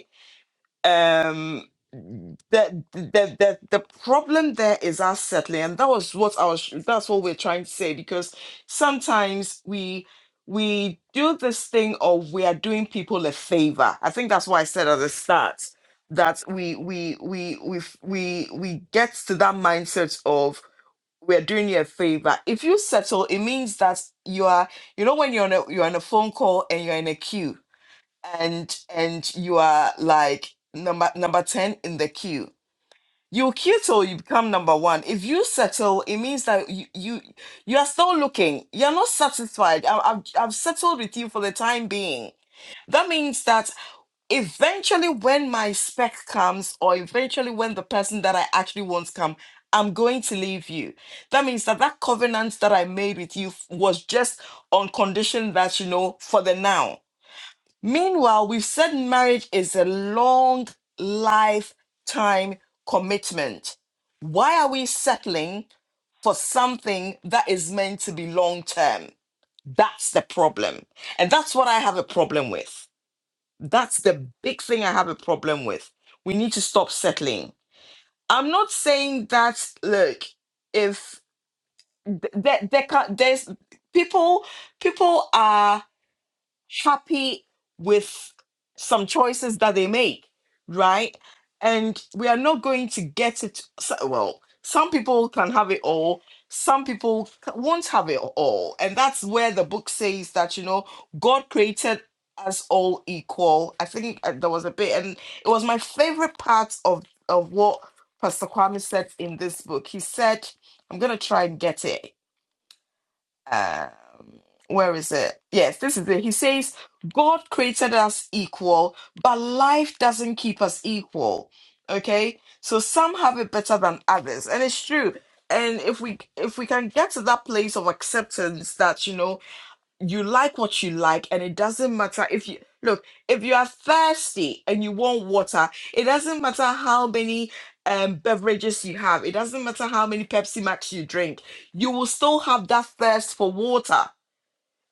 B: um the, the the the problem there is us settling and that was what i was that's what we're trying to say because sometimes we we do this thing of we are doing people a favor i think that's why i said at the start that we we we we f- we, we get to that mindset of we're doing you a favor if you settle it means that you are you know when you're on a you're on a phone call and you're in a queue and and you are like number number 10 in the queue you queue till you become number one if you settle it means that you you, you are still looking you're not satisfied I, I've, I've settled with you for the time being that means that eventually when my spec comes or eventually when the person that i actually want come i'm going to leave you that means that that covenant that i made with you f- was just on condition that you know for the now Meanwhile, we've said marriage is a long lifetime commitment. Why are we settling for something that is meant to be long term? That's the problem. And that's what I have a problem with. That's the big thing I have a problem with. We need to stop settling. I'm not saying that, look, if th- there, there can, there's people, people are happy with some choices that they make, right? And we are not going to get it. so- Well, some people can have it all, some people c- won't have it all. And that's where the book says that, you know, God created us all equal. I think uh, there was a bit, and it was my favorite part of, of what Pastor Kwame said in this book. He said, I'm going to try and get it um, where is it? Yes, this is it. He says, God created us equal, but life doesn't keep us equal. Okay? So some have it better than others. And it's true. And if we if we can get to that place of acceptance that, you know, you like what you like and it doesn't matter if you look if you are thirsty and you want water it doesn't matter how many um beverages you have it doesn't matter how many pepsi max you drink you will still have that thirst for water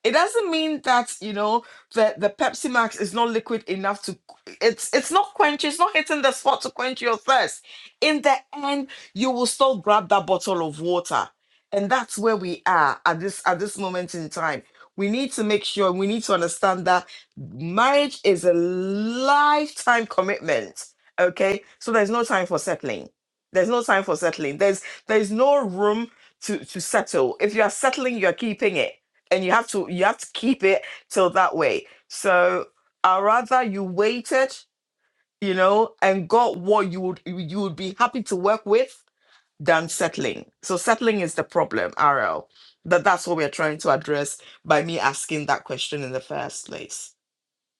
B: it doesn't mean that you know the the Pepsi Max is not liquid enough to it's it's not quench it's not hitting the spot to quench your thirst. In the end, you will still grab that bottle of water, and that's where we are at this at this moment in time. We need to make sure we need to understand that marriage is a lifetime commitment. Okay, so there's no time for settling. There's no time for settling. There's there's no room to to settle. If you are settling, you are keeping it and you have to you have to keep it till that way so i rather you waited you know and got what you would you would be happy to work with than settling so settling is the problem rl that that's what we're trying to address by me asking that question in the first place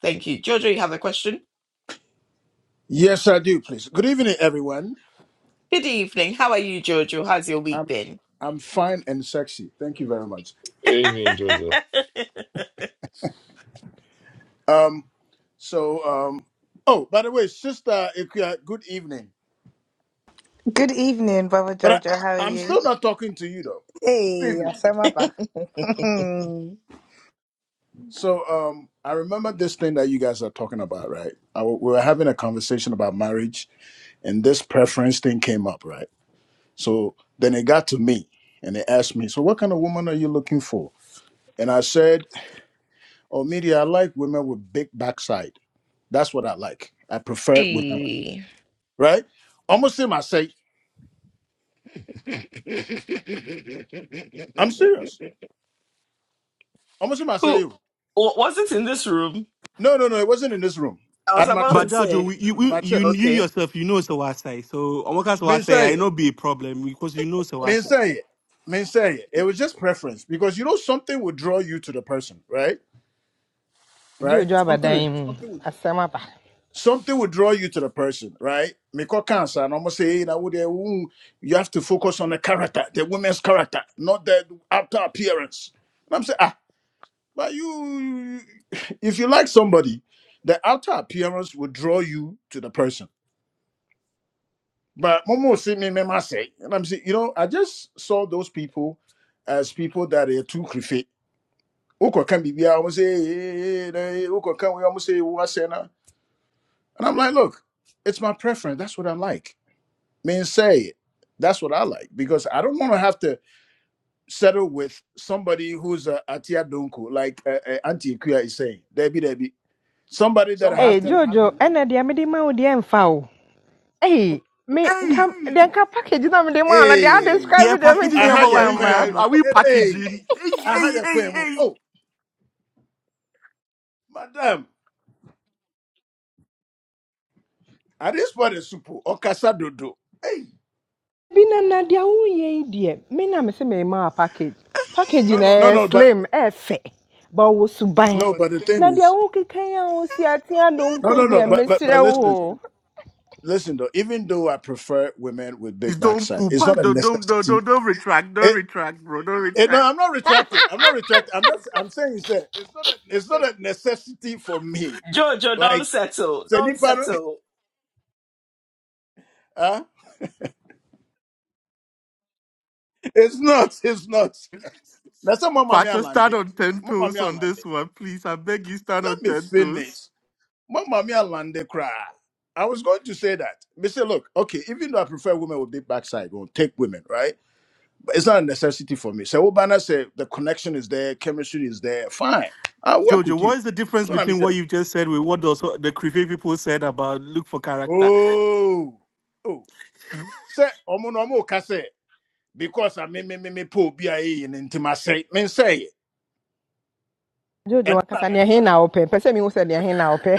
B: thank you jojo you have a question
J: Yes, I do, please. Good evening, everyone.
B: good evening how are you jojo how's your week
J: I'm
B: been
J: I'm fine and sexy. Thank you very much.
A: Good evening, Jojo.
J: Um, so um, oh, by the way, sister Ikuya, good evening.
G: Good evening, Brother
J: But I,
G: Jojo. How are
J: I'm
G: you?
J: still not talking to you though. Good
G: Hey, I
J: evening.
G: Asamaba.
J: So um, I remember this thing that you guys are talking about, right? I, w- we were having a conversation about marriage, and this preference thing came up, right? So then it got to me, and they asked me, "So what kind of woman are you looking for?" And I said. Oh, media, I like women with big backside. That's what I like. I prefer women, like-
B: Hey.
J: right? Almost him, I say, I'm serious. Almost him, I say,
B: who wa- was it in this room
J: no, no, no, it wasn't in this room.
B: i was
J: At my
B: about to
C: But
J: church,
C: Judge, you,
B: say
C: you you
J: my
C: you
J: church.
C: you
B: okay
C: yourself, you know so I say. So on what kind of I
J: Men
C: say,
J: say
C: I
J: it,
C: know be a problem because you know so I
J: men
C: say.
J: say it, men say it. It was just preference because you know something will draw you to the person, right? Right?
F: Jojo
J: Something would
F: abadan mu. Asɛm
J: something will draw you to the person, right? Make a cancer and almost say, hey, that would eh, ooh, you have to focus on the character, the woman's character, not the outer appearance. And I'm saying, ah, But you, if you like somebody, the outer appearance will draw you to the person. But Momo see me, me ma say, and I'm saying, you know, I just saw those people as people that are too creepy. Oko can be, I almost say, eh, eh, eh, eh, Oko can we almost say, "Wa se na." and I'm like, look, it's my preference. That's what I like. Mean say it. That's what I like because I don't want to have to settle with somebody who's a atia donko, like uh, uh, Auntie Kuya is saying. Debbie, Debbie somebody that I
F: Hey
J: have to
F: Jojo, Ena deɛ mede ma wo deɛ mfa Hey, me nka
C: Hey,
F: deɛ nka package na mede maa no deɛ
J: Hey,
C: yeah,
F: adescribe deɛ
C: packaging yeah,
F: mentimi
J: aha
C: but
F: mfa
J: ye
C: we're hanging
F: mma
C: out. Are
J: kwemu.
C: we
J: Hey,
C: packaging? Hey,
J: aha
C: hey,
J: ye
C: hey,
J: kwemu.
C: hey.
J: Oh, madam, at this point is supo okasa dodo. Hey,
F: bi na na deɛ woyɛ yi deɛ me na mese memaa package package no
J: no,
F: ɛyɛ
J: no, but
F: slim ɛyɛ fɛ ba ɔwɔ suban
J: no, but the thing
F: na deɛ
J: is,
F: wokekan a wosi ate adonko
J: no,
F: yi
J: no,
F: me
J: no, but but but
F: mesrɛ wo
J: listen, though, listen though. Even though I prefer women with
C: Please
J: big
C: don't
J: backside,
C: pull
J: it's
C: back.
J: not a
C: Don't, don't, don't,
J: necessity.
C: don't, don't retract. Don't
J: It,
C: retract, bro. Don't
J: it, no,
C: retract.
J: I'm not retracting. I'm not retracting. I'm not. I'm saying is that it's not a necessity for me.
B: Jojo, don't
J: Like,
B: settle.
J: sɛ
B: Don't
J: nipa no-
B: settle.
J: huh? it's not. It's not. That's a mama me
C: Pacho, stand
J: alande.
C: on 10
J: Mama mi
C: toes on
J: alande.
C: this one, please. I beg you, stand on
J: Let me
C: 10 toes.
J: finish. Mama mia lande cry. I was going to say that. They say, look, okay, even though I prefer women with big backside, we'll take women, right? But it's not a necessity for me. So Obana said the connection is there, chemistry is there. Fine. I'll work
C: Jojo,
J: with you.
C: what is the difference
J: So I'm
C: between what
J: saying,
C: you just said with what those, the Creepy people said about look for character?
J: oh, oh. Say, omo no omo kase because I me me me me po bi aye in intimacy. Me say it.
F: jojo
J: And na-
F: wakasa neɛ he na wopɛ pɛ sɛ mehu sɛ neɛ he na wopɛ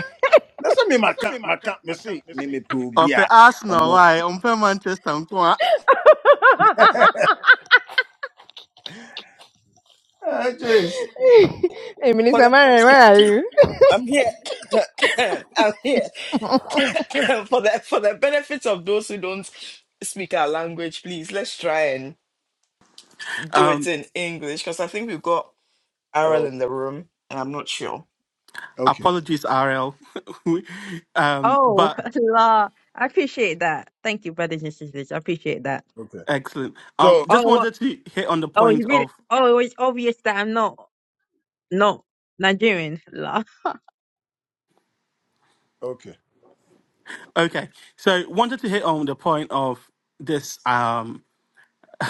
J: na say me maka maka me see me me po bi
C: Up
J: a
C: Arsenal,
J: omo.
C: why? Up Manchester, nko
J: Ah, jeez.
F: hey,
B: For
F: minister
B: the
F: marion where are you
B: I'm here. I'm here. for the for the benefit of those who don't speak our language, please let's try and do it
C: um,
B: in English because I think we've got Ariel
J: Oh,
B: in the room and I'm not sure.
J: okay.
C: apologies, RL. um,
H: Oh,
C: but
H: Allah, I appreciate that. Thank you, brothers and sisters. I appreciate that.
J: okay.
C: excellent. Um,
J: So
C: just
H: Oh, what?
C: wanted to hit on the
H: Oh, it's
C: point
H: really.
C: of
H: Oh, it's obvious that I'm not not Nigerian.
J: okay,
C: okay. So wanted to hit on the point of this. Um.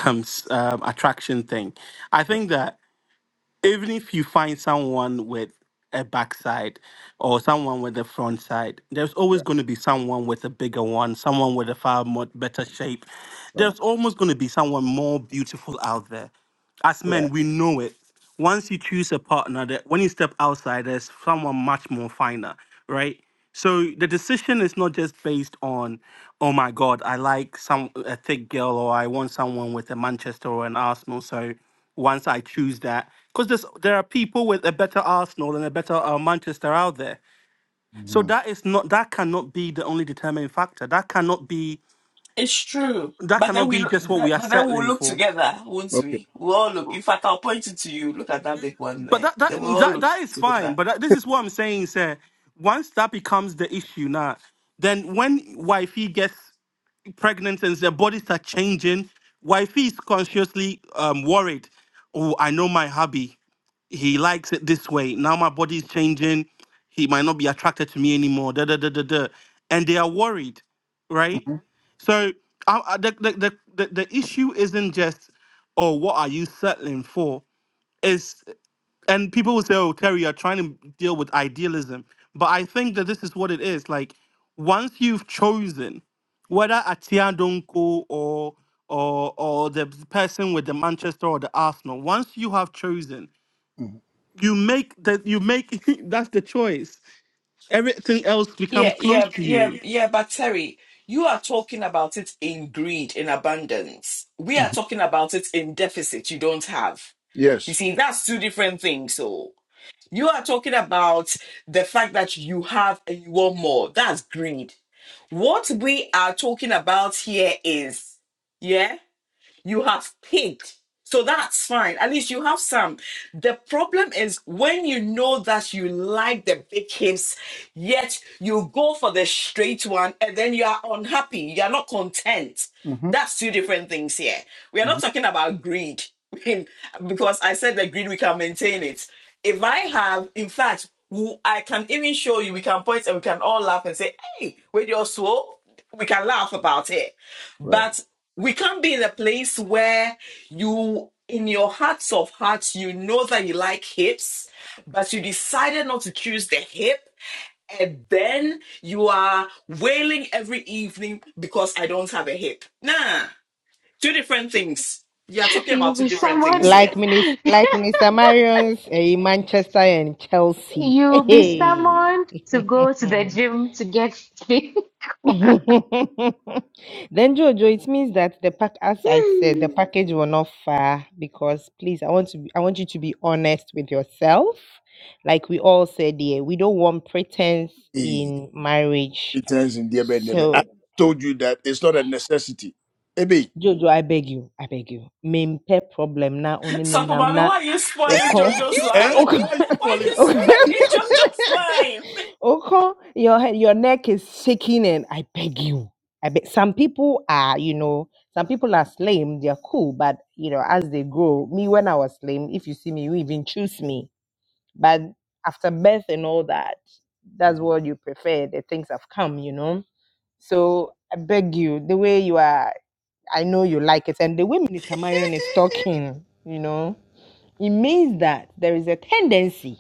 C: um, s- um, attraction thing. I
J: right,
C: think that even if you find someone with a backside or someone with a front side, there's always
J: right,
C: going to be someone with a bigger one, someone with a far more better shape.
J: right.
C: There's almost going to be someone more beautiful out there. As
J: right.
C: men, we know it. Once you choose a partner, that when you step outside, there's someone much more finer, right? So the decision is not just based on, oh my God, I like some a thick girl or I want someone with a Manchester or an Arsenal. So once I choose that. Because there are people with a better Arsenal and a better uh, Manchester out there. So
J: hmm
C: that is not that cannot be the only determining factor. That cannot be
B: It's true.
C: that
B: But then
C: cannot
B: we
C: be just what we are
B: but then we'll
C: settling
B: look
C: for.
B: together, won't
J: Okay.
B: we? We'll all look. In fact I'll point it to you. Look at that big one
C: But
B: there.
C: that that
B: Then we'll all
C: that,
B: look
C: that is fine.
B: together.
C: But that, this is what I'm saying, sir. Once that becomes the issue now, then when wifey gets pregnant and their bodies are changing. Wifey is consciously um, worried. Oh, I know my hubby. He likes it this way. Now my body is changing. He might not be attracted to me anymore. Da da da da da. And they are worried, right?
J: hmm
C: So uh, uh, the, the, the, the, the issue isn't just, oh, what are you settling for? is and people will say, "Oh, Terry, you're trying to deal with idealism," but I think that this is what it is. Like once you've chosen, whether Atia Donko or or or the person with the Manchester or the Arsenal, once you have chosen,
J: hmm
C: you make that you make that's the choice. Everything else becomes
B: Yeah,
C: close
B: yeah,
C: to
B: yeah,
C: you.
B: yeah. But Terry, you are talking about it in greed, in abundance. We
J: hmm
B: are talking about it in deficit you don't have. You
J: Yes.
B: see, that's two different things. So you are talking about the fact that you have and you want more. That's greed. What we are talking about here is, yeah. You have paid. So that's fine. At least you have some. The problem is when you know that you like the big hips, yet you go for the straight one and then you are unhappy. You are not content.
J: hmm
B: That's two different things here. We are
J: hmm
B: not talking about greed because I said the greed, we can maintain it. If I have, in fact, I can even show you, we can point and we can all laugh and say, hey, with your soul, we can laugh about it.
J: Right.
B: But we can't be in a place where you, in your hearts of hearts, you know that you like hips, but you decided not to choose the hip. And then you are wailing every evening because I don't have a hip. Nah, two different things. You are talking
D: you
B: about two
D: be
B: different
D: someone
B: things
F: like,
B: here.
F: minis- like minister marion's eh, manchester and chelsea
D: You be
F: hey.
D: summoned to go to the gym to get fit.
F: then
D: Wow.
F: Jojo, it means that the pack, as I said, the package will not far because please, I want to, be, I want you to be honest with yourself. Like we all said here, we don't want pretense
J: He
F: in marriage.
J: pretends in the bed.
F: So
J: I told you that it's not a necessity. Ebe,
F: Jojo, I beg you, I beg you. Mempe problem na onene
B: Sapo
F: nam
B: Mami,
F: na
B: why are you spoiling
F: oko
B: Jojo's
J: eh?
B: line?
F: oko
B: Eh?
J: Why you
B: Why are
J: spoiling
B: you
J: the
F: oko
J: thing?
B: spoiling Jojo's line?
F: oko. Your head, your neck is shaking, and I beg you. I beg. Some people are, you know, some people are slim. They're cool, but you know, as they grow, me when I was slim, if you see me, you even choose me. But after birth and all that, that's
J: Mhm.
F: what you prefer. The things have come, you know. So I beg you, the way you are. I know you like it. And the way Minister Marion is talking, you know, it means that there is a tendency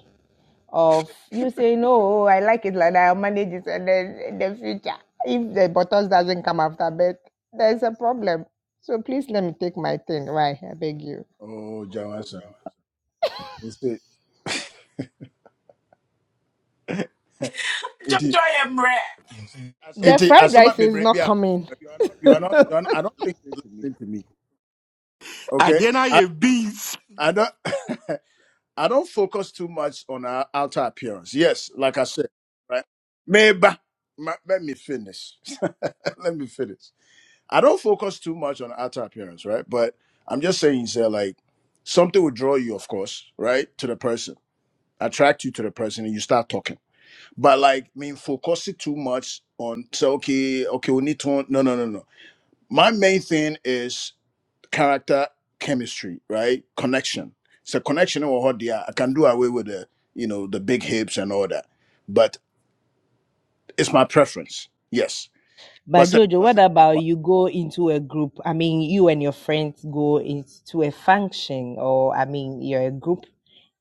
F: of you saying, "No, oh, I like it like that. I'll manage it," and then in the future, if the bottles doesn't come after bed, there's a problem. So please let me take my thing. Why? I beg you.
J: Oh, Jawasan. You see,
B: Jojo,
J: inti,
B: I am rare.
F: The
J: inti,
F: fried
J: as some
F: rice is
J: baby,
F: not
J: you are not,
F: coming.
J: you are not, I don't think you're listening to me.
C: I
J: Okay,
C: did not
J: I,
C: a beast.
J: I don't. I don't focus too much on our outer appearance. Yes, like I said, right? Maybe ma- let me finish. let me finish. I don't focus too much on outer appearance, right? But I'm just saying, sir, like something will draw you, of course, right, to the person, attract you to the person, and you start talking. But like, I mean, focus it too much on say, okay, okay, we need to. No, no, no, no. My main thing is character chemistry right connection it's a connection or hot yeah i can do away with the you know the big hips and all that but it's my preference yes but
F: But
J: say-
F: Jojo, what about you go into a group? I mean, you and your friends go into a function, or I mean, you're a group,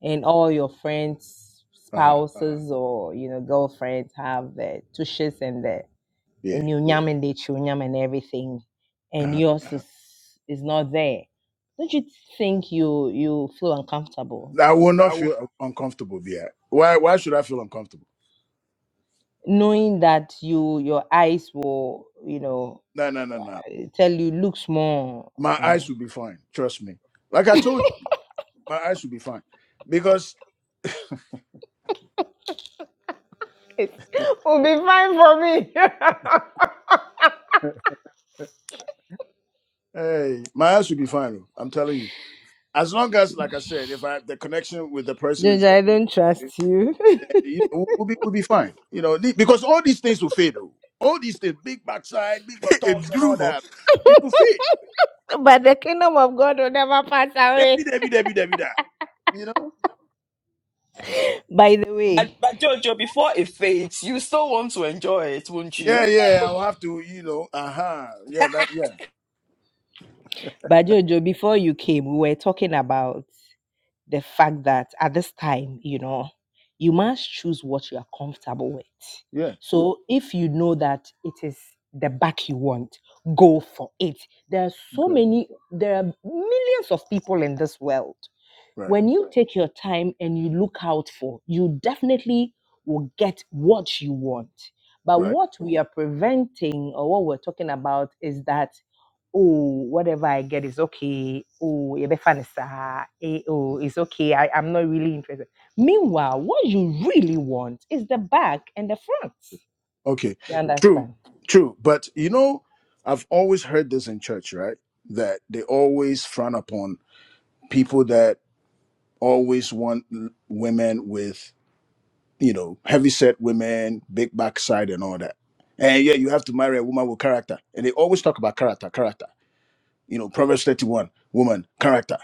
F: and all your friends,
J: uh-huh.
F: spouses, or you know, girlfriends have the tushes and the
J: yeah
F: and nyam and the chunyam and everything, and
J: uh-huh.
F: yours is is not there. Don't you think you you feel uncomfortable
J: i will not feel uncomfortable there why why should i feel uncomfortable
F: knowing that you your eyes will you know
J: no no no no
F: tell you look small?
J: my
F: Eh.
J: eyes will be fine trust me like i told you my eyes will be fine because
F: it will be fine for me.
J: hey my eyes will be fine oh, i'm telling you as long as like i said if i the connection with the person is
F: Ginger, I don't trust you.
J: you know, we'll be we'll be fine. You know, the- because all these things will fade. oh. All these things, big backside, big
C: It
J: buttocks, and
C: drew
J: all
C: her.
J: that, it will fade.
F: but the kingdom of God will never pass away.
J: Debbie, Debbie, Debbie, Debbie, that. You know?
F: By the
B: But,
F: way,
B: but Jojo, before it fades, you still want to enjoy it, won't
J: Yeah,
B: you?
J: yeah. I'll have to, you know. Uh huh. Yeah, that. Yeah,
F: but Jojo, before you came, we were talking about the fact that at this time, you know, you must choose what you are comfortable with.
J: yeah.
F: So if you know that it is the back you want, go for it. There are so
J: Okay.
F: many, there are millions of people in this world
J: Right.
F: when you take your time and you look out for, you definitely will get what you want. But
J: Right.
F: what we are preventing or what we're talking about is that, oh, whatever I get is okay. Oh, ebefanisa. Eh, oh, it's okay. I, I'm not really interested. Meanwhile, what you really want is the back and the front.
J: Okay.
F: You
J: True.
F: understand?
J: True. But you know, I've always heard this in church, right? That they always frown upon people that always want l- women with you know, heavy set women, big backside, and all that. And yeah, you have to marry a woman with character. And they always talk about character, character. You know, Proverbs 31, woman, character.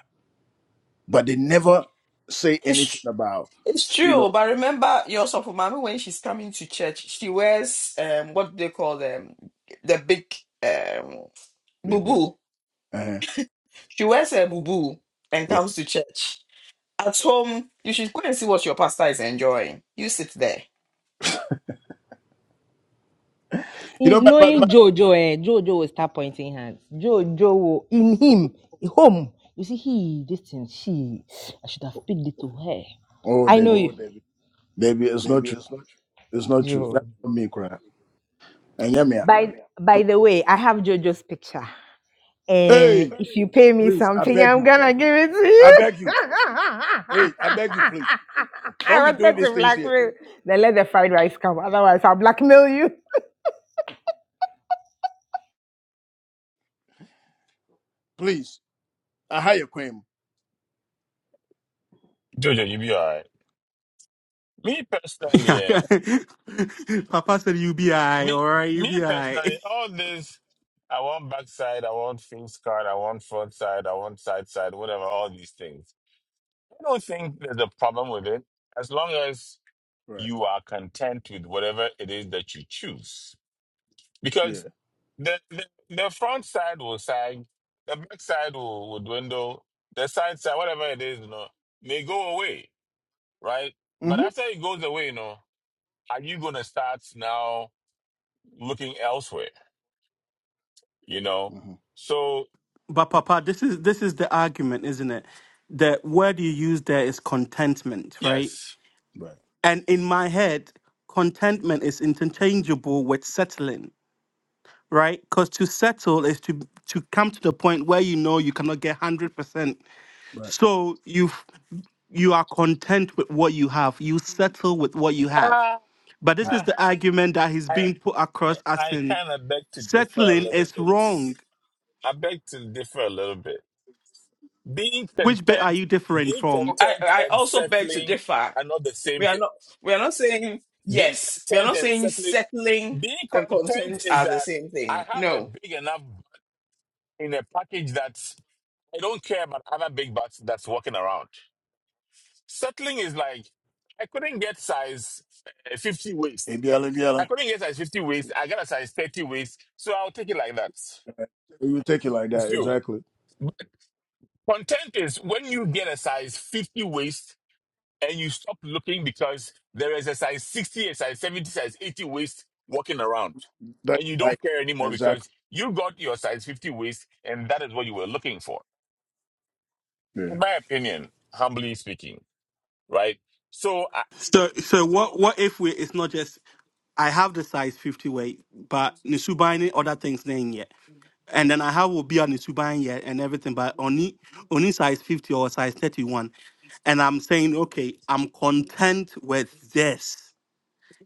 J: But they never say anything
B: It's,
J: about,
B: it's
J: you know,
B: true, but remember your for mommy when she's coming to church, she wears um what do they call them? The big um boo
J: big word.
B: boo.
J: Uh-huh.
B: She wears a boo boo and
J: Yeah.
B: comes to church. At home, you should go and see what your pastor is enjoying. You sit there.
J: You know, but, but,
F: knowing
J: but,
F: Jojo, eh, Jojo will start pointing hands. Jojo will, in him, home. You see, he, this thing, she, I should have picked it to her.
J: oh,
F: I know
J: David,
F: you, Oh,
J: David, it's not true. It's not true.
F: Joe.
J: That's not me crying. And yeah, me.
F: By by the way, I have Jojo's picture, and
J: Hey,
F: if you pay me
J: please, I
F: something,
J: beg
F: I'm
J: you.
F: gonna give it to
J: I
F: you.
J: beg you. Hey, I beg you, please.
F: I
J: Don't be doing
F: wanted
J: these
F: to
J: things here.
F: blackmail. Then let the fried rice come. Otherwise, I'll blackmail you.
J: Please. I hire Queen.
A: Jojo, you be all right. Me personally,
C: Yeah.
A: eh,
C: Papa said UBI,
A: me
C: all right,
A: me personally,
C: UBI.
A: all this I want backside, I want face card, I want front side, I want side side, whatever, all these things. I don't think there's a problem with it as long as
J: Right.
A: you are content with whatever it is that you choose.
J: Yeah.
A: The, the the front side will sag, the back side will, will dwindle, the side side, whatever it is, you know, may go away, right? But
J: Mm-hmm.
A: after it goes away, you know, are you gonna start now looking elsewhere? You know?
J: Mm-hmm.
A: So
C: But Papa, this is this is the argument, isn't it? The word you use there is contentment, right?
A: yes.
J: Right.
C: And in my head, contentment is interchangeable with settling, right? Because to settle is to to come to the point where you know you cannot get hundred percent.
J: Right.
C: So you you are content with what you have. You settle with what you have.
A: Uh,
C: But
J: Mm.
C: this is
A: I
C: the argument that he's
A: I
C: being put across as
A: I
C: in
A: kinda beg to differ a
C: Settling
A: little
C: is
A: bit.
C: wrong.
A: I beg to differ a little bit. Being
C: Which bit are
A: content
C: you different
A: being
C: from?
B: I,
A: content
B: I
A: and
B: also beg to
A: settling
B: differ.
A: are not the
B: We
A: same
B: are
A: thing.
B: not we are not saying
A: Being
B: yes. We are
A: content
B: not
A: and
B: saying
A: settling
B: settling
A: Being
B: and
A: content
B: content
A: is
B: are the
A: that
B: same
A: I
B: thing.
A: have a
B: No
A: big enough butt in a package that I don't care about other big butts that's walking around. Settling is like I couldn't get size uh, 50
J: They
A: waist.
J: be yelling,
A: I
J: yelling.
A: couldn't get size 50 waist. I got a size 30 waist, so I'll take it like that.
J: You take it like that,
A: So
J: exactly.
A: content is when you get a size 50 waist and you stop looking because there is a size 60, a size 70, size 80 waist walking around.
J: That
A: And you
J: like
A: don't care anymore
J: Exactly.
A: because you got your size 50 waist and that is what you were looking for.
J: yeah,
A: In my opinion, humbly speaking, right? So, I,
C: So, so what? What if we? It's not just I have the size fifty weight, but nisubani other things then yet, and then I have will be on nisubani yet and everything, but only only size fifty or size thirty one, and I'm saying okay, I'm content with this.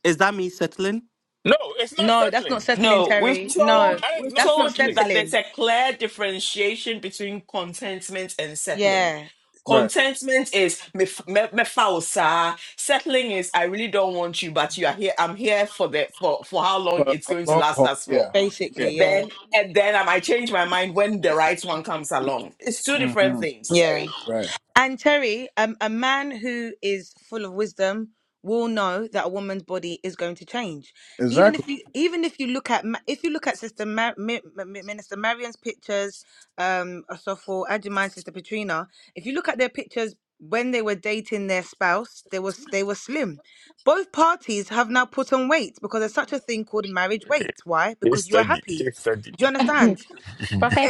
C: Is that me settling?
A: no, it's not
G: No, that's not
A: settling.
G: settling,
B: No, we've
G: Terry. No,
B: told
A: That is
B: we've
A: not
G: that's not
B: told you
A: settling.
B: that there's
G: settling.
B: a clear differentiation between contentment and settling.
G: Yeah,
J: Right.
B: Contentment is me me- me foul, sir. Settling is I really don't want you, but you are here. I'm here for the for for how long
J: For
B: it's
J: a
B: going to
J: long
B: last
J: haul.
B: us
J: Yeah.
B: for.
J: yeah.
B: And
G: basically, yeah,
B: then and then I might change my mind when the right one comes along. It's two different
J: hmm
B: things,
G: yeah.
B: Terry.
J: Right.
G: And Terry, um, a man who is full of wisdom will know that a woman's body is going to change. Even
J: Exactly.
G: if you, even if you look at, Ma- if you look at Sister Mar- Mi- Mi- Minister Marion's pictures, um, so for Adjumai, Sister Petrina, if you look at their pictures when they were dating their spouse, they was they were slim. Both parties have now put on weight because there's such a thing called marriage weight. Why?
A: Case
G: Because you are
A: study,
G: happy.
A: case study.
G: Do you understand?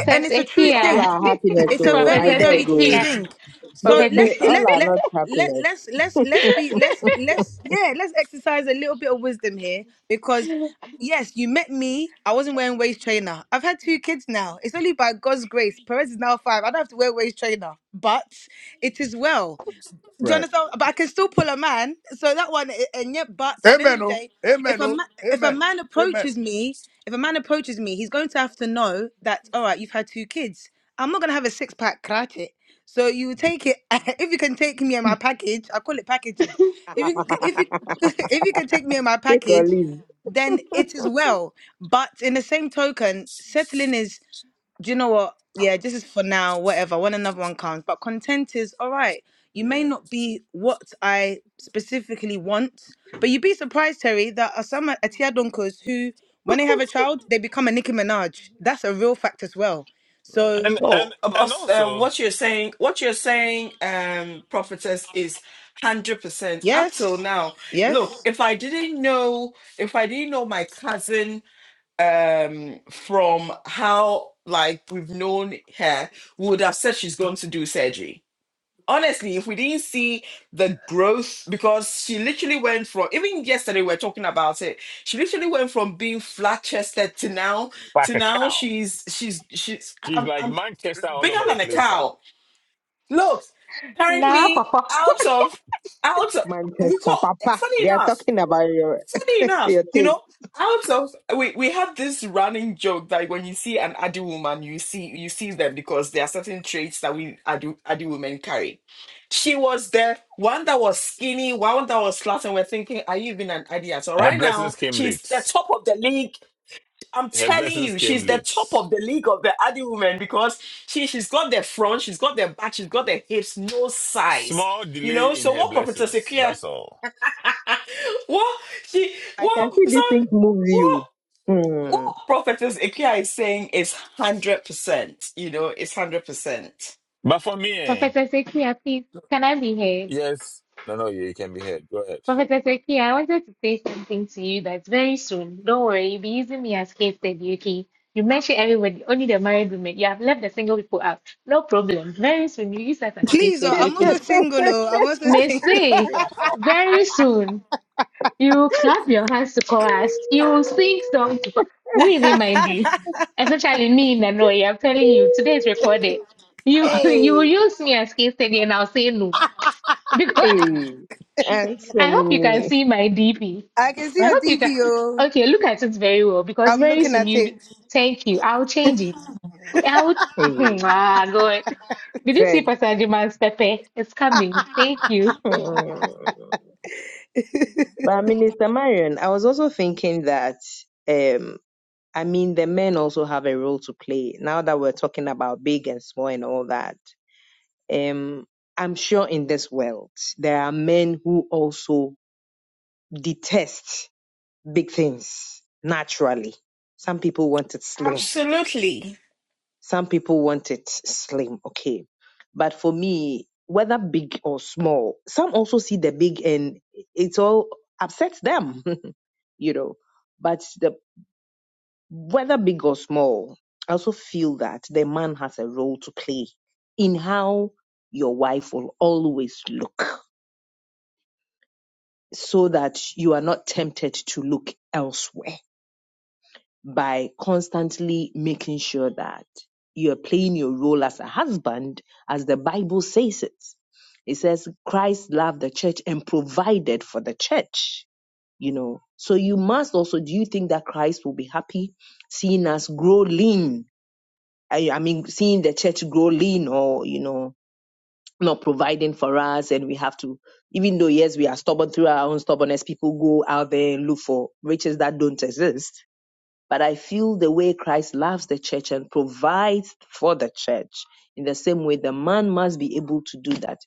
G: A- and it's a
F: Not
G: true
F: all
D: Sekia,
G: thing.
F: our happiness,
G: It's a
F: so I
G: very,
D: Professor
F: beg
G: very true
F: you.
D: Sekia,
G: thing.
F: They,
G: So
D: Professor.
G: let's
F: they
G: be let
F: all are
G: let
F: not
G: let
F: happiness.
G: let's let's let's be let's let's yeah let's exercise a little bit of wisdom here because yes you met me I wasn't wearing waist trainer I've had two kids now it's only by God's grace Perez is now five I don't have to wear waist trainer but it is well do you
J: Right.
G: understand? But I can still pull a man. So that one, a- and yet, but at the end of
J: Amen.
G: the
J: Oh.
G: day, if
J: Amen.
G: a
J: Oh.
G: ma- if a
J: Amen.
G: man
J: Amen.
G: approaches me, if a man approaches me, he's going to have to know that all right, you've had two kids. I'm not gonna have a six pack karate. So you take it if you can take me and my package. I call it packaging. If you can- if you if you can take me and my
F: Take or
G: package,
F: leave.
G: then it is well. But in the same token, settling is do you know what? Yeah, this is for now, whatever, when another one comes. But content is all right. You may
J: Yeah.
G: not be what I specifically want, but you'd be surprised, Terry, that are some Atia Donkers who, when they have a child, they become a Nicki Minaj. That's a real fact as well.
J: Right.
G: So,
A: And, and,
B: Well,
A: and
B: us- uh,
A: also,
B: what you're saying, what you're saying, um, prophetess, is hundred percent. Up till
G: yes,
B: now, look,
G: yes.
B: if I didn't know, if I didn't know my cousin, um, from how like we've known her, we would have said she's going to do surgery honestly, if we didn't see the growth, because she literally went from, even yesterday we were talking about it, she literally went from being flat chested to now,
A: like
B: to
A: a
B: now
A: cow.
B: she's, she's, she's,
A: She's
B: I'm,
A: like
B: I'm
A: Manchester all
B: bigger
A: over the
B: than a
A: place, huh?
B: cow. Look,
D: Now,
B: currently
D: Papa,
B: out of, out of, we
F: Manchester,
B: call,
F: Papa.
B: funny
F: They are
B: enough,
F: talking about your
B: Funny enough,
F: your
B: you
F: taste.
B: know, I was also, we we have this running joke that when you see an Adi woman, you see you see them because there are certain traits that we Adi, Adi women carry. She was the one that was skinny, one that was flat, and we're thinking, are you even an Adi at all?
A: Her
B: Right
A: blessings
B: now,
A: came
B: she's the
A: late.
B: top of the league. I'm
A: Her
B: telling
A: blessings
B: you,
A: came
B: she's the top
A: late.
B: of the league of the Adi women because she she's got the front, she's got the back, she's got the hips, no size.
A: Small
B: You know,
A: delay in
B: so
A: her
B: what
A: blessings.
B: Prophet
A: That's all.
B: what she
F: I can
B: what
F: see
B: so
F: these things moves
B: what
F: you.
B: what
F: Hmm.
B: prophetess Ikea is saying is hundred percent. You know, it's hundred percent.
A: But for me, eh,
D: Professor Sekia, please, can I be heard?
A: yes. No, no, you you can be heard. Go ahead.
D: Professor Sekia, I wanted to say something to you that's very soon. Don't worry, you'll be using me as case study, okay? You mentioned everybody, only the married women. You have left the single people out. No problem. Very soon, you use us as case
G: Please, oh,
D: study,
G: I'm
D: okay?
G: also single, oh. I'm also
D: May
G: single.
D: say, very soon. You clap your hands to chorus. You will sing song to chorus. We remind you, especially me in Hanoi, I'm telling you, today is recorded. You you will
G: hey,
D: use me as case study and I'll say no. Because
F: hey,
D: I hope you can
F: Ansemuni.
D: see my DP.
G: I can see
D: I
G: your
D: hope you can.
G: DP, oh.
D: Okay, look at it very well because
G: I'm
D: very
G: looking
D: soon
G: at
D: you. will-
G: it.
D: Thank you. I'll change it. I will.
F: Hey,
D: Ah, God. Did you see
F: Fred.
D: Pastor Jiman's Pepe? It's coming. Thank you.
F: Hmm. But Minister Marion, I was also thinking that um, I mean the men also have a role to play. Now that we're talking about big and small and all that, um, I'm sure in this world there are men who also detest. big things naturally. Some people want it slim.
B: Absolutely.
F: Some people want it slim. Okay. But for me, whether big or small, some also see the big and it all upsets them, you know. But the whether big or small, I also feel that the man has a role to play in how your wife will always look so that you are not tempted to look elsewhere by constantly making sure that you're playing your role as a husband, as the Bible says it. It says Christ loved the church and provided for the church, you know. So you must also, do you think that Christ will be happy seeing us grow lean? I, I mean, seeing the church grow lean or, you know, not providing for us and we have to, even though yes, we are stubborn through our own stubbornness, people go out there and look for riches that don't exist but I feel the way Christ loves the church and provides for the church in the same way the man must be able to do that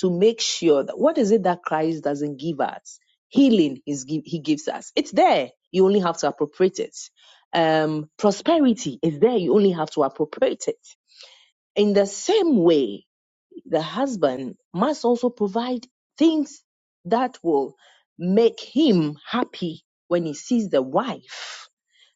F: to make sure that what is it that Christ doesn't give us? Healing is he gives us. It's there. You only have to appropriate it. Um, prosperity is there. You only have to appropriate it. In the same way, the husband must also provide things that will make him happy when he sees the wife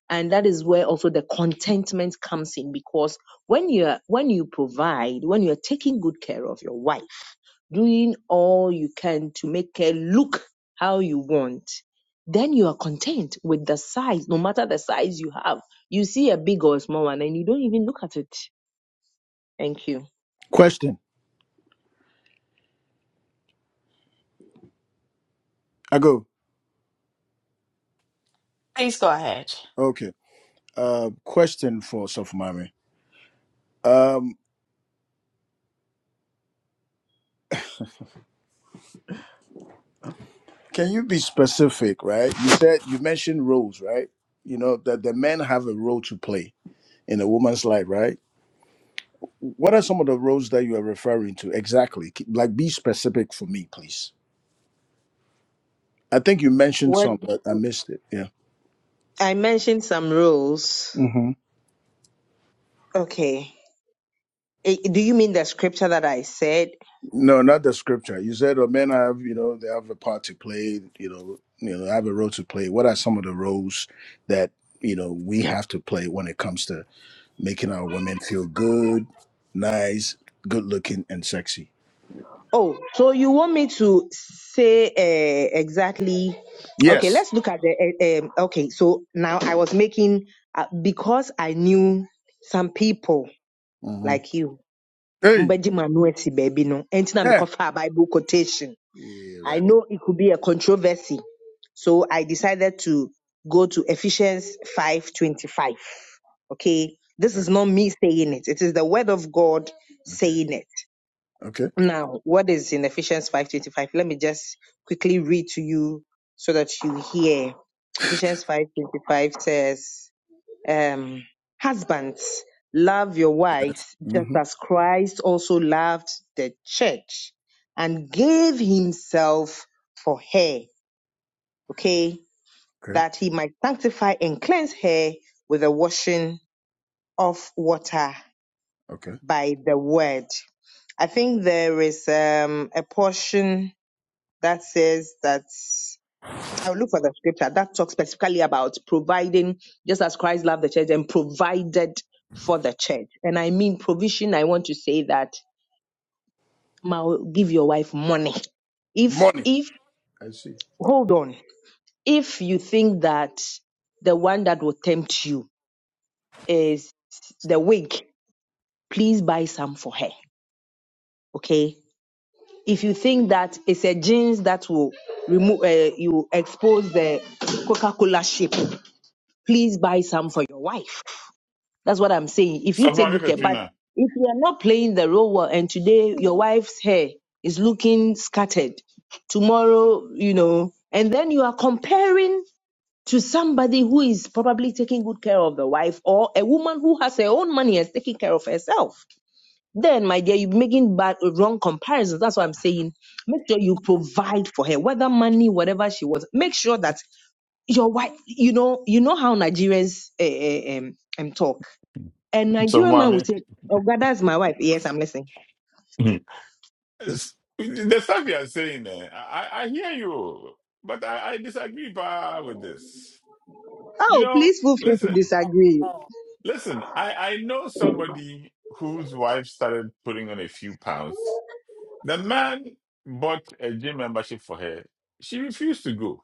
F: and that is where also the contentment comes in because when you're when you provide when you're taking good care of your wife doing all you can to make her look how you want then you are content with the size no matter the size you have you see a big or small one and you don't even look at it thank you
J: Question. I go.
B: Please go ahead.
J: Okay. Uh, question for Sofumami. Um, can you be specific, right? You said you mentioned roles, right? You know that the men have a role to play in a woman's life, right? What are some of the roles that you are referring to exactly? K- Like, be specific for me, please. I think you mentioned
F: what
J: some, but I missed it. Yeah.
F: i mentioned some rules
J: hmm
F: okay Eh, do you mean the scripture that i said
J: No, not the scripture. You said, "Oh, men have you know they have a part to play. You know, you know, have a role to play." What are some of the roles that you know we have to play when it comes to making our women feel good, nice, good looking, and sexy?
F: Oh, so you want me to say uh, exactly? Okay,
J: Yes.
F: let's look at the. Uh, um, okay, so now I was making uh, because I knew some people
J: hmm
F: like you,
J: Hey.
F: Manueti baby, no, and now
J: Hey.
F: a Bible quotation.
J: Yeah.
F: I
J: Right.
F: know it could be a controversy, so I decided to go to Ephesians five twenty five. Okay, this is
J: there.
F: not me saying it; it is the Word of God
J: Okay.
F: saying it.
J: Okay.
F: Now, what is in Ephesians 5:25? Let me just quickly read to you so that you hear. Ephesians 5:25 says, um, "Husbands, love your wives
J: hmm
F: just
J: Okay.
F: as Christ also loved the church and gave himself for her, okay,
J: hmm
F: that he might sanctify and cleanse her with the washing of water
J: Okay.
F: by the word." I think it's, um, a- that says that. I will look for the scripture that talks specifically about providing, just as Christ loved the church and provided for the church. And I mean provision, I want to say that "Ma, give your wife money. If
J: Money.
F: if
J: I see.
F: hold on, if you think that the one that will tempt you is the wig, please buy some for her. Okay. If you think that it's a jeans that will remove, uh, you expose the Coca-Cola shape, please buy some for your wife That's what I'm saying. If you
A: So,
F: take
A: mommy,
F: good care, but
A: Petrina.
F: if you are not playing the role well, and today your wife's hair is looking scattered, tomorrow, you know, and then you are comparing to somebody who is probably taking good care of the wife or a woman who has her own money and is taking care of herself. Then, my dear, you're making bad, wrong comparisons. That's what I'm saying. Make sure you provide for her, whether money, whatever she wants. Make sure that your wife, you know, you know how Nigerians uh, um, um, talk a
A: So,
F: Nigerian man will
A: mommy.
F: say, Oh, God, that's my wife. Yes, I'm listening.
A: Yes. The stuff you are saying, eh, I, I I hear you, but I, I disagree bah, with this. You
F: Oh,
A: know,
F: please feel free to
A: listen,
F: disagree.
A: listen, I, I know somebody whose wife started putting on a few pounds. The man bought a gym membership for her. She refused to go.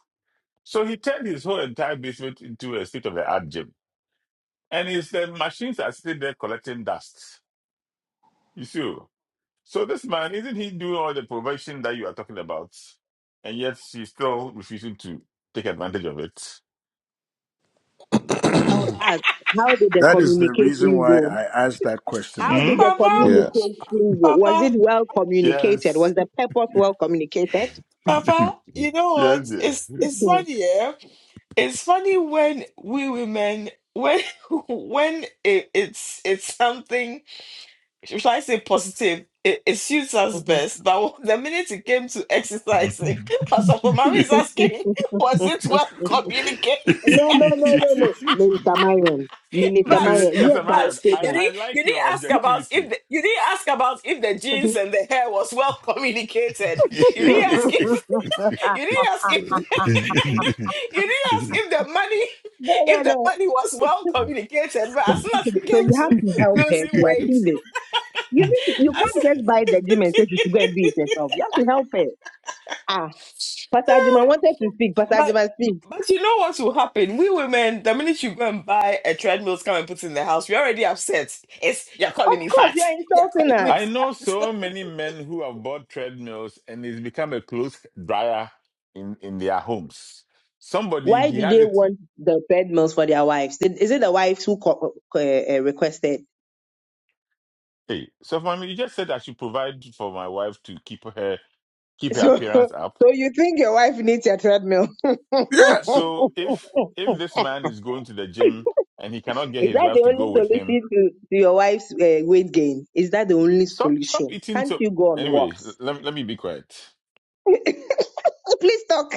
A: So he turned his whole entire basement into a state of the art gym. And his uh, machines are sitting there collecting dust. You see? oh. So this man, isn't he doing all the provision that you are talking about? And yet he's still refusing to take advantage of it.
F: I would ask, How did the
J: That is the reason
F: communication
J: why
F: go?
J: I asked that question.
F: How
J: Oh.
F: did
A: Hmm?
F: the
B: Papa,
F: communication go? Was
B: Papa,
F: it well communicated? Was
A: Yes.
F: the purpose well communicated?
B: Papa, you know
A: Yes,
B: what?
A: dear.
B: It's it's
F: Hmm.
B: funny, yeah. It's funny when we women when when it, it's it's something should I say positive? It, it suits us
F: Mhm.
B: best. But w- the minute it came to exercising, as Pastor mommy
A: you
B: is asking, was it well communicated?
F: No, no, no, no, no. Minister Marion. Minister
B: but
F: Marion.
A: see,
F: Yes,
A: Mr.
F: I will
B: but
A: Marion,
F: say
B: you
A: I,
F: that.
A: I
B: didn't you
A: like
B: didn't
A: your
B: ask about if
A: objectivity.
B: the, you didn't ask about if the jeans and the hair was well communicated. You didn't ask if you didn't ask if you didn't ask if the money
F: No, no,
B: if the
F: no.
B: money was well communicated. But as soon as
F: Okay,
B: it
F: so
B: came
F: you have
B: to
F: to help her
B: losing
F: to
B: weight,
F: achieve it. You need to, you
B: I
F: can't
B: said.
F: just buy the gym and say she should go and do it herself. You have to help her. Ah, Pastor Jima wanted to speak. Pastor
B: But
F: Jima, speak.
B: but you know what will happen? We women, the minute you go and buy a treadmill, come and put it in the house, we're already upset. It's you're
F: Of
B: calling me
F: course, they
B: fat.
F: are
B: You're
F: insulting
B: calling me
F: us.
A: I know
B: fat.
A: so many men who have bought treadmills and it's become a clothes dryer in, in their homes. Somebody
F: Why
A: he
F: do
A: has
F: they
A: it.
F: want the bed meals for their wives? Did- Is it the wives who co- co- uh, uh, requested?
A: Hey, so for me, you just said I should provide for my wife to keep her keep her
F: So,
A: appearance up.
F: so you think your wife needs your treadmill?
J: Yes.
A: So if if this man is going to the gym and he cannot get
F: Is
A: his
F: that
A: wife
F: the
A: to
F: only
A: go with him,
F: solution to, to your wife's uh, weight gain? Is that the only
A: stop stop
F: solution?
A: eating.
F: Can't
A: So
F: you go on
A: anyway,
F: walks?
A: let, let me be quiet
F: Please talk.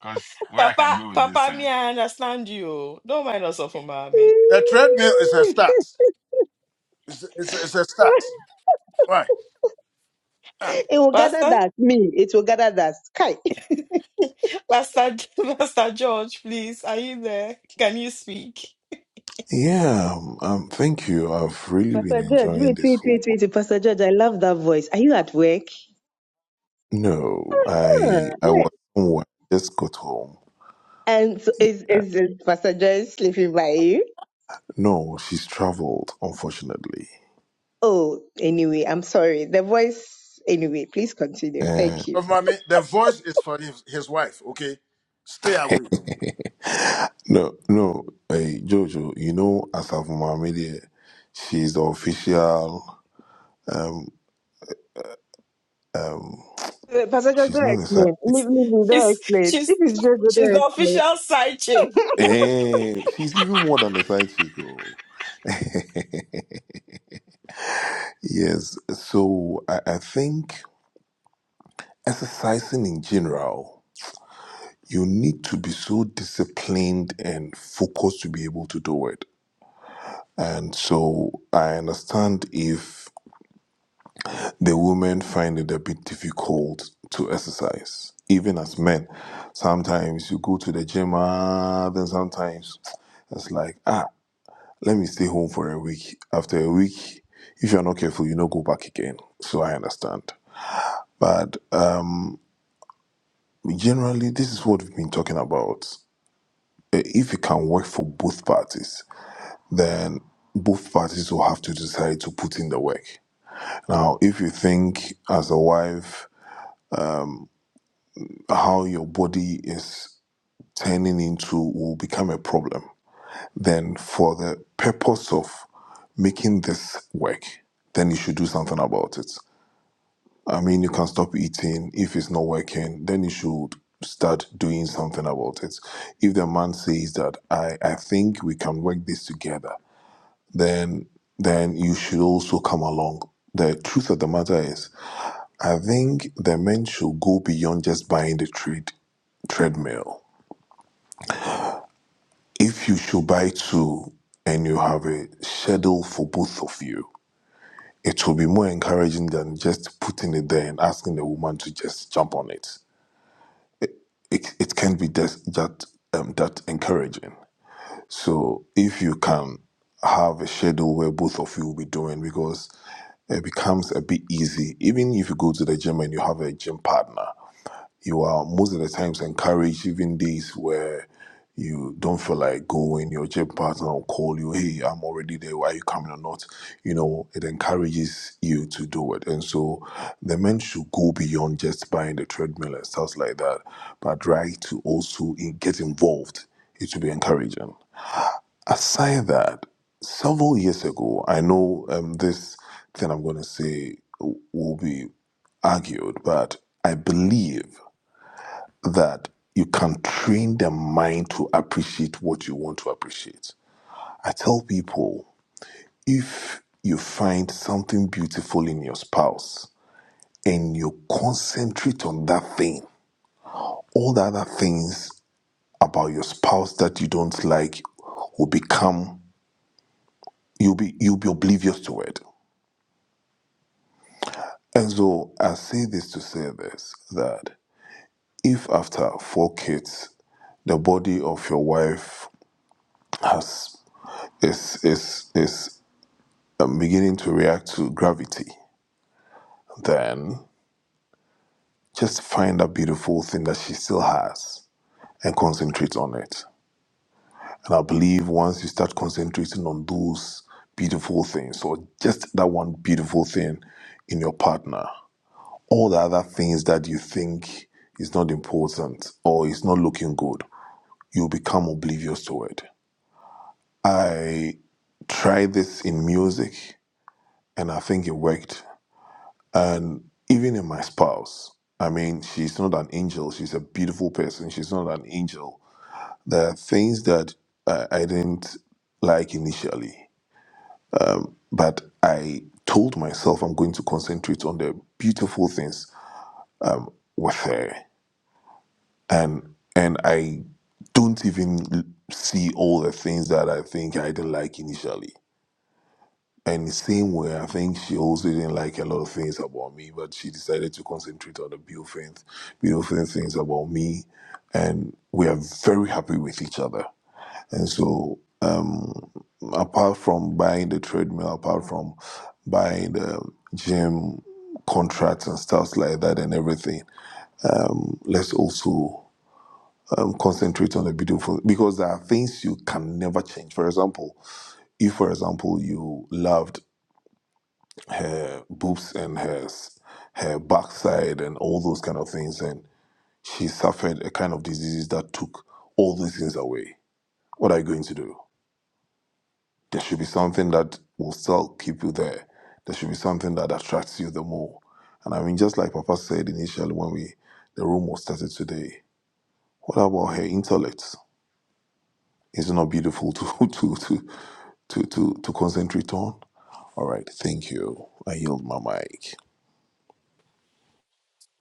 A: because where I can
B: Papa,
A: go with this
B: Papa,
A: thing.
B: me, I understand you. Don't mind us off mommy.
J: The treadmill is a start. It's, it's, it's a start. Why? Ah.
F: It will gather
B: Pastor,
F: dust. Me, it will gather dust. Kai.
B: Pastor, Pastor George, please, are you there? Can you speak?
F: Pastor George, wait, wait, wait, wait. Pastor George, I love that voice. Are you at work? Hmm. And so is is it Pastor Joy sleeping by you? Oh, anyway, I'm sorry. The voice. Anyway, please continue. Thank you.
J: Of mommy, the voice is for his, his wife, okay? Stay away.
F: Uh, Pastor Joy, don't explain. Leave me, be, don't
B: She's
F: explain. If
B: she's
F: it's just
B: she's
F: don't
B: the
F: explain.
B: official side chick.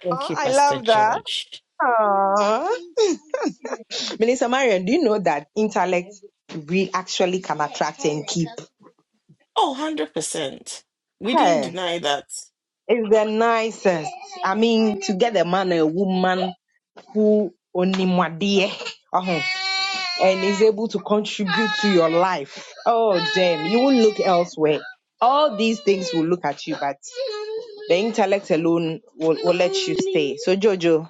B: Thank
F: Oh,
B: you,
F: I
B: Pastor
F: love that.
B: George.
F: Aww. Minister Marion, do you know that intellect we actually can attract and keep?
B: Oh, 100 percent. We didn't
F: Hey,
B: deny that.
F: it's the nicest. I mean, to get a man, a woman who only my dear. uh-huh, and is able to contribute to your life, oh damn, you will look elsewhere. All these things will look at you, but the intellect alone will, will let you stay. So Jojo,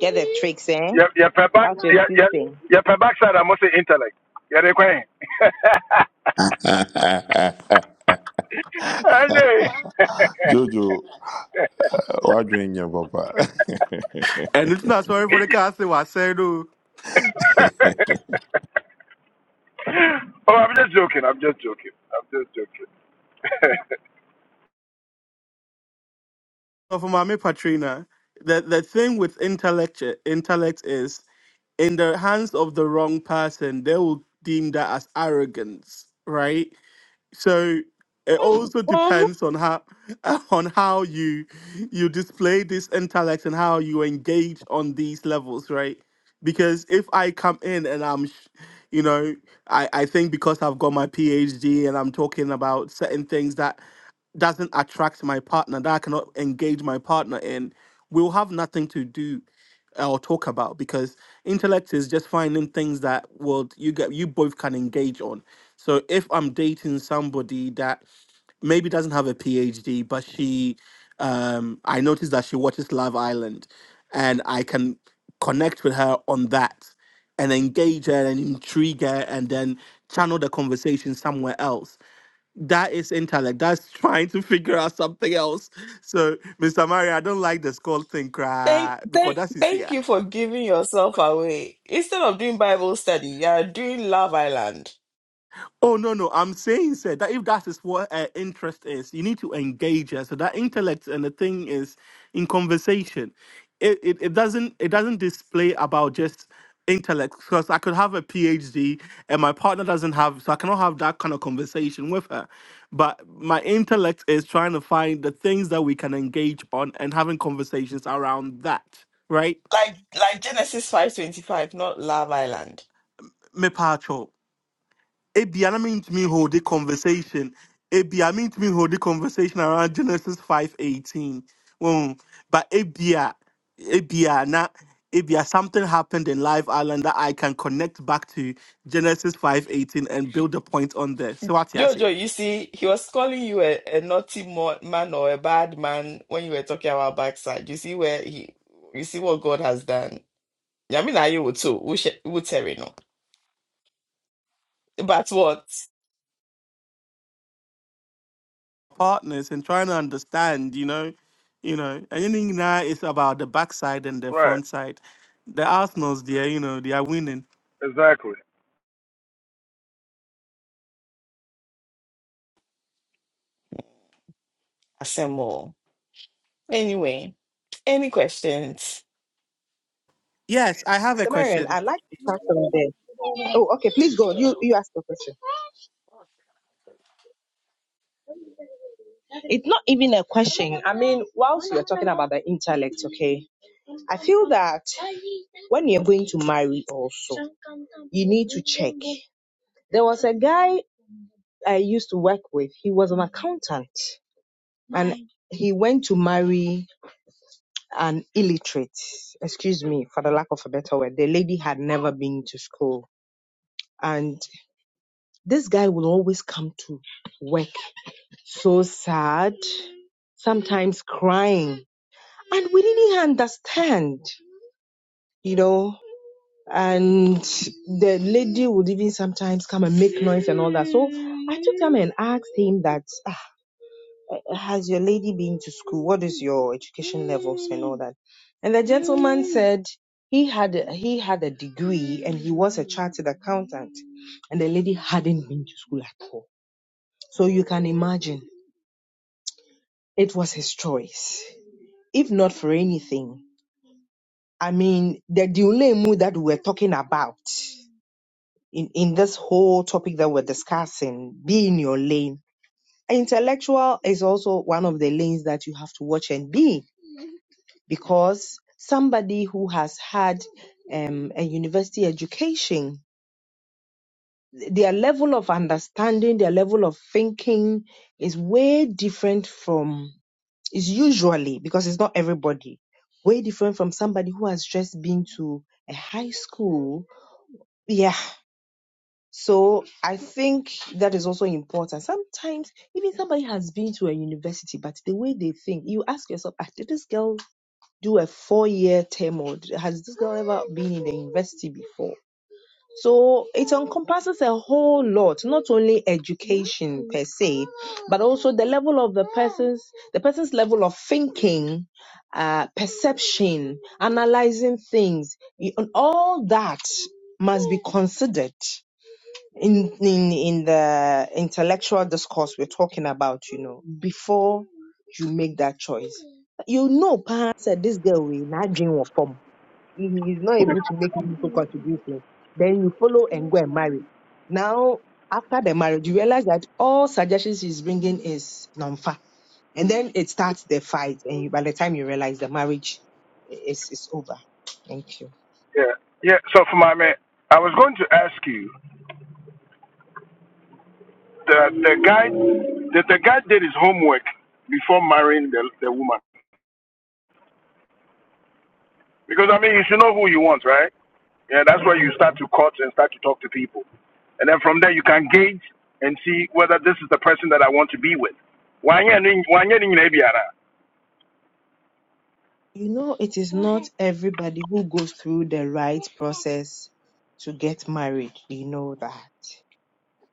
F: get the tricks, eh?
J: Your your per back
F: Out your
J: your your
F: choosing.
J: your per backside I must say intellect. You're the queen. I know.
C: And it's not sorry for the cast I said oh,
J: Oh, I'm just joking. I'm just joking. I'm just joking.
C: for mommy Patrina. The the thing with intellect intellect is in the hands of the wrong person, they will deem that as arrogance, right? So it also depends on how on how you you display this intellect and how you engage on these levels, right? Because if I come in and I'm, sh- you know, I, I think because I've got my PhD and I'm talking about certain things that doesn't attract my partner, that I cannot engage my partner in, we'll have nothing to do uh, or talk about because intellect is just finding things that will you get you both can engage on. So if I'm dating somebody that maybe doesn't have a PhD, but she um I noticed that she watches Love Island and I can connect with her on that and engage her and intrigue her and then channel the conversation somewhere else that is intellect. That's trying to figure out something else. So, Mr. Mario, I don't like the skull thing,
B: Thank,
C: cry, because
B: thank,
C: that's
B: thank
C: sincere.
B: you for giving yourself away. Instead of doing Bible study, you are doing Love Island.
C: Oh no no! I'm saying sir that if that is what uh, interest is, you need to engage her. So that intellect and the thing is in conversation. It, it it doesn't it doesn't display about just intellect because I could have a PhD and my partner doesn't have, so I cannot have that kind of conversation with her. But my intellect is trying to find the things that we can engage on and having conversations around that. Right,
B: Like like Genesis 5:25, not Love Island.
C: me ebi ana me hold the conversation ebi a me hold the conversation around genesis 5.18 well, but ebi a ebi a na ebi something happened in live island that i can connect back to genesis 5.18 and build a point on there so what you say
B: Jojo, you see, he was calling you a, a naughty mo- man or a bad man when you were talking about backside. You see where he, you see what God has done. Yeah, I mean, I would too. We should, we tell you no. But what?
C: partners and trying to understand you know you know anything now is about the backside and the
J: Right.
C: front side the arsenals there you know they are winning
J: Exactly.
B: Assemble. Anyway, any questions?
C: yes i have a
F: Samarian,
C: question
F: I'd like to start from there. Oh, okay. Please go. You you ask the question. It's not even a question. I mean, whilst you're talking about the intellect, okay, I feel that when you're going to marry, also you need to check. There was a guy. I used to work with, he was an accountant and Right. he went to marry an illiterate, excuse me for the lack of a better word. The lady had never been to school. And this guy will always come to work so sad, sometimes crying. And we didn't understand, you know. And the lady would even sometimes come and make noise and all that. So I took time and asked him that. has your lady been to school? What is your education levels and all that? And the gentleman said he had a, he had a degree and he was a chartered accountant, and the lady hadn't been to school at all. So you can imagine it was his choice. If not for anything, I mean, the dilemma that we're talking about in, in this whole topic that we're discussing, be in your lane. Intellectual is also one of the lanes that you have to watch and be in because somebody who has had a university education, their level of understanding, their level of thinking is way different from, is usually, because it's not everybody, way different from somebody who has just been to a high school. Yeah. So I think that is also important. Sometimes even somebody has been to a university, but the way they think, you ask yourself, "Ah, did this girl do a four year term or has this girl ever been in a university before? So it encompasses a whole lot, not only education per se, but also the level of the person's the person's level of thinking, uh, perception, analyzing things, y- and all that must be considered in, in in the intellectual discourse we're talking about, you know, before you make that choice. You know, perhaps said this girl will not dream of if he is not able to make meaningful contribution, then you follow and go and marry. Now, after the marriage, you realize that all suggestions he's bringing is non-fa, and then it starts the fight. And you- by the time you realize the marriage i- is is over. Thank you.
J: Yeah. Yeah. So for my man, I was going to ask you. The the guy the, the guy did his homework before marrying the, the woman. Because I mean you should know who you want, right? Yeah, that's where you start to court and start to talk to people. And then from there you can gauge and see whether this is the person that I want to be with. Wanyɛ ne- wanyɛ ne nyinaa biara.
F: You know, it is not everybody who goes through the right process to get married. You know that.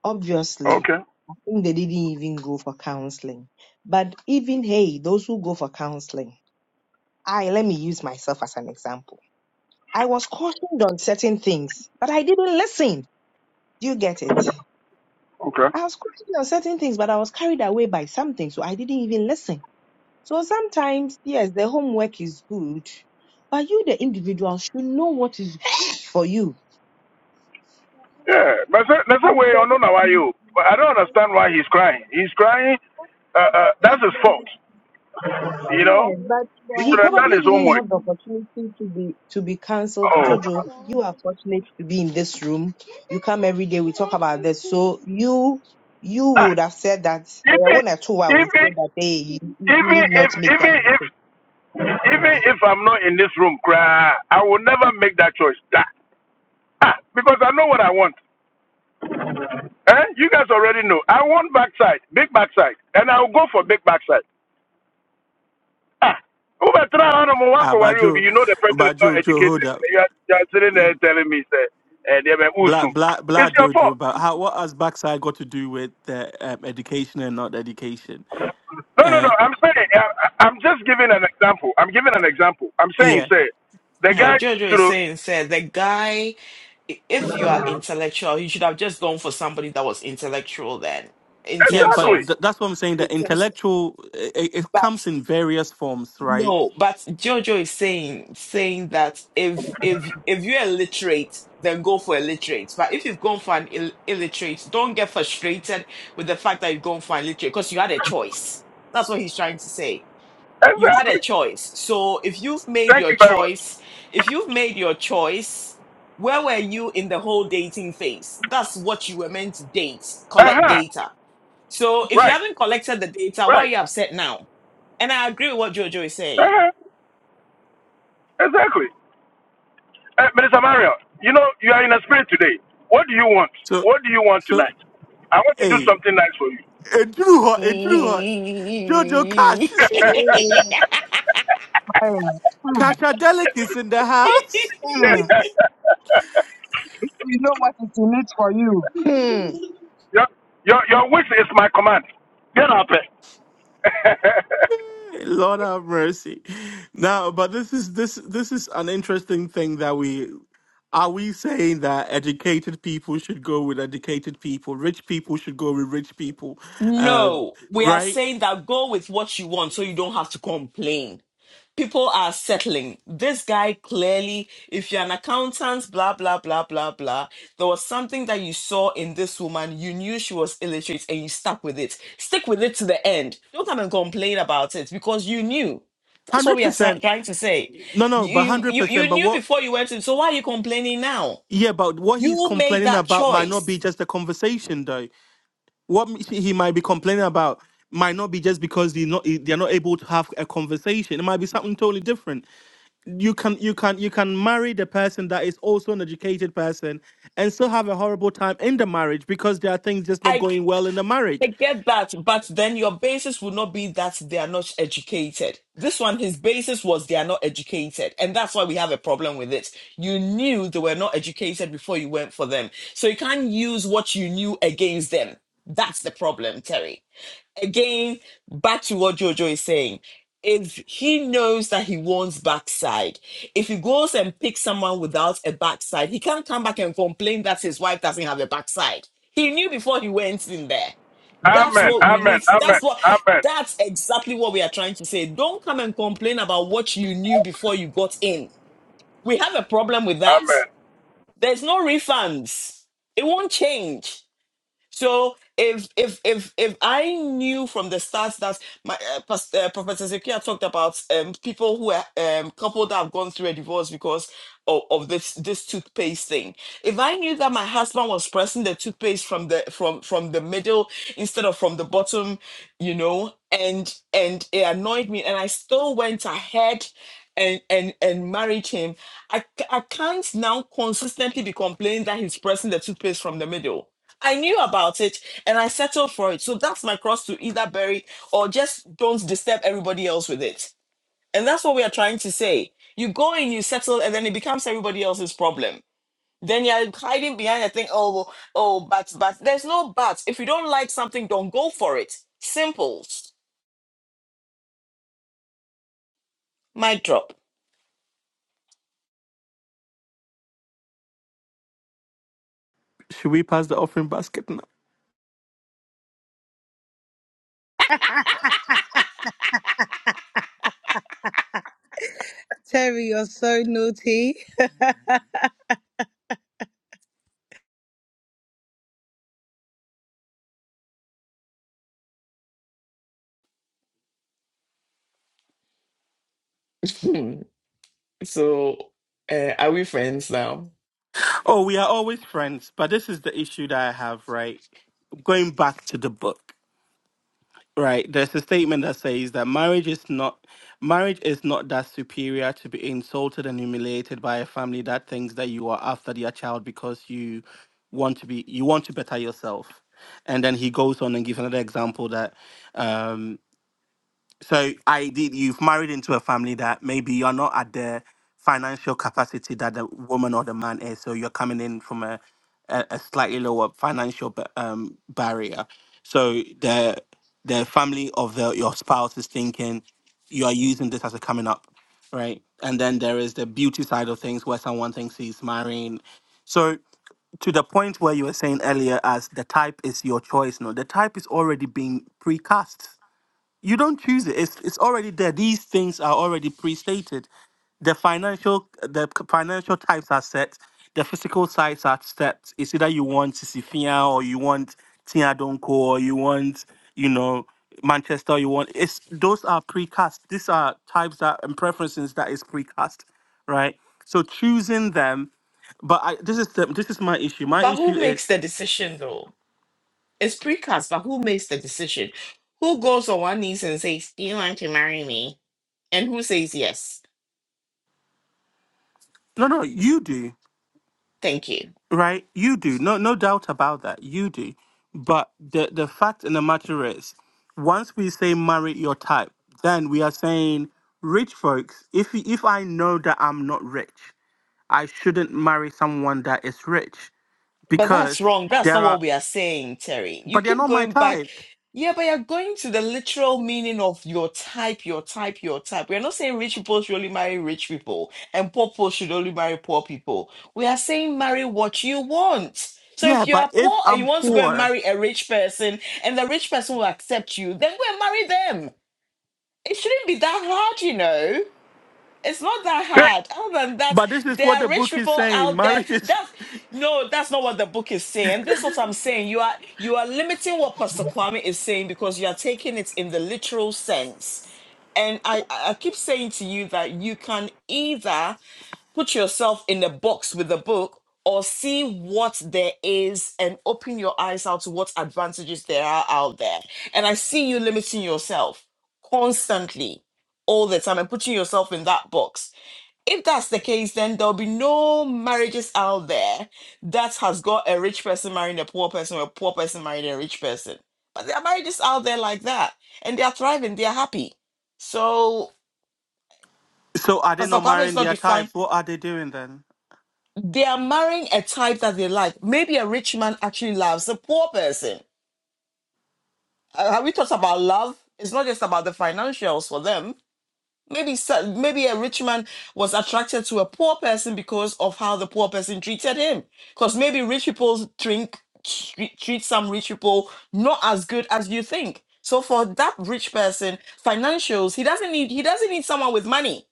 F: Obviously,
J: Okay,
F: I think they didn't even go for counseling. But even hey, those who go for counseling I let me use myself as an example. I was cautioned on certain things, but I didn't listen. Do you get it?
J: okay.
F: I was cautioned on certain things, but I was carried away by something, so I didn't even listen. So sometimes, yes, the homework is good, but you, the individual, should know what is good for you
J: Yeah, but say- that's the way I don't know why you. But I don't understand why he's crying. He's crying. Uh, uh, that's his fault. You know,
F: Yes, but
J: he
F: boy, He uh,
J: should have done
F: probably
J: his
F: didn't
J: homework.
F: have the saying. opportunity to be to be cancelled.
J: Oh,
F: Jojo, you are fortunate to be in this room. You come every day. We talk about this. So you you
J: ah,
F: would have said that. eh,
J: even
F: One or two, I would
J: even
F: say that. Hey, you, you
J: even
F: need
J: if
F: not make
J: even
F: that
J: if even if I'm not in this room, cry, I will never make that choice. Ah, ah, because I know what I want. Eh? You guys already know. I want backside, big backside, and I will go for big backside. Ah, over try on a
C: Ah,
J: Mwako
C: but
J: wari will be.
C: Joe,
J: You know the person
C: but
J: is not
C: Joe, Joe, hold
J: educated.
C: up.
J: You are, you are sitting there telling me, say, eh, they were
C: Blah
J: usu.
C: blah blah,
J: It's your fault.
C: Jojo. But how what has backside got to do with the um, education and not education?
J: No, no,
C: Uh,
J: no. I'm saying, I, I- I'm just giving an example. I'm giving an example. I'm saying,
C: yeah,
J: say, the
B: No,
J: guy
B: Jojo is
J: should.
B: saying, said the guy, i- if you are intellectual, you should have just gone for somebody that was intellectual then, in
C: yeah.
B: terms
C: But
J: Exactly.
B: of,
C: th- that's what I'm saying.
B: in
C: The
B: terms
C: intellectual it, it
B: of
C: comes in various forms, right?
B: No, but Jojo is saying saying that if if if you're illiterate, then go for illiterate. But if you've gone for an Ill illiterate, don't get frustrated with the fact that you've gone for an illiterate because you had a choice. That's what he's trying to say. You had a
J: Exactly.
B: choice. So if you've made
J: Thank
B: your
J: you very much.
B: choice, if you've made your choice, where were you in the whole dating phase? That's what you were meant to date, collect
J: Uh-huh.
B: data. So if you
J: Right.
B: haven't collected the data, why are
J: Right.
B: you upset now? And I agree with what Jojo is saying.
J: Uh-huh. Exactly. Uh, Minister Mario, you know, you are in a spirit today. What do you want?
C: So,
J: What do you want
C: so
J: tonight? I want to do
C: hey,
J: something nice for you.
C: it drew hot, it drew hot. Jojo Cash
B: Mm.
C: speak. Cashadelic is in the house.
F: for you.
J: Your, your, your wish is my command. Get up. eh?
C: Lord have mercy. Now, but this is this this is an interesting thing that we Are we saying that educated people should go with educated people, rich people should go with rich people, uh,
B: no, we are
C: right?
B: saying that go with what you want so you don't have to complain. People are settling. This guy clearly, if you're an accountant, blah, blah, blah, blah, blah, there was something that you saw in this woman. You knew she was illiterate and you stuck with it. Stick with it to the end. Don't come and complain about it because you knew. That's what
C: Hundred
B: we are sa-
C: percent.
B: trying to say.
C: No, no,
B: You,
C: but
B: you,
C: hundred
B: you
C: percent.
B: you
C: But
B: knew
C: what?
B: before you went in. So why are you complaining now?
C: Yeah, but what he's
B: You made
C: complaining
B: that
C: about might not be
B: choice.
C: just a conversation, though. What m- he might be complaining about might not be just because they're not they're not able to have a conversation. It might be something totally different. You can you can you can marry the person that is also an educated person and still have a horrible time in the marriage because there are things just not
B: I,
C: going well in the marriage.
B: I get that, but then your basis would not be that they are not educated. This one, his basis was they are not educated, and that's why we have a problem with it. You knew they were not educated before you went for them, so you can't use what you knew against them. That's the problem, Terry. again, back to what Jojo is saying. If he knows that he wants backside, if he goes and picks someone without a backside, he can't come back and complain that his wife doesn't have a backside. He knew before he went in there. That's
J: amen.
B: what we
J: Amen.
B: need. That's
J: Amen.
B: what
J: Amen.
B: that's exactly what we are trying to say. Don't come and complain about what you knew before you got in. We have a problem with that.
J: Amen.
B: There's no refunds. It won't change. So if if if if I knew from the start that my uh, Pas- uh, Professor Zekia talked about um, people who are um, couple that have gone through a divorce because of, of this this toothpaste thing. If I knew that my husband was pressing the toothpaste from the from from the middle instead of from the bottom you know and and it annoyed me and i still went ahead and and and married him i c- i can't now consistently be complaining that he's pressing the toothpaste from the middle i knew about it and i settled for it so that's my cross to either bury or just don't disturb everybody else with it and that's what we are trying to say you go and you settle and then it becomes everybody else's problem then you're hiding behind a thing oh well, oh but but there's no but if you don't like something don't go for it simple Mic drop.
C: Should we pass the offering basket now?
G: Terry, you're so naughty.
B: Hmm. So, uh, are we friends now?
C: Oh, we are always friends, but this is the issue that I have, right? Going back to the book, right? There's a statement that says that marriage is not marriage is not that superior to be insulted and humiliated by a family that thinks that you are after their child because you want to be you want to better yourself. And then he goes on and gives another example that um so I did you've married into a family that maybe you're not at the financial capacity that the woman or the man is, so you're coming in from a a, a slightly lower financial ba- um, barrier. So the the family of the your spouse is thinking you are using this as a coming up, right? And then there is the beauty side of things where someone thinks he's marrying. So to the point where you were saying earlier, as the type is your choice, no, the type is already being precast you don't choose it. It's it's already there. These things are already pre-stated. The financial the c- financial types are set. The physical sides are set. It's either you want Sisifia or you want Tia Donko or you want you know Manchester. You want it's those are precast. These are types that and preferences that is precast, right? So choosing them, but I, this is the, this is my issue. My
B: But
C: issue
B: who
C: is
B: makes the decision though? It's precast, but who makes the decision? Who goes on one knees and says, Do you want to marry me? And who says yes?
C: no no you do
B: Thank you.
C: right? You do. No, no doubt about that. You do. But the the fact in the matter is, once we say marry your type, then we are saying rich folks. If y- if I know that I'm not rich, I shouldn't marry someone that is rich
B: But
C: because
B: that's wrong. That's
C: there
B: not
C: are,
B: what we are saying, Terry. You
C: but they're
B: keep
C: not my
B: going back.
C: type.
B: Yeah, but you're going to the literal meaning of your type, your type, your type. We're not saying rich people should only marry rich people and poor people should only marry poor people. We are saying marry what you want. So
C: Yeah,
B: if you
C: but
B: are
C: if
B: poor and
C: I'm
B: you want to go and
C: poor,
B: marry a rich person and the rich person will accept you, then go and marry them. It shouldn't be that hard, you know. It's not that hard. Other than that,
C: but this is
B: there
C: what the
B: are rich
C: book is
B: people
C: saying.
B: out there.
C: Marriage is.
B: That's no, that's not what the book is saying. This is what I'm saying. You are you are limiting what Pastor Kwame is saying because you are taking it in the literal sense. And I, I I keep saying to you that you can either put yourself in a box with the book or see what there is and open your eyes out to what advantages there are out there. And I see you limiting yourself constantly all the time and putting yourself in that box if that's the case, then there'll be no marriages out there that has got a rich person marrying a poor person or a poor person marrying a rich person. But there are marriages out there like that, and they are thriving, they are happy. So
C: So are they
B: Pastor
C: not
B: Kwame is
C: marrying
B: not
C: their
B: defined.
C: types? What are they doing then?
B: They are marrying a type that they like. Maybe a rich man actually loves a poor person. Uh, have we talked about love? It's not just about the financials for them Maybe so- maybe a rich man was attracted to a poor person because of how the poor person treated him. Because maybe rich people drink, treat, treat some rich people not as good as you think. So for that rich person, financials he doesn't need he doesn't need someone with money.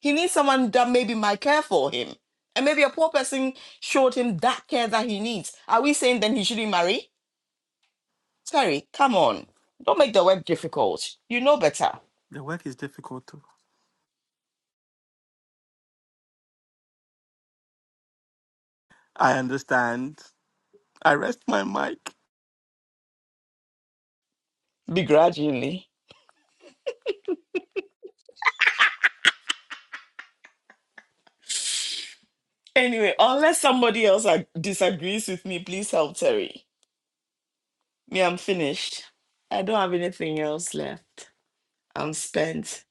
B: He needs someone that maybe might care for him. And maybe a poor person showed him that care that he needs. Are we saying then he shouldn't marry? Terry, come on. Don't make the work difficult. You know better.
C: The work is difficult. too. I understand. I rest my mic.
B: Begrudgingly. Anyway, unless somebody else ag- disagrees with me, please help Terry. Me, I'm finished. I don't have anything else left. I'm spent.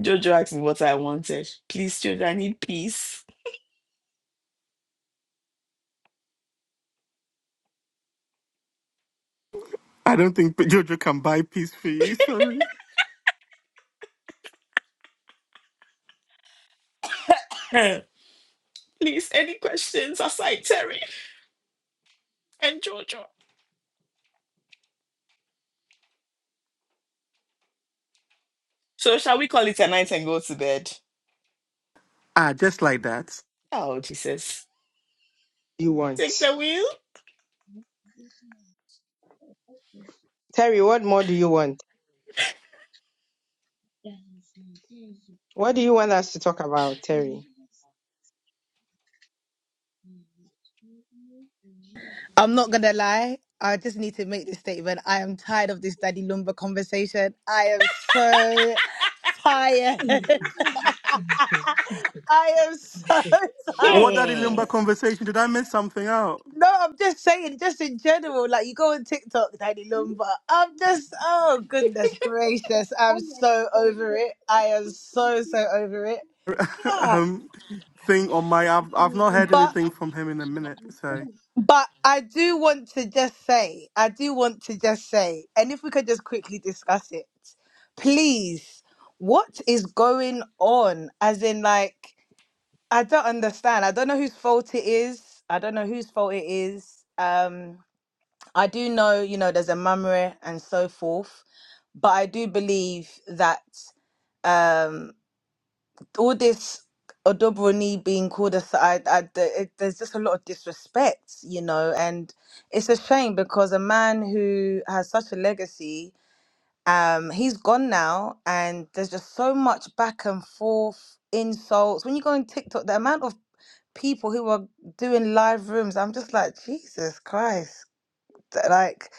B: Jojo asked me what I wanted. Please, Jojo, I need peace.
C: I don't think Jojo can buy peace for you. Sorry.
B: please, any questions aside Terry and Jojo? So, shall we call it a night and go to bed?
C: Ah, just like that.
B: Ah, Oh, Jesus.
F: You
B: Take
F: want
B: the wheel?
F: Terry? What more do you want? What do you want us to talk about, Terry? I
G: I'm not gonna lie. I just need to make this statement. I am tired of this daddy Lumba conversation. I am so tired. I am so tired.
C: What that
B: Hmm.
C: Lumba conversation? Did I miss something out?
G: No, I'm just saying, just in general, like you go on TikTok, Daddy Lumba. I'm just, oh goodness gracious, I'm so
F: don't
G: over it. I am so so over it. Yeah.
C: um, thing on my. I've I've not
F: care.
C: heard
G: but.
C: anything from him in a minute. So.
G: But I do want to just say, I do want to just say, and if we could just quickly discuss it, please, what is going on? As in, like, I don't understand. I don't know whose fault it is. I don't know whose fault it is. Um, I do know, you know, there's a mummery and so forth, but I do believe that. um all this Odobroni being called aside, I, the- it, there's just a lot of disrespect, you know, and it's a shame because a man who has such a legacy, um, he's gone now, and there's just so much back and forth insults. When you go on TikTok, the amount of people who are doing live rooms, I'm just like, Jesus Christ, th- like,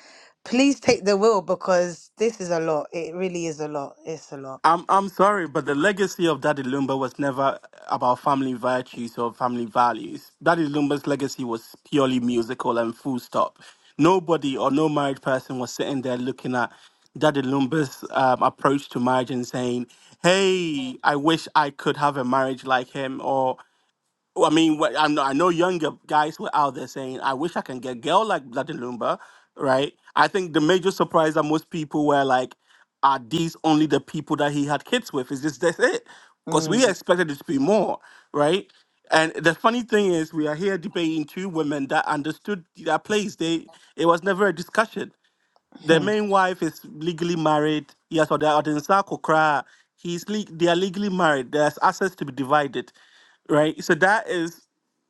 G: please take the wheel because this is a lot. It really is a lot. It's a lot.
C: I'm I'm sorry, but the legacy of Daddy Lumba was never about family virtues or family values. Daddy Lumba's legacy was purely musical and full stop. Nobody or no married person was sitting there looking at Daddy Lumba's um, approach to marriage and saying, "Hey, I wish I could have a marriage like him," or well, I mean, what, I know I know younger guys who are out there saying, "I wish I can get a girl like Bloody Lumba," right? I think the major surprise that most people were like, "Are these only the people that he had kids with? Is this that's it?" Because
G: Mm.
C: we expected it to be more, right? And the funny thing is, we are here debating two women that understood their place. They it was never a discussion the
G: Hmm.
C: main wife is legally married. Yes, or the Odinsa Kokra, he's le- they are legally married. There's assets to be divided, right? So that is,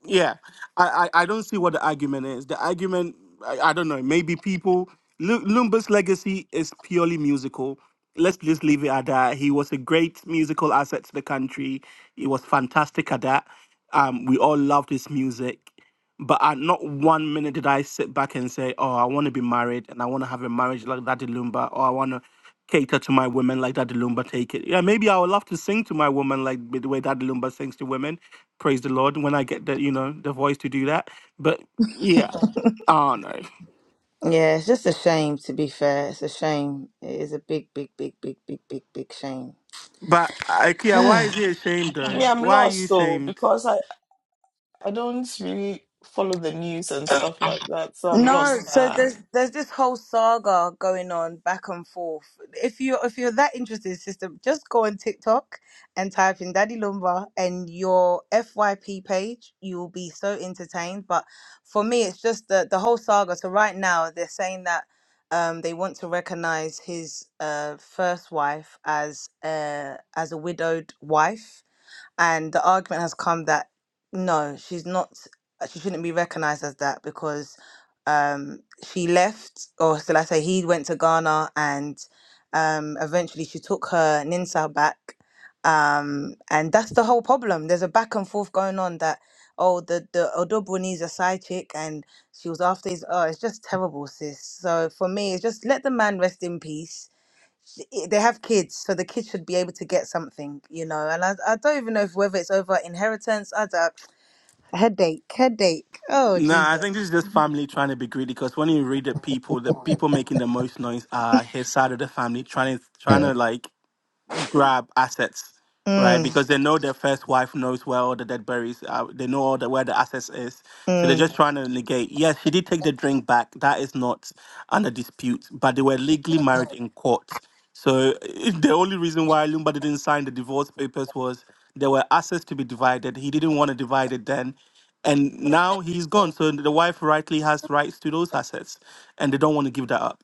C: yeah, I I, I don't see what the argument is. The argument, I, I don't know. Maybe people Lu- Lumba's legacy is purely musical. Let's just leave it at that. He was a great musical asset to the country. He was fantastic at that. Um, we all loved his music. But at not one minute did I sit back and say, "Oh, I want to be married and I want to have a marriage like Daddy Lumba, or I want to cater to my women like Daddy Lumba take it." Yeah, maybe I would love to sing to my woman like with the way Daddy Lumba sings to women. Praise the Lord when I get the you know the voice to do that. But yeah, oh no.
G: Yeah, it's just a shame to be fair. It's a shame. It is a big, big, big, big, big, big, big shame.
C: But Ikea, why is he ashamed though?
B: Me, I'm
C: Why are you
B: lost though,
C: ashamed?
B: because I, I don't really follow the news and stuff like that. So, I'm
G: No,
B: lost.
G: so
B: Ah.
G: there's there's this whole saga going on back and forth. If you if you're that interested, sister, just go on TikTok and type in Daddy Lumba and your FYP page. You'll be so entertained. But for me, it's just the the whole saga. So right now, they're saying that um, they want to recognize his uh, first wife as uh, as a widowed wife and the argument has come that no, she's not. She shouldn't be recognised as that because um, she left, or shall I say, he went to Ghana, and um, eventually she took her Ninsa back. Um, and that's the whole problem. There's a back and forth going on that oh, the the Odobro needs a side chick, and she was after his. Oh, it's just terrible, sis. So for me, it's just let the man rest in peace. I- They have kids, so the kids should be able to get something, you know. And I, I don't even know if whether it's over inheritance. I don't. Headache, headache. Oh
C: Nah, I think
G: Jesus.
C: this is just family trying to be greedy. Because when you read the people, the people making the most noise are his side of the family, trying to trying to like grab assets, right?
G: Mm,
C: Because they know their first wife knows where all the dead berries are. They know all the where the assets is. So they're
G: mm.
C: just trying to negate. Yes, she did take the drink back. That is not under dispute. But they were legally married in court. So if the only reason why Lumba didn't sign the divorce papers was there were assets to be divided. He didn't want to divide it then. And now he's gone. So the wife rightly has rights to those assets. And they don't want to give that up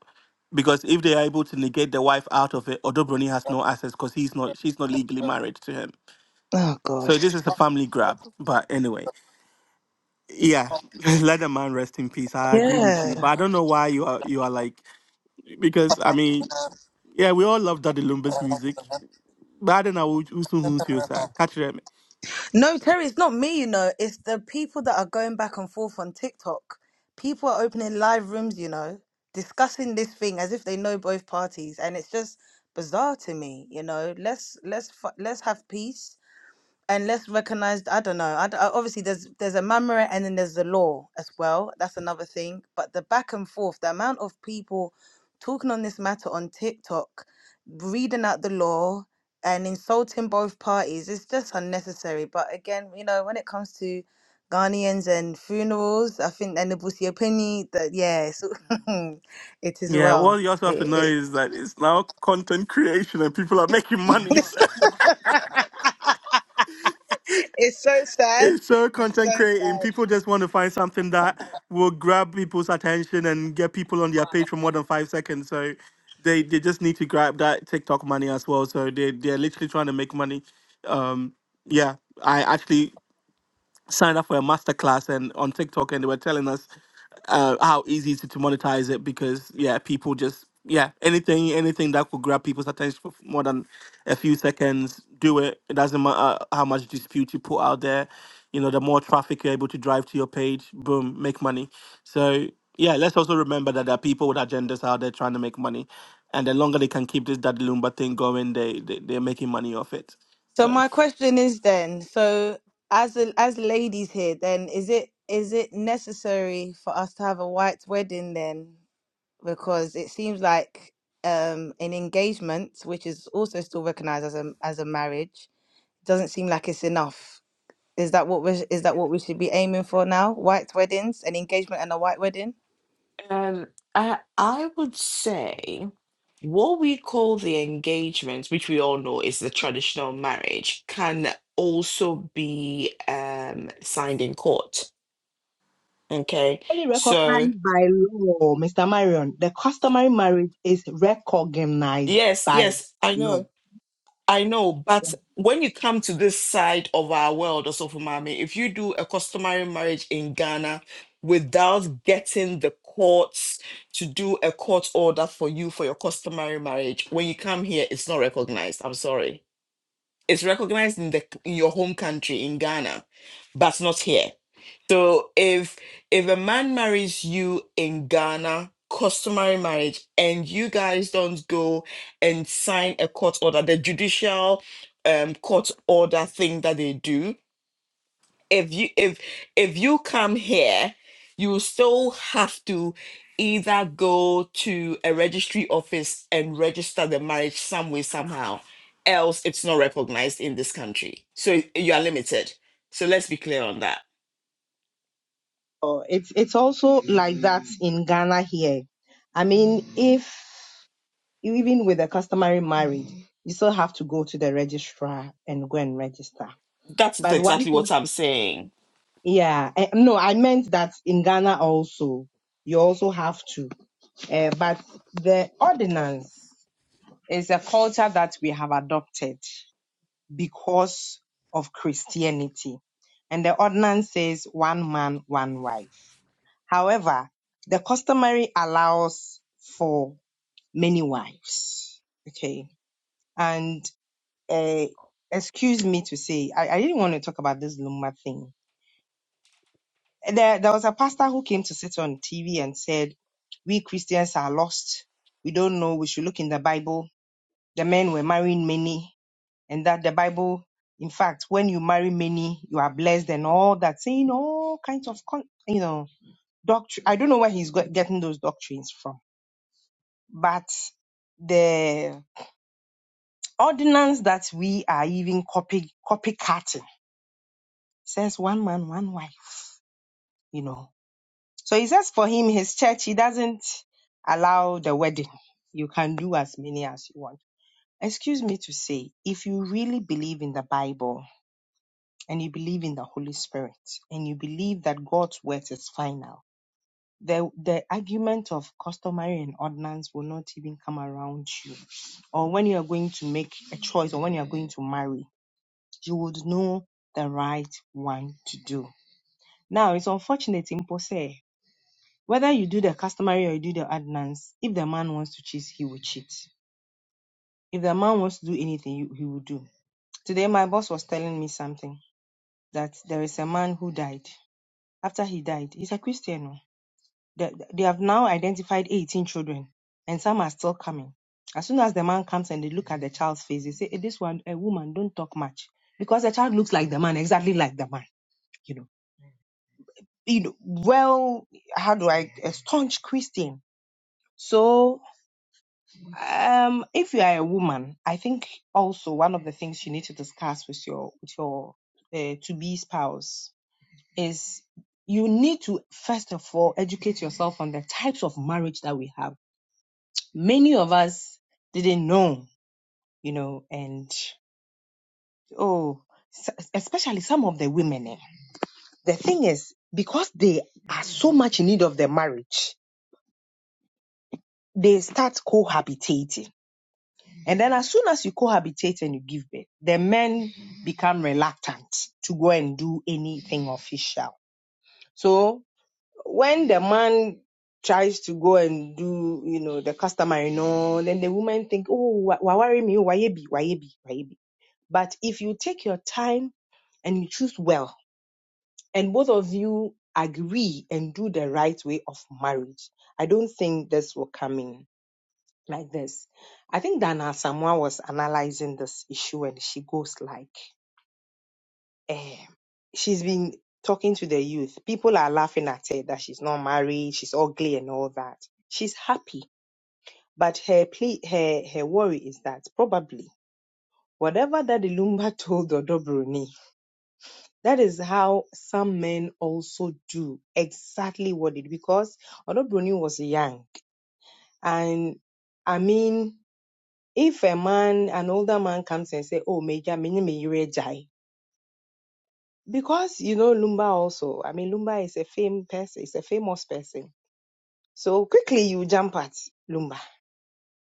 C: because if they are able to negate the wife out of it, Odobroni has no access because he's not she's not legally married to him.
G: Oh
C: So
G: gosh.
C: this is a family grab. But anyway, yeah, let the man rest in peace. I agree with
G: Yeah.
C: you, but I don't know why you are you are like because I mean yeah we all love Daddy Lumba's music, but I don't know who who who feels that catch them.
G: No, Terry, it's not me, you know. It's the people that are going back and forth on TikTok. People are opening live rooms, you know, discussing this thing as if they know both parties, and it's just bizarre to me, you know. Let's let's fi- let's have peace. and let's recognize i don't know I, d- I- obviously there's there's a mamre and then there's the law as well that's another thing but the back and forth the amount of people talking on this matter on tiktok reading out the law and insulting both parties it's just unnecessary but again you know when it comes to ghanaians and funerals i think and the Busia opinion that yeah it's, it is
C: Yeah, what
G: well
C: you also have to know
G: it, it,
C: is that it's now content creation and people are making money.
G: It's so sad.
C: it's so
G: It's so
C: content creating.
G: sad.
C: People just want to find something that will grab people's attention and get people on their page for more than five seconds. So they, they just need to grab that TikTok money as well. So they they're literally trying to make money. Um, yeah, I actually signed up for a masterclass and on TikTok, and they were telling us uh, how easy it is to monetize it because yeah, people just yeah anything anything that could grab people's attention for more than a few seconds, do it. It doesn't matter how much dispute you put out there. You know, the more traffic you're able to drive to your page, boom, make money. So yeah, let's also remember that there are people with agendas out there trying to make money, and the longer they can keep this Daddy Lumba thing going, they, they they're making money off it.
G: So
C: So.
G: my question is then, so as a, as ladies here, then is it is it necessary for us to have a white wedding then? Because it seems like um an engagement, which is also still recognized as a as a marriage, doesn't seem like it's enough. Is that what we is that what we should be aiming for now? White weddings, an engagement and a white wedding?
B: And I, I would say what we call the engagement, which we all know is the traditional marriage, can also be um, signed in court. Okay.
F: only
B: So,
F: recognized by law, Mr. Marion. The customary marriage is recognized
B: yes,
F: by
B: yes, I know.
F: law.
B: I know, but when you come to this side of our world, also for mommy, if you do a customary marriage in Ghana without getting the courts to do a court order for you for your customary marriage, when you come here, it's not recognized. I'm sorry. It's recognized in the in your home country in Ghana, but not here. So if if a man marries you in Ghana, customary marriage, and you guys don't go and sign a court order, the judicial um court order thing that they do, if you if if you come here, you still have to either go to a registry office and register the marriage some way, somehow, else it's not recognized in this country. So you are limited. So let's be clear on that.
F: Oh, It's it's also like that in Ghana here. I mean, if even with a customary marriage, you still have to go to the registrar and go and register.
B: That is
F: But one
B: exactly
F: thing,
B: what I'm saying.
F: yeah, eh, no, I meant that in Ghana also, you also have to. Uh, but the ordinance is a culture that we have adopted because of Christianity, and the ordinance says one man, one wife. However, the customary allows for many wives. Okay. And uh, excuse me to say, I, I didn't want to talk about this Luma thing. There, there was a pastor who came to sit on TV and said, We Christians are lost. We don't know. We should look in the Bible. The men were marrying many, and that the Bible, in fact, when you marry many, you are blessed and all that, saying all kinds of, con- you know, doctrine. I don't know where he's got, getting those doctrines from but the ordinance that we are even copy copycatting says one man, one wife, you know. So he says for him, his church, he doesn't allow the wedding. You can do as many as you want. Excuse me to say, if you really believe in the Bible and you believe in the Holy Spirit and you believe that God's word is final, the, the argument of customary and ordinance will not even come around you. Or when you are going to make a choice or when you are going to marry, you would know the right one to do. Now, it's unfortunate in Pose, whether you do the customary or you do the ordinance, if the man wants to cheat, he will cheat. If the man wants to do anything, he he will do. Today, my boss was telling me something that there is a man who died. After he died, he's a Christian. oh. They, they have now identified 18 children, and some are still coming. As soon as the man comes and they look at the child's face, they say, "Eh, This one, a woman, don't talk much. Because the child looks like the man, exactly like the man. You know you know, well, how do I, a staunch Christian. So, um, if you are a woman, I think also one of the things you need to discuss with your with your uh, to be spouse is you need to first of all educate yourself on the types of marriage that we have. Many of us didn't know, you know, and oh, s- especially some of the women. eh, The thing is, because they are so much in need of their marriage, they start cohabitating And then as soon as you cohabitate and you give birth, the men become reluctant to go and do anything official. So when the man tries to go and do, you know, the customary, you know, then the women think, oh, wa- worry me, oh, wayebi, wayebi, wayebi. But if you take your time and you choose well, and both of you agree and do the right way of marriage, I don't think this will come in. like this. I think Dana Samoa was analyzing this issue and she goes like, eh, she's been talking to the youth. People are laughing at her that she's not married, she's ugly and all that. She's happy. But her plea, her, her worry is that probably whatever that the Lumba told Odobroni, that is how some men also do exactly what it because Odobroni was young and I mean if a man, an older man comes and say, "Oh, Major, me me yere jai," because you know Lumba also. I mean, Lumba is a fame person, is a famous person. So quickly you jump at Lumba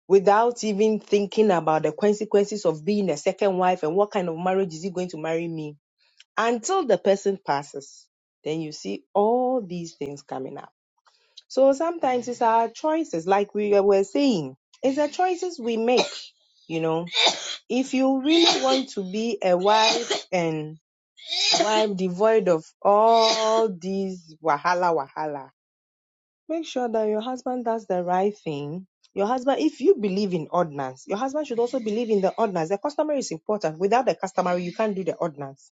F: without even thinking about the consequences of being a second wife and what kind of marriage is he going to marry me until the person passes. Then you see all these things coming up. So sometimes it's our choices, like we were saying, it's the choices we make, you know if you really want to be a wife and wife devoid of all these wahala wahala, make sure that your husband does the right thing. Your husband, if you believe in ordinance, your husband should also believe in the ordinance. The customer is important. Without the customer, you can't do the ordinance.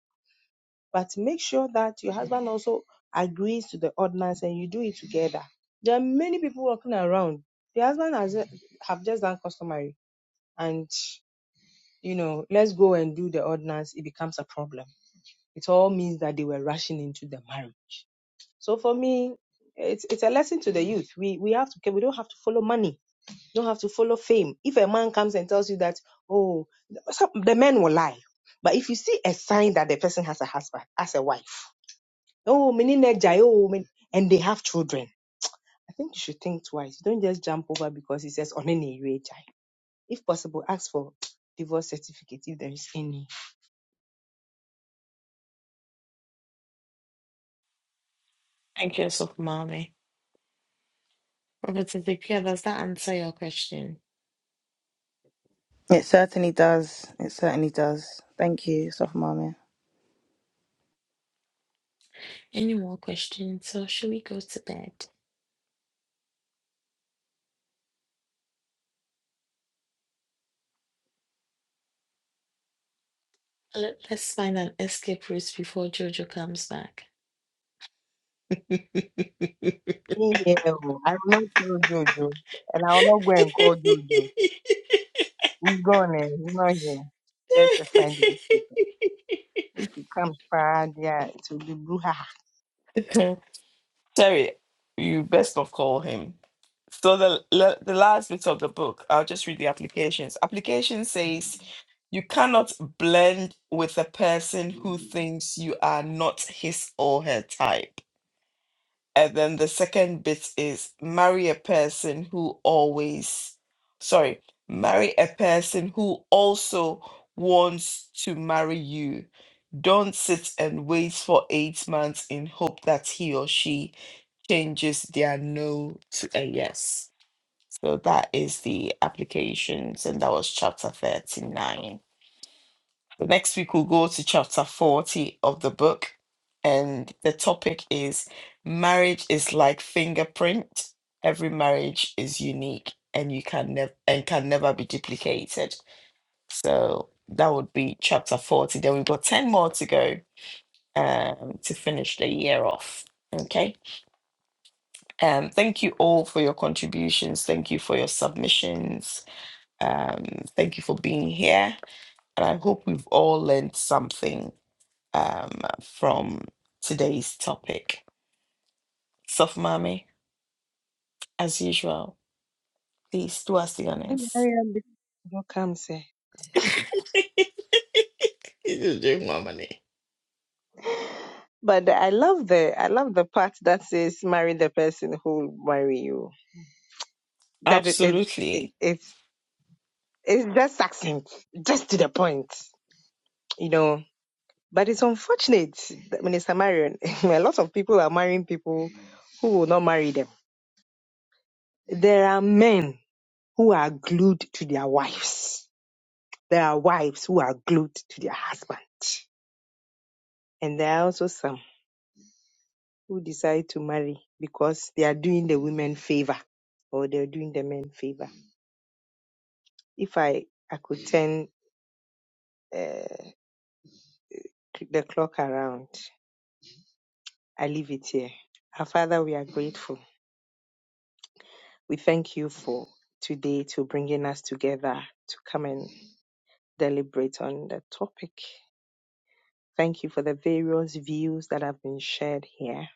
F: But make sure that your husband also agrees to the ordinance and you do it together. There are many people walking around. The husband has have just done customary and you know, let's go and do the ordinance, it becomes a problem. It all means that they were rushing into the marriage. So for me, it's it's a lesson to the youth. We we have to we don't have to follow money, don't have to follow fame. If a man comes and tells you that, oh, some, the men will lie. But if you see a sign that the person has a husband, as a wife, oh, meaning they oh, and they have children, I think you should think twice. Don't just jump over because he says on any If possible, ask for divorce certificate if there is any.
B: Thank you, so mommy. Robert Ezekiel, does that answer your question?
G: It certainly does. It certainly does. Thank you, Sophomami.
B: Any more questions? So should we go to bed? Let, let's find an escape route before Jojo comes back.
F: Yeah, I remember And I will not go and call Jojo. He's gone and he's not here. Let's just find the people. If he comes, ah, yeah, it will be brouhaha.
B: Terry, you best not call him. So the le- the last bit of the book, I'll just read the applications. Application says you cannot blend with a person who thinks you are not his or her type. And then the second bit is marry a person who always, sorry, marry a person who also wants to marry you. Don't sit and wait for eight months in hope that he or she changes their no to a yes. So that is the applications, and that was chapter 39. So next week we'll go to chapter 40 of the book, and the topic is marriage is like fingerprint. Every marriage is unique and you can never and can never be duplicated. So that would be chapter 40. Then we've got 10 more to go um, to finish the year off. Okay. Um, thank you all for your contributions. Thank you for your submissions. Um, thank you for being here. And I hope we've all learned something um, from today's topic. Soft mommy, as usual, please do us the
F: Let me
B: honors.
F: hurry up before Jojo comes here.
B: You do, my money.
F: But I love the I love the part that says marry the person who will marry you. That it, it, it
B: Absolutely.
F: it's it's just succinct, just to the point, you know. But it's unfortunate that Minister Marion, a lot of people are marrying people who will not marry them. There are men who are glued to their wives There are wives who are glued to their husband. And there are also some who decide to marry because they are doing the women favor or they're doing the men favor. If I, I could turn uh, the clock around, I leave it here. Our Father, we are grateful. We thank you for today to bringing us together to come and deliberate on the topic. Thank you for the various views that have been shared here.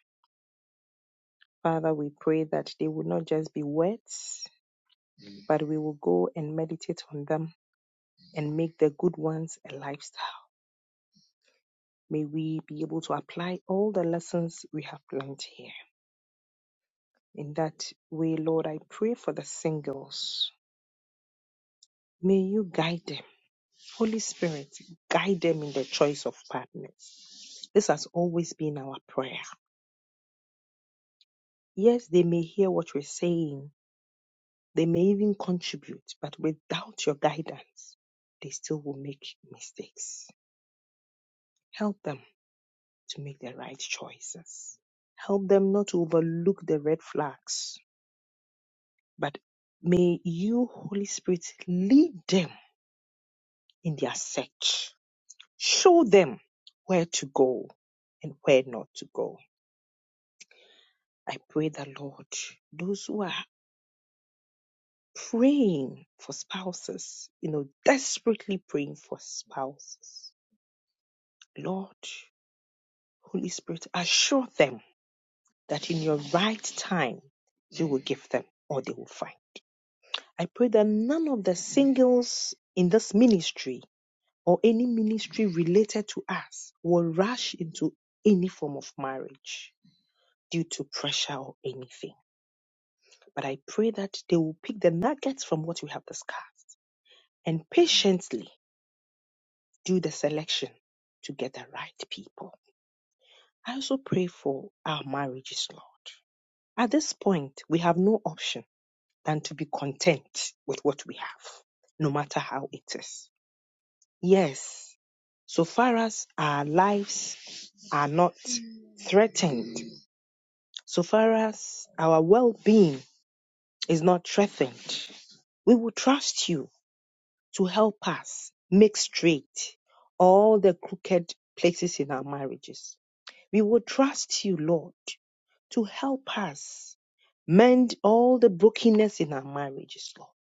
F: Father, we pray that they would not just be words, but we will go and meditate on them and make the good ones a lifestyle. May we be able to apply all the lessons we have learned here. In that way, Lord, I pray for the singles. May you guide them. Holy Spirit, guide them in the choice of partners. This has always been our prayer. Yes, they may hear what we're saying, they may even contribute, but without your guidance, they still will make mistakes. Help them to make the right choices. Help them not to overlook the red flags, but may you, Holy Spirit, lead them in their search. Show them where to go and where not to go. I pray that, Lord, those who are praying for spouses, you know, desperately praying for spouses, Lord, Holy Spirit, assure them that in your right time, you will give them or they will find. I pray that none of the singles in this ministry or any ministry related to us will rush into any form of marriage due to pressure or anything. But I pray that they will pick the nuggets from what we have discussed and patiently do the selection to get the right people. I also pray for our marriages, Lord. At this point, we have no option than to be content with what we have, no matter how it is. Yes, so far as our lives are not threatened, so far as our well being is not threatened, we will trust you to help us make straight all the crooked places in our marriages. We will trust you, Lord, to help us mend all the brokenness in our marriages, Lord.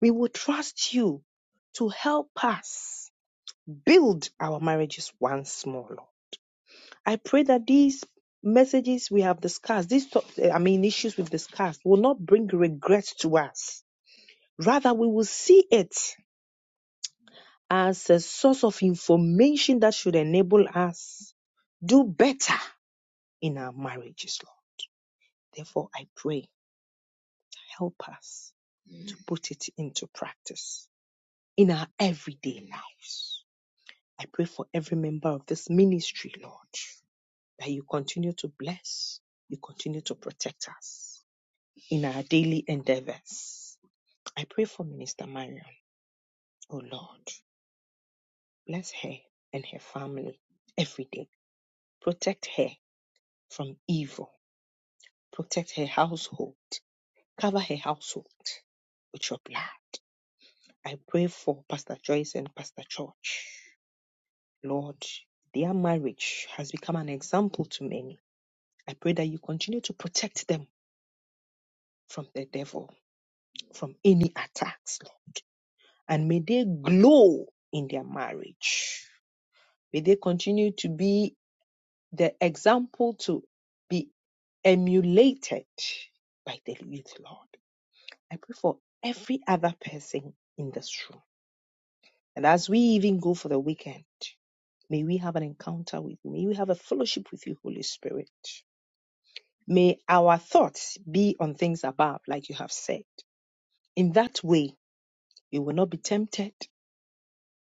F: We will trust you to help us build our marriages once more, Lord. I pray that these messages we have discussed, these top, I mean issues we've discussed, will not bring regret to us. Rather, we will see it as a source of information that should enable us do better in our marriages, Lord. Therefore, I pray, help us to put it into practice in our everyday lives. I pray for every member of this ministry, Lord, that you continue to bless, you continue to protect us in our daily endeavors. I pray for Minister Marion. Oh Lord, bless her and her family every day. Protect her from evil. Protect her household. Cover her household with your blood. I pray for Pastor Joyce and Pastor George. Lord, their marriage has become an example to many. I pray that you continue to protect them from the devil, from any attacks, Lord. And may they glow in their marriage. May they continue to be the example to be emulated by the youth, Lord. I pray for every other person in this room. And as we even go for the weekend, may we have an encounter with you. May we have a fellowship with you, Holy Spirit. May our thoughts be on things above, like you have said. In that way, we will not be tempted.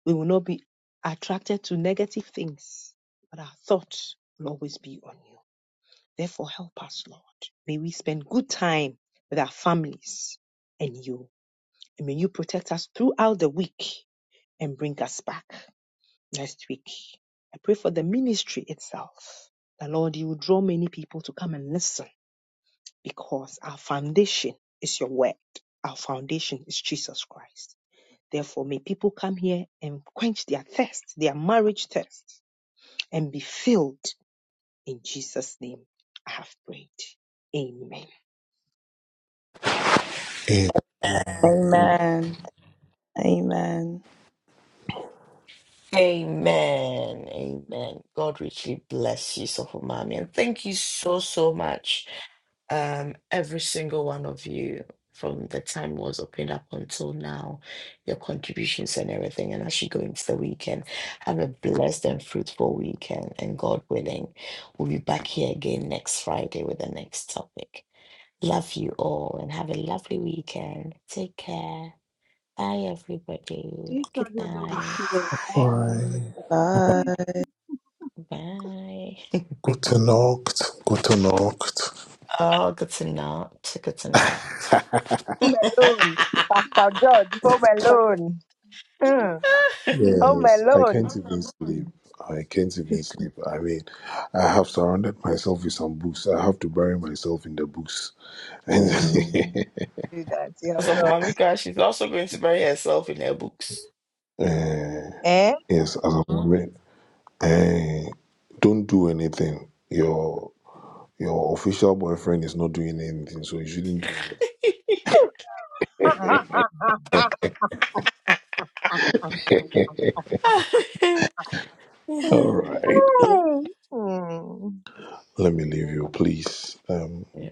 F: We will not be attracted to negative things, but our thoughts will always be on you. Therefore, help us, Lord. May we spend good time with our families and you. And may you protect us throughout the week and bring us back next week. I pray for the ministry itself. The Lord, you will draw many people to come and listen because our foundation is your word. Our foundation is Jesus Christ. Therefore, may people come here and quench their thirst, their marriage thirst, and be filled in Jesus' name. I have prayed. Amen.
G: Amen. Amen.
B: Amen. Amen. God richly bless you, Soft Mommy. And thank you so, so much um, every single one of you from the time it was opened up until now, your contributions and everything. And as you go into the weekend, have a blessed and fruitful weekend. And God willing, we'll be back here again next Friday with the next topic. Love you all and have a lovely weekend. Take care. Bye, everybody.
F: If I
B: Good
F: go down with
B: night.
F: clothes, I
C: bye.
F: will
G: Bye.
B: Bye. Oh, good to not. Good to not. Yeah.
F: do that. Yeah,
B: So for
F: no.
B: Mamika, she's also going to bury herself in her books.
F: Eh?
B: Mm.
F: Hmm.
B: Yeah,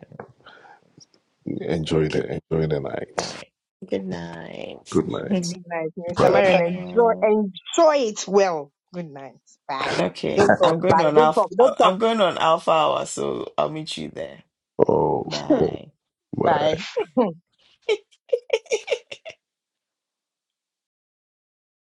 B: good night. Good night.
F: Good night, Mr. Marion. Enjoy,
B: Uh,
F: enjoy it well. Good night. Bye.
B: okay,
F: Don't talk.
B: I'm going
F: Bye.
B: on
F: Don't
B: alpha.
F: talk. Don't talk.
B: I'm going on alpha hour, so I'll meet you there. Bye.
F: Bye.